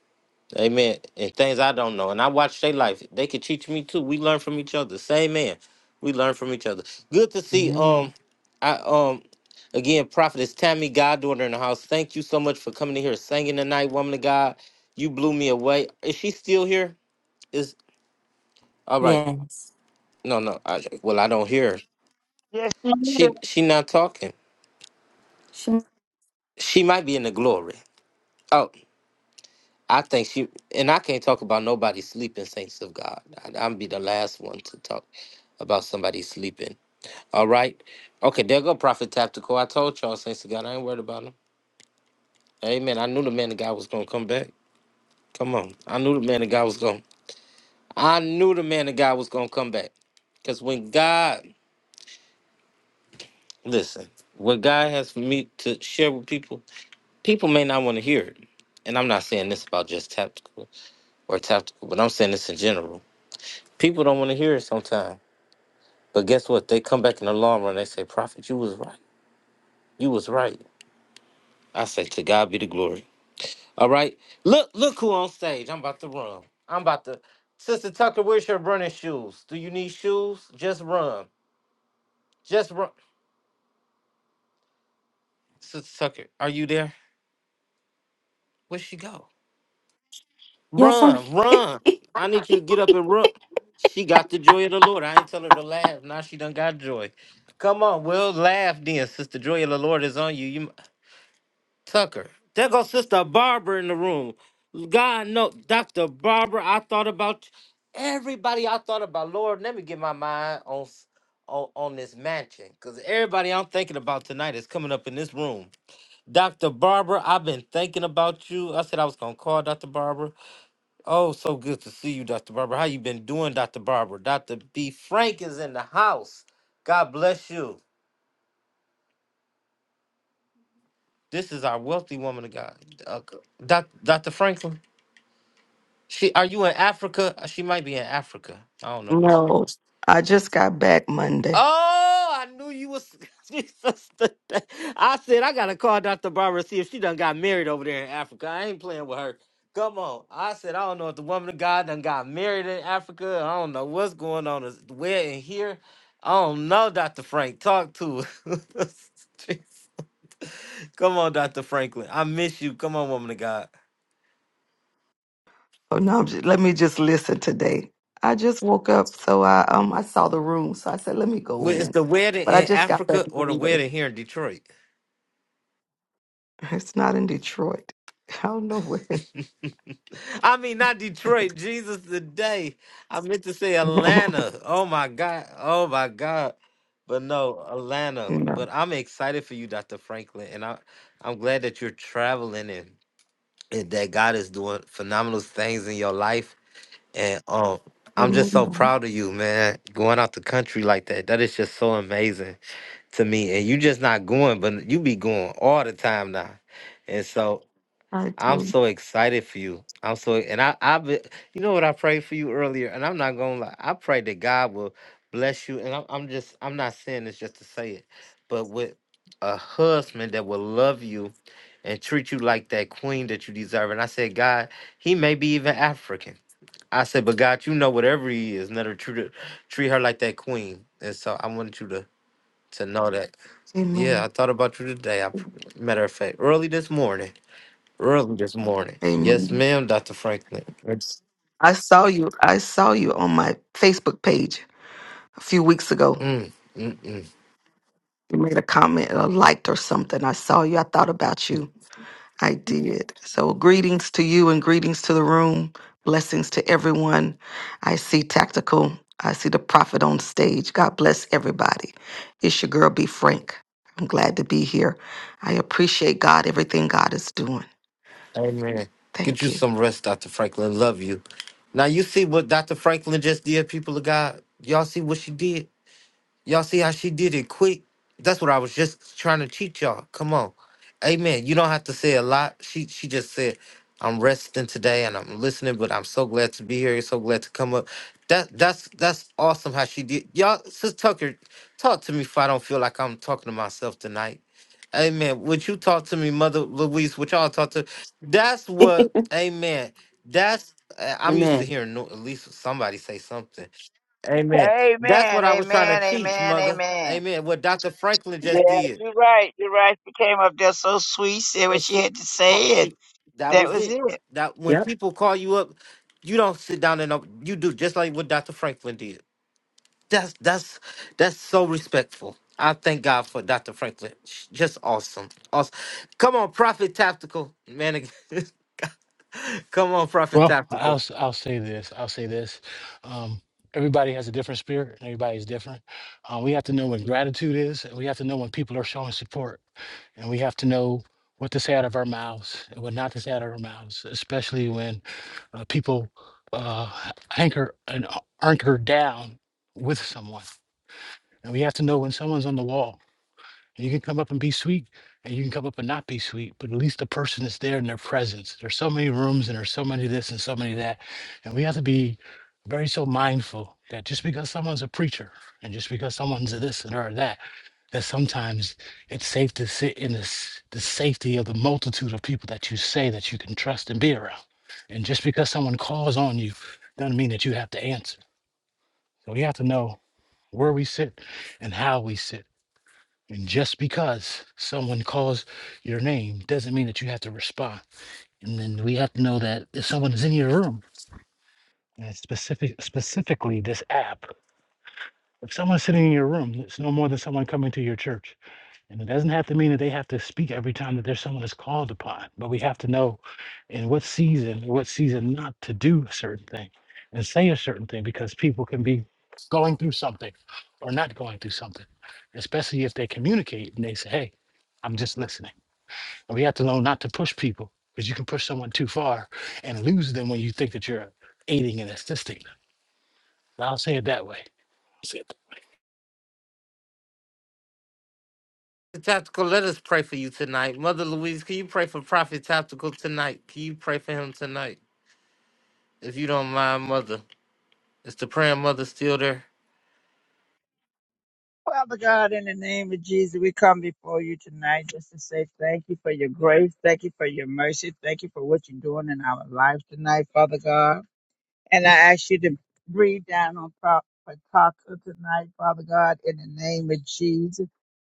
S1: Amen. And things I don't know. And I watch their life. They could teach me too. We learn from each other. Same man. We learn from each other. Good to see
S8: Amen.
S1: um I um again prophetess Tammy Goddaughter in the house. Thank you so much for coming in here singing tonight, woman of God. You blew me away. Is she still here? Is all right.
S8: Yes.
S1: No, no. I, well I don't hear her.
S7: Yes, she is.
S1: She she not talking.
S8: Shem-
S1: She might be in the glory. Oh. I think she and I can't talk about nobody sleeping, saints of God. I, I'm be the last one to talk about somebody sleeping. All right, okay, there go Prophet Tactical. I told y'all, saints of God, I ain't worried about him. Amen. I knew the man of God was gonna come back. Come on, I knew the man of God was gonna. I knew the man of God was gonna come back, cause when God listen, what God has for me to share with people, people may not want to hear it. And I'm not saying this about just tactical or tactical, but I'm saying this in general. People don't want to hear it sometimes But guess what? They come back in the long run. They say, Prophet, you was right. You was right. I say, to God be the glory. All right. Look, look who on stage. I'm about to run. I'm about to. Sister Tucker, where's your running shoes? Do you need shoes? Just run. Just run. Sister Tucker, are you there? Where'd she go?
S8: Yes, I'm
S1: Run, run.
S8: here.
S1: I need you to get up and run. She got the joy of the Lord. I ain't tell her to laugh. Now she done got joy. Come on, Will. Laugh then. Sister Joy of the Lord is on you. You Tucker. There goes Sister Barbara in the room. God no, Dr. Barbara, I thought about everybody I thought about. Lord, let me get my mind on s- on, on this mansion. Cause everybody I'm thinking about tonight is coming up in this room. Dr. Barbara, I've been thinking about you. I said I was gonna call Dr. Barbara. Oh, so good to see you, Dr. Barbara. How you been doing, Dr. Barbara? Dr. B. Frank is in the house. God bless you. This is our wealthy woman of God. Uh, Doc- Dr. Franklin. She are you in Africa? Uh, She might be in Africa. I don't know what she.
S9: No, I just got back Monday.
S1: Oh, I knew you was Jesus. today. I said I gotta call Dr. Barbara see if she done got married over there in Africa. I ain't playing with her. Come on. I said I don't know if the woman of God done got married in Africa. I don't know what's going on is- where and here. I don't know, Dr. Frank. Talk to her. Come on, Dr. Franklin. I miss you. Come on, woman of God.
S9: Oh no, I'm just, let me just listen today. I just woke up, so I um I saw the room, so I said let me go
S1: Wait, Is
S9: in.
S1: the wedding
S9: But I
S1: in
S9: just got back
S1: Africa or the
S9: Monday.
S1: wedding here in Detroit?
S9: It's not in Detroit. I don't know where.
S1: I mean, not Detroit. Jesus, today. I meant to say Atlanta. Oh my God. Oh my God. But no, Atlanta.
S9: no.
S1: But I'm excited for you, Dr. Franklin, and I, I'm glad that you're traveling and, and that God is doing phenomenal things in your life. And um, I'm just so
S9: Amen.
S1: proud of you, man. Going out the country like that, that is just so amazing to me. And you just not going, but you be going all the time now. And so.
S9: I
S1: I'm
S9: do.
S1: so excited for you. I'm so and I I've you know what I prayed for you earlier, and I'm not gonna lie. I pray that God will bless you, and I'm I'm just I'm not saying this just to say it, but with a husband that will love you and treat you like that queen that you deserve. And I said, God, he may be even African. I said, but God, you know whatever he is, never treat her, treat her like that queen. And so I wanted you to to know that. Yeah, I
S9: Amen.
S1: thought about you today. I pr- matter of fact, early this morning early this morning. Yes,
S9: Amen.
S1: ma'am, Dr. Franklin. It's-
S9: I saw you. I saw you on my Facebook page a few weeks ago.
S1: Mm, mm, mm.
S9: You made a comment, a liked or something. I saw you. I thought about you. I did. So, greetings to you and greetings to the room. Blessings to everyone. I see Tactical. I see the prophet on stage. God bless everybody. It's your girl, B. Frank. I'm glad to be here. I appreciate God, everything God is doing.
S1: Amen. Get
S9: Thank
S1: you
S9: you.
S1: some rest, Dr. Franklin. Love you. Now, you see what Dr. Franklin just did, people of God? Y'all see what she did? Y'all see how she did it quick? That's what I was just trying to teach y'all. Come on. Amen. You don't have to say a lot. She she just said, I'm resting today and I'm listening, but I'm so glad to be here. So glad to come up. That that's that's awesome how she did. Y'all, Sis Tucker, talk to me if I don't feel like I'm talking to myself tonight. Amen. What you talk to me, Mother Louise, what y'all talk to, that's what, amen. That's, uh, I'm used to
S8: Amen.
S1: hearing no, at least somebody say something. Amen. That's
S7: Amen,
S1: what I was trying to
S7: amen,
S1: teach,
S7: amen,
S1: Mother.
S7: amen.
S1: Amen. What Dr. Franklin just
S7: Yeah,
S1: did.
S7: you're right. You're right. She came up there so sweet, said what
S1: And
S7: she
S1: she
S7: had to
S1: called,
S7: say, and
S1: she, that
S7: That
S1: was
S7: was
S1: it.
S7: it.
S1: That when
S8: Yep.
S1: people call you up, you don't sit down and up- you do just like what Dr. Franklin did. That's that's that's so respectful. I thank God for Dr. Franklin. Sh- Just awesome. Awesome. Come on, Prophet Tactical. Man, come on, Prophet
S10: Well, I'll
S1: Tactical.
S10: s- I'll say this. I'll say this. Um, everybody has a different spirit, and everybody's different. Uh, we have to know what gratitude is, and we have to know when people are showing support, and we have to know what to say out of our mouths and what not to say out of our mouths, especially when uh, people uh, anchor and a- anchor down with someone. And we have to know when someone's on the wall you can come up and be sweet, and you can come up and not be sweet, but at least the person is there in their presence. There's so many rooms, and there's so many this and so many that, and we have to be very so mindful that just because someone's a preacher and just because someone's a this and or that, that sometimes it's safe to sit in this the safety of the multitude of people that you say that you can trust and be around. And just because someone calls on you doesn't mean that you have to answer. So we have to know where we sit and how we sit and just because someone calls your name doesn't mean that you have to respond. And then we have to know that if someone is in your room, and specific, specifically this app, if someone's sitting in your room, it's no more than someone coming to your church. And it doesn't have to mean that they have to speak every time that there's someone that's called upon, but we have to know in what season, what season not to do a certain thing and say a certain thing because people can be going through something or not going through something, especially if they communicate and they say, Hey, I'm just listening. And we have to know not to push people because you can push someone too far and lose them when you think that you're aiding and assisting them. I'll say it that way. That's it.
S1: Tactical, let us pray for you tonight. Mother Louise, can you pray for Prophet Tactical tonight? Can you pray for him tonight? If you don't mind, Mother. Is the praying mother still there?
S7: Father God, in the name of Jesus, we come before you tonight just to say thank you for your grace. Thank you for your mercy. Thank you for what you're doing in our lives tonight, Father God. And I ask you to breathe down on Prophet Parker tonight, Father God, in the name of Jesus.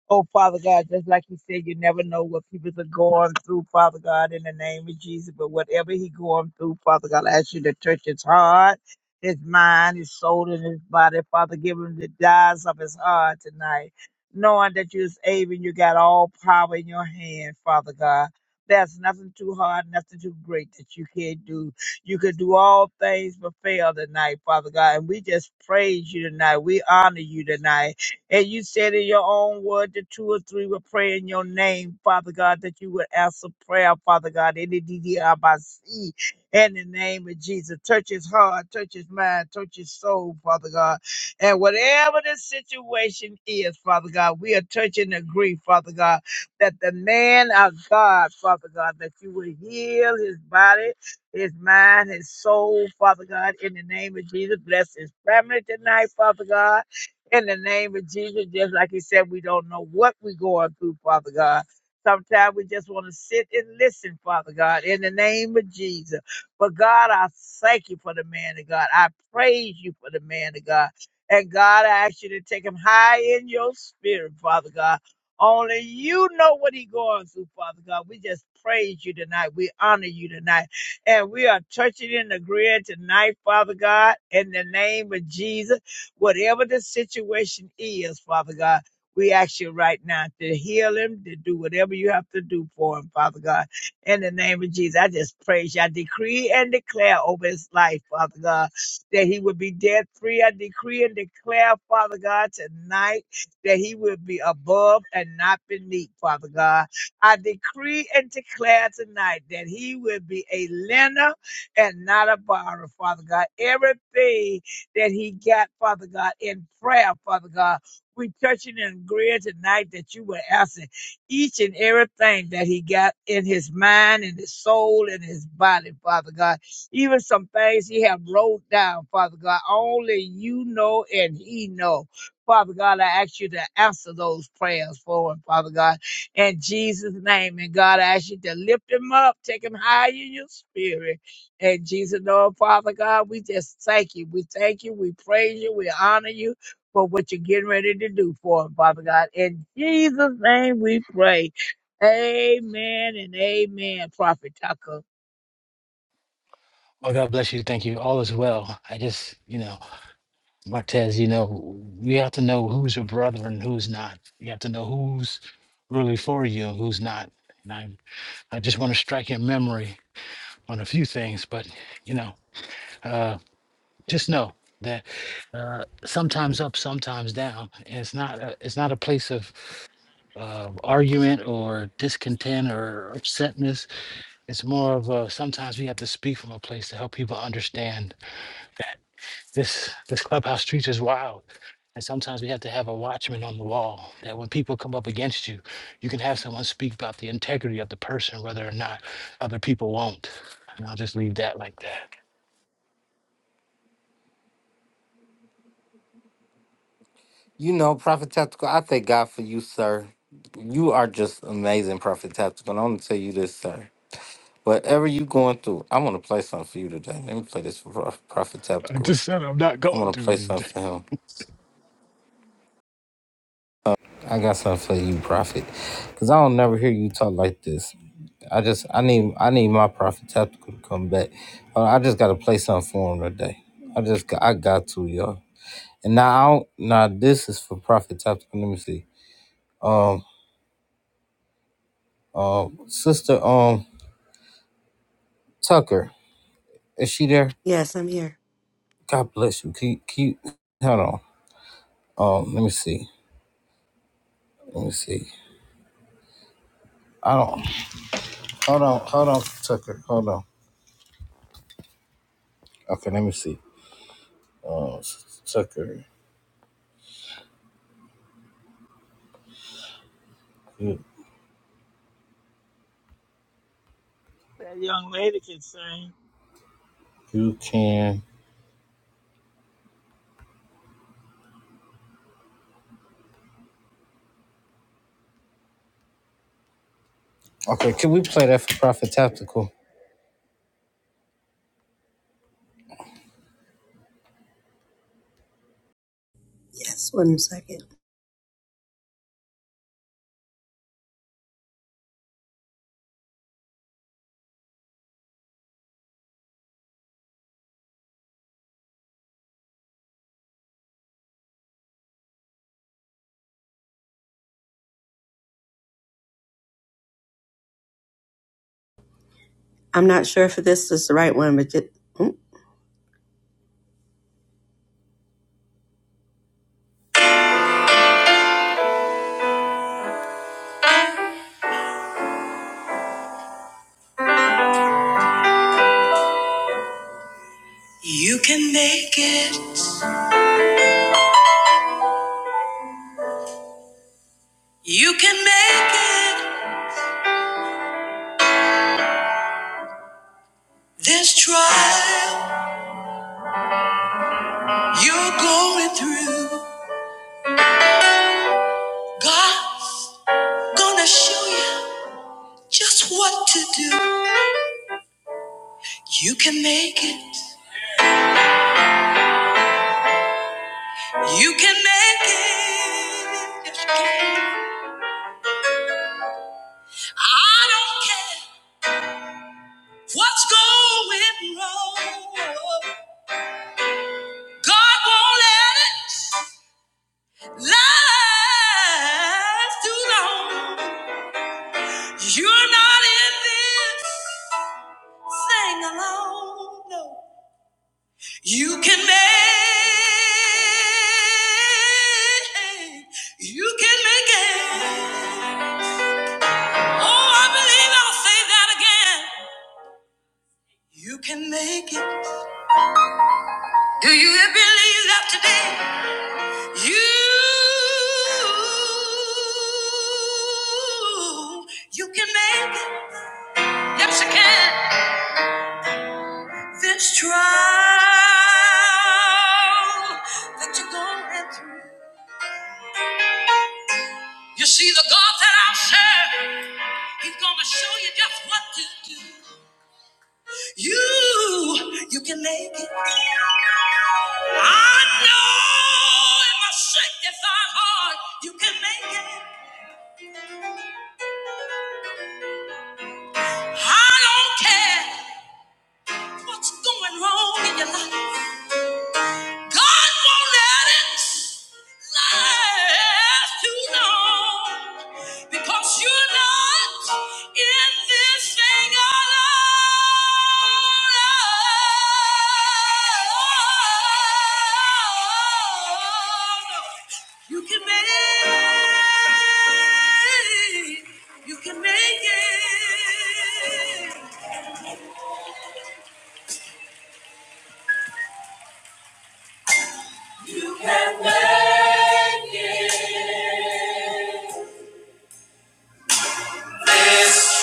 S7: Oh, Father God, just like you said, you never know what people are going through, Father God, in the name of Jesus. But whatever he going through, Father God, I ask you to touch his heart, his mind, his soul, and his body. Father, give him the desires of his heart tonight, knowing that you are able and you got all power in your hand, Father God. There's nothing too hard, nothing too great that you can't do. You can do all things but fail tonight, Father God. And we just praise you tonight. We honor you tonight. And you said in your own word that two or three will pray in your name, Father God, that you would answer prayer, Father God, in the DDRBC, in the name of Jesus. Touch his heart, touch his mind, touch his soul, Father God. And whatever the situation is, Father God, we are touching the grief, Father God, that the man of God, Father God, that you would heal his body, his mind, his soul, Father God, in the name of Jesus. Bless his family tonight, Father God in the name of Jesus. Just like he said, we don't know what we're going through, Father God. Sometimes we just want to sit and listen, Father God, in the name of Jesus. But God, I thank you for the man of God. I praise you for the man of God. And God, I ask you to take him high in your spirit, Father God. Only you know what he's going through, Father God. We just praise you tonight. We honor you tonight. And we are touching in the grid tonight, Father God, in the name of Jesus Whatever the situation is, Father God, we ask you right now to heal him, to do whatever you have to do for him, Father God. In the name of Jesus, I just praise you. I decree and declare over his life, Father God, that he would be debt free. I decree and declare, Father God, tonight that he would be above and not beneath, Father God. I decree and declare tonight that he will be a lender and not a borrower, Father God. Everything that he got, Father God, in prayer, Father God. We touching and agreeing tonight that you will answer each and everything that he got in his mind, in his soul, in his body, Father God. Even some things he have wrote down, Father God. Only you know and he know. Father God, I ask you to answer those prayers for him, Father God. In Jesus' name, and God, I ask you to lift him up, take him high in your spirit. And Jesus, Lord, Father God, we just thank you. We thank you. We praise you. We honor you for what you're getting ready to do for us, Father God. In Jesus' name we pray. Amen and amen, Prophet Tucker.
S10: Well, God bless you. Thank you. All is well. I just, you know, Martez, you know, you have to know who's your brother and who's not. You have to know who's really for you and who's not. And I, I just want to strike your memory on a few things, but you know, uh, just know that uh, sometimes up, sometimes down. And it's not, a, it's not a place of uh, argument or discontent or upsetness. It's more of a, sometimes we have to speak from a place to help people understand This this clubhouse street is wild. And sometimes we have to have a watchman on the wall that when people come up against you, you can have someone speak about the integrity of the person, whether or not other people won't. And I'll just leave that like that.
S1: You know, Prophet Tactical, I thank God for you, sir. You are just amazing, Prophet Tactical. and I'm gonna tell you this, sir. Whatever you going through, I want to play something for you today. Let me play this for Pro- Prophet
S10: I
S1: Tactical.
S10: just said I'm not
S1: I
S10: going
S1: want to
S10: through
S1: play something
S10: anything.
S1: for him. I got something for you, Prophet, because I don't never hear you talk like this. I just I need I need my Prophet Tactical to come back. Uh, I just got to play something for him today. I just got, I got to y'all. And now I don't, now this is for Prophet Tactical. Let me see, Sister um Tucker, is she there?
S8: Yes, I'm here.
S1: God bless you. Can you, can you hold on? Um, let me see. Let me see. I don't. Hold on, hold on, Tucker. Hold on. Okay, let me see. Uh, Tucker, you,
S7: That young lady can sing.
S1: you can. Okay, can we play that for Prophet Tactical?
S8: Yes, one second. I'm not sure if this is the right one, but just, You can make it. You can make it this trial you're going through. God's gonna show you just what to do. You can make it. You can make it. Yes, you can. I don't care what's going wrong. God won't let it last too long. You're not in this. Sing along. No. You can make. You can make it. Oh, I believe I'll say that again. You can make it. Do you believe that today? You, you can make it. Yes, you can. This trial that you're going through. You see, the God that I serve, He's gonna show you just what to do. You, you can make it. I know in my sanctified heart, you can make it. I don't care what's going wrong in your life. God won't let it last too long because you're not in this thing alone. You can make, you can make it. You can make it. This.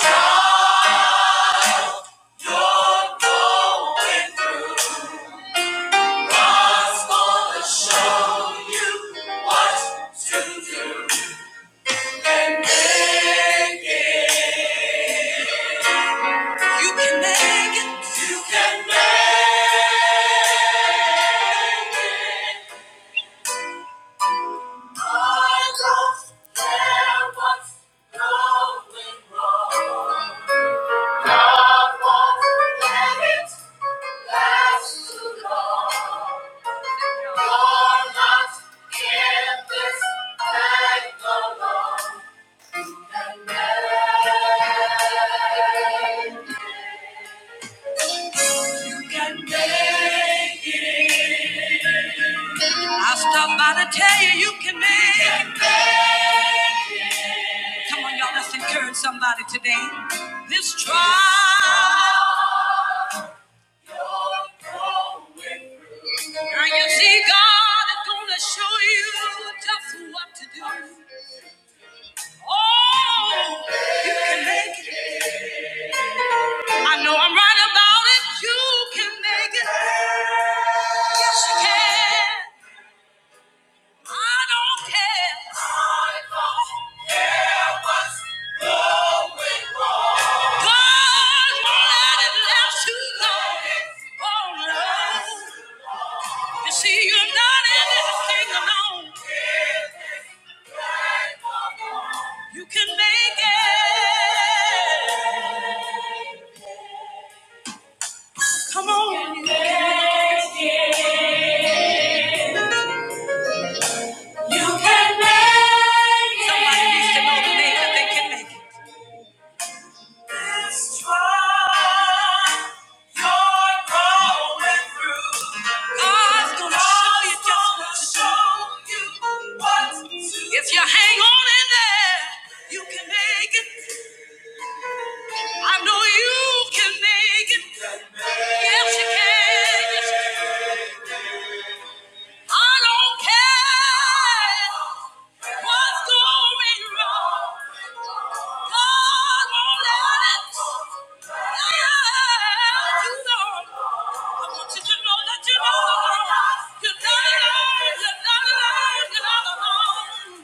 S8: You're going through. God's gonna show you what to do and make it. You can make it. You can make it. I don't care what's going wrong. God won't let it last too long. You're not in this thing alone. You can make it. I stopped by to tell you you can make it. Come on, y'all, let's encourage somebody today. This trial, and you see, God is gonna show you just what to do. Oh, you can make it. I know I'm right about it. You can make it. Yes, you can. I don't care. I don't care what's going wrong. God won't let it last long. Oh no. You see, you're not in this thing alone. You can make it. Come on. You can make it. Somebody needs to know today that they can make it. If you hang on in there, you can make it. I know you can make it. Yes, you can. Yes, I don't care what's going wrong. God won't let it. Yeah, you know. I want you to know that you know. You're not alone. You're not alone. You're not alone.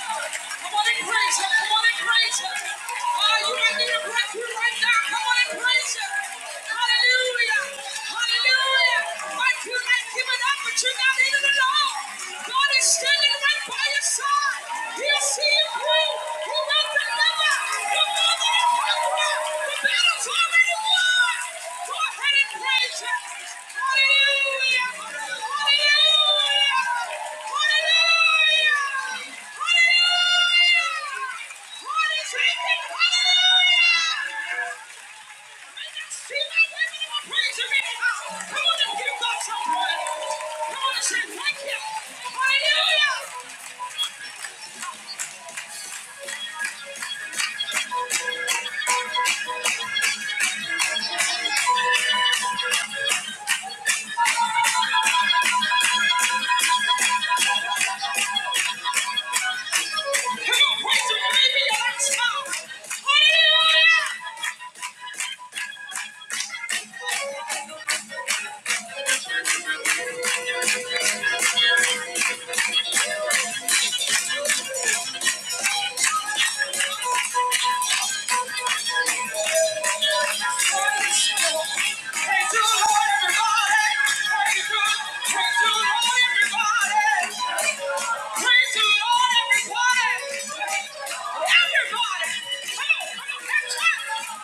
S8: Come on and praise him. Come on and praise him. Oh, you might need a breakthrough right now. Come on and praise him. Hallelujah. Hallelujah. Might feel like giving up, but you're not in it alone. God is standing right by your side. He'll see you through. He will deliver. Come on and give God some praise. Come on and say thank you. Hallelujah. Everybody! Come on, come on, catch up!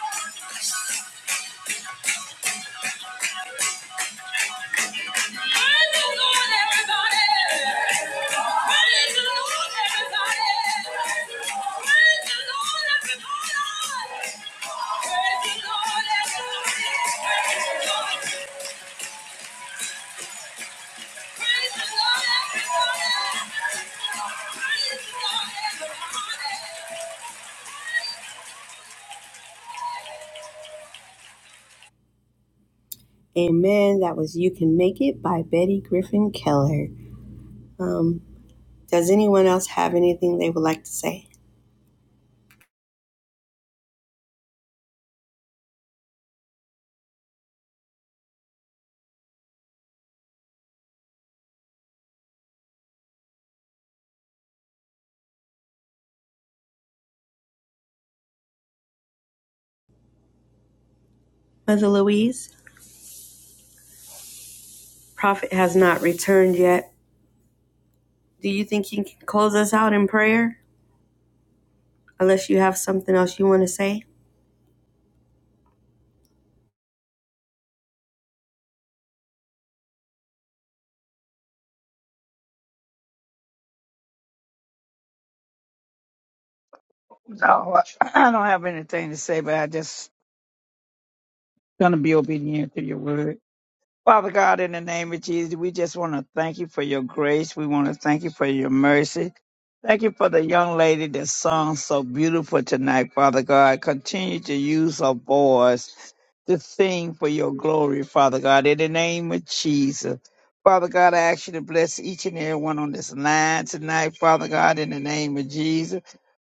S8: Amen. That was You Can Make It by Betty Griffin Keller. Um, does anyone else have anything they would like to say? Mother Louise, prophet has not returned yet. Do you think you can close us out in prayer? Unless you have something else you want to say?
S7: No, I I don't have anything to say, but I just gonna be obedient to your word. Father God, in the name of Jesus, we just want to thank you for your grace. We want to thank you for your mercy. Thank you for the young lady that sung so beautiful tonight, Father God. Continue to use her voice to sing for your glory, Father God, in the name of Jesus. Father God, I ask you to bless each and every one on this line tonight, Father God, in the name of Jesus.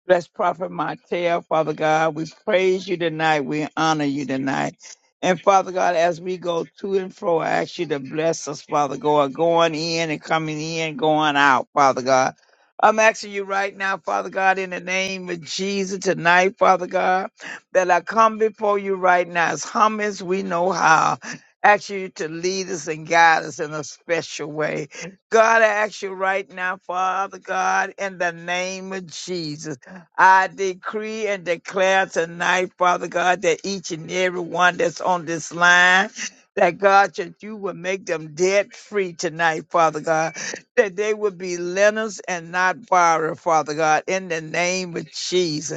S7: Bless Prophet Martell, Father God. We praise you tonight. We honor you tonight. And Father God, as we go to and fro, I ask you to bless us, Father God, going in and coming in, going out, Father God. I'm asking you right now, Father God, in the name of Jesus tonight, Father God that I come before you right now as humble as we know how. Ask you to lead us and guide us in a special way. God, I ask you right now, Father God, in the name of Jesus, I decree and declare tonight, Father God, that each and every one that's on this line, that God, that you will make them debt free tonight, Father God, that they will be lenders and not borrowers, Father God, in the name of Jesus.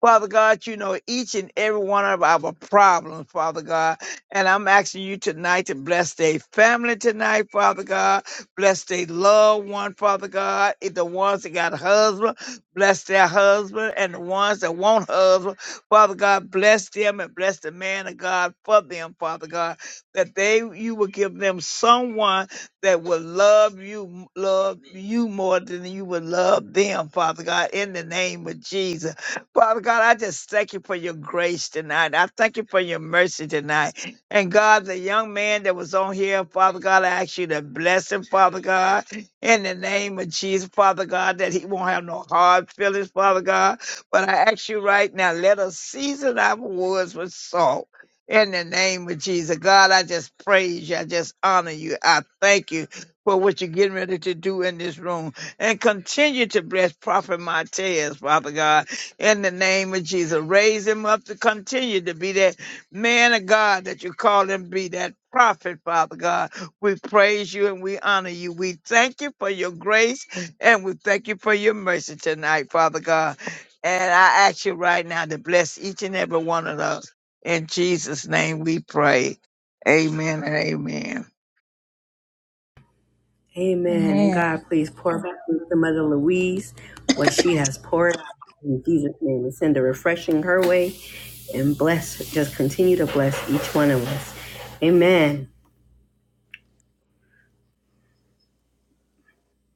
S7: Father God, you know each and every one of our problems, Father God. And I'm asking you tonight to bless their family tonight, Father God. Bless their loved one, Father God. If the ones that got a husband, bless their husband. And the ones that want husband, Father God, bless them and bless the man of God for them, Father God. That they you will give them someone that will love you, love you more than you would love them, Father God, in the name of Jesus. Father God, I just thank you for your grace tonight. I thank you for your mercy tonight. And God, the young man that was on here, Father God, I ask you to bless him, Father God, in the name of Jesus, Father God, that he won't have no hard feelings, Father God. But I ask you right now, let us season our words with salt. In the name of Jesus, God, I just praise you. I just honor you. I thank you for what you're getting ready to do in this room. And continue to bless Prophet Martez, Father God in the name of Jesus. Raise him up to continue to be that man of God that you call him be, that prophet, Father God. We praise you and we honor you. We thank you for your grace and we thank you for your mercy tonight, Father God. And I ask you right now to bless each and every one of us. In Jesus' name we pray. Amen and amen.
S8: Amen. And
S6: Amen.
S8: God, please pour back into Mother Louise what she has poured out in Jesus' name and send a refreshing her way and bless, just continue to bless each one of us. Amen.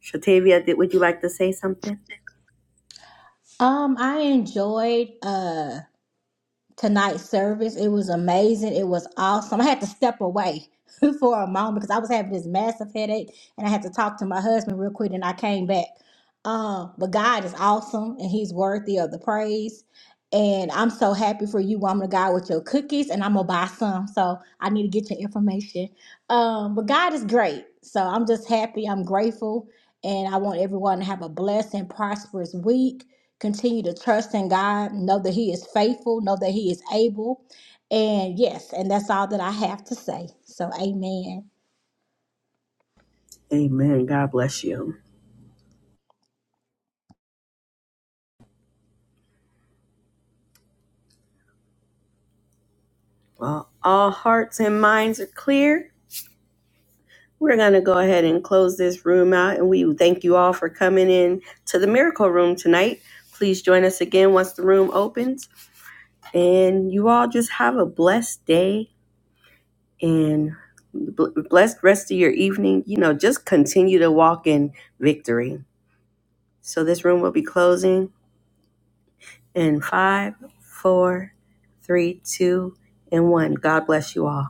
S8: Shatavia, did, would you like to say something?
S6: Um, I enjoyed. uh tonight's service. It was amazing. It was awesome. I had to step away for a moment because I was having this massive headache and I had to talk to my husband real quick and I came back. Uh, but God is awesome and He's worthy of the praise. And I'm so happy for you, woman of God, with your cookies. And I'm gonna buy some, so I need to get your information. Um, but God is great, so I'm just happy. I'm grateful, and I want everyone to have a blessed and prosperous week. Continue to trust in God. Know that He is faithful. Know that He is able. And yes, and that's all that I have to say. So, amen.
S8: Amen. God bless you. Well, all hearts and minds are clear. We're going to go ahead and close this room out, and we thank you all for coming in to the Miracle Room tonight. Please join us again once the room opens, and you all just have a blessed day and bl- blessed rest of your evening. You know, just continue to walk in victory. So, this room will be closing in five, four, three, two, and one. God bless you all.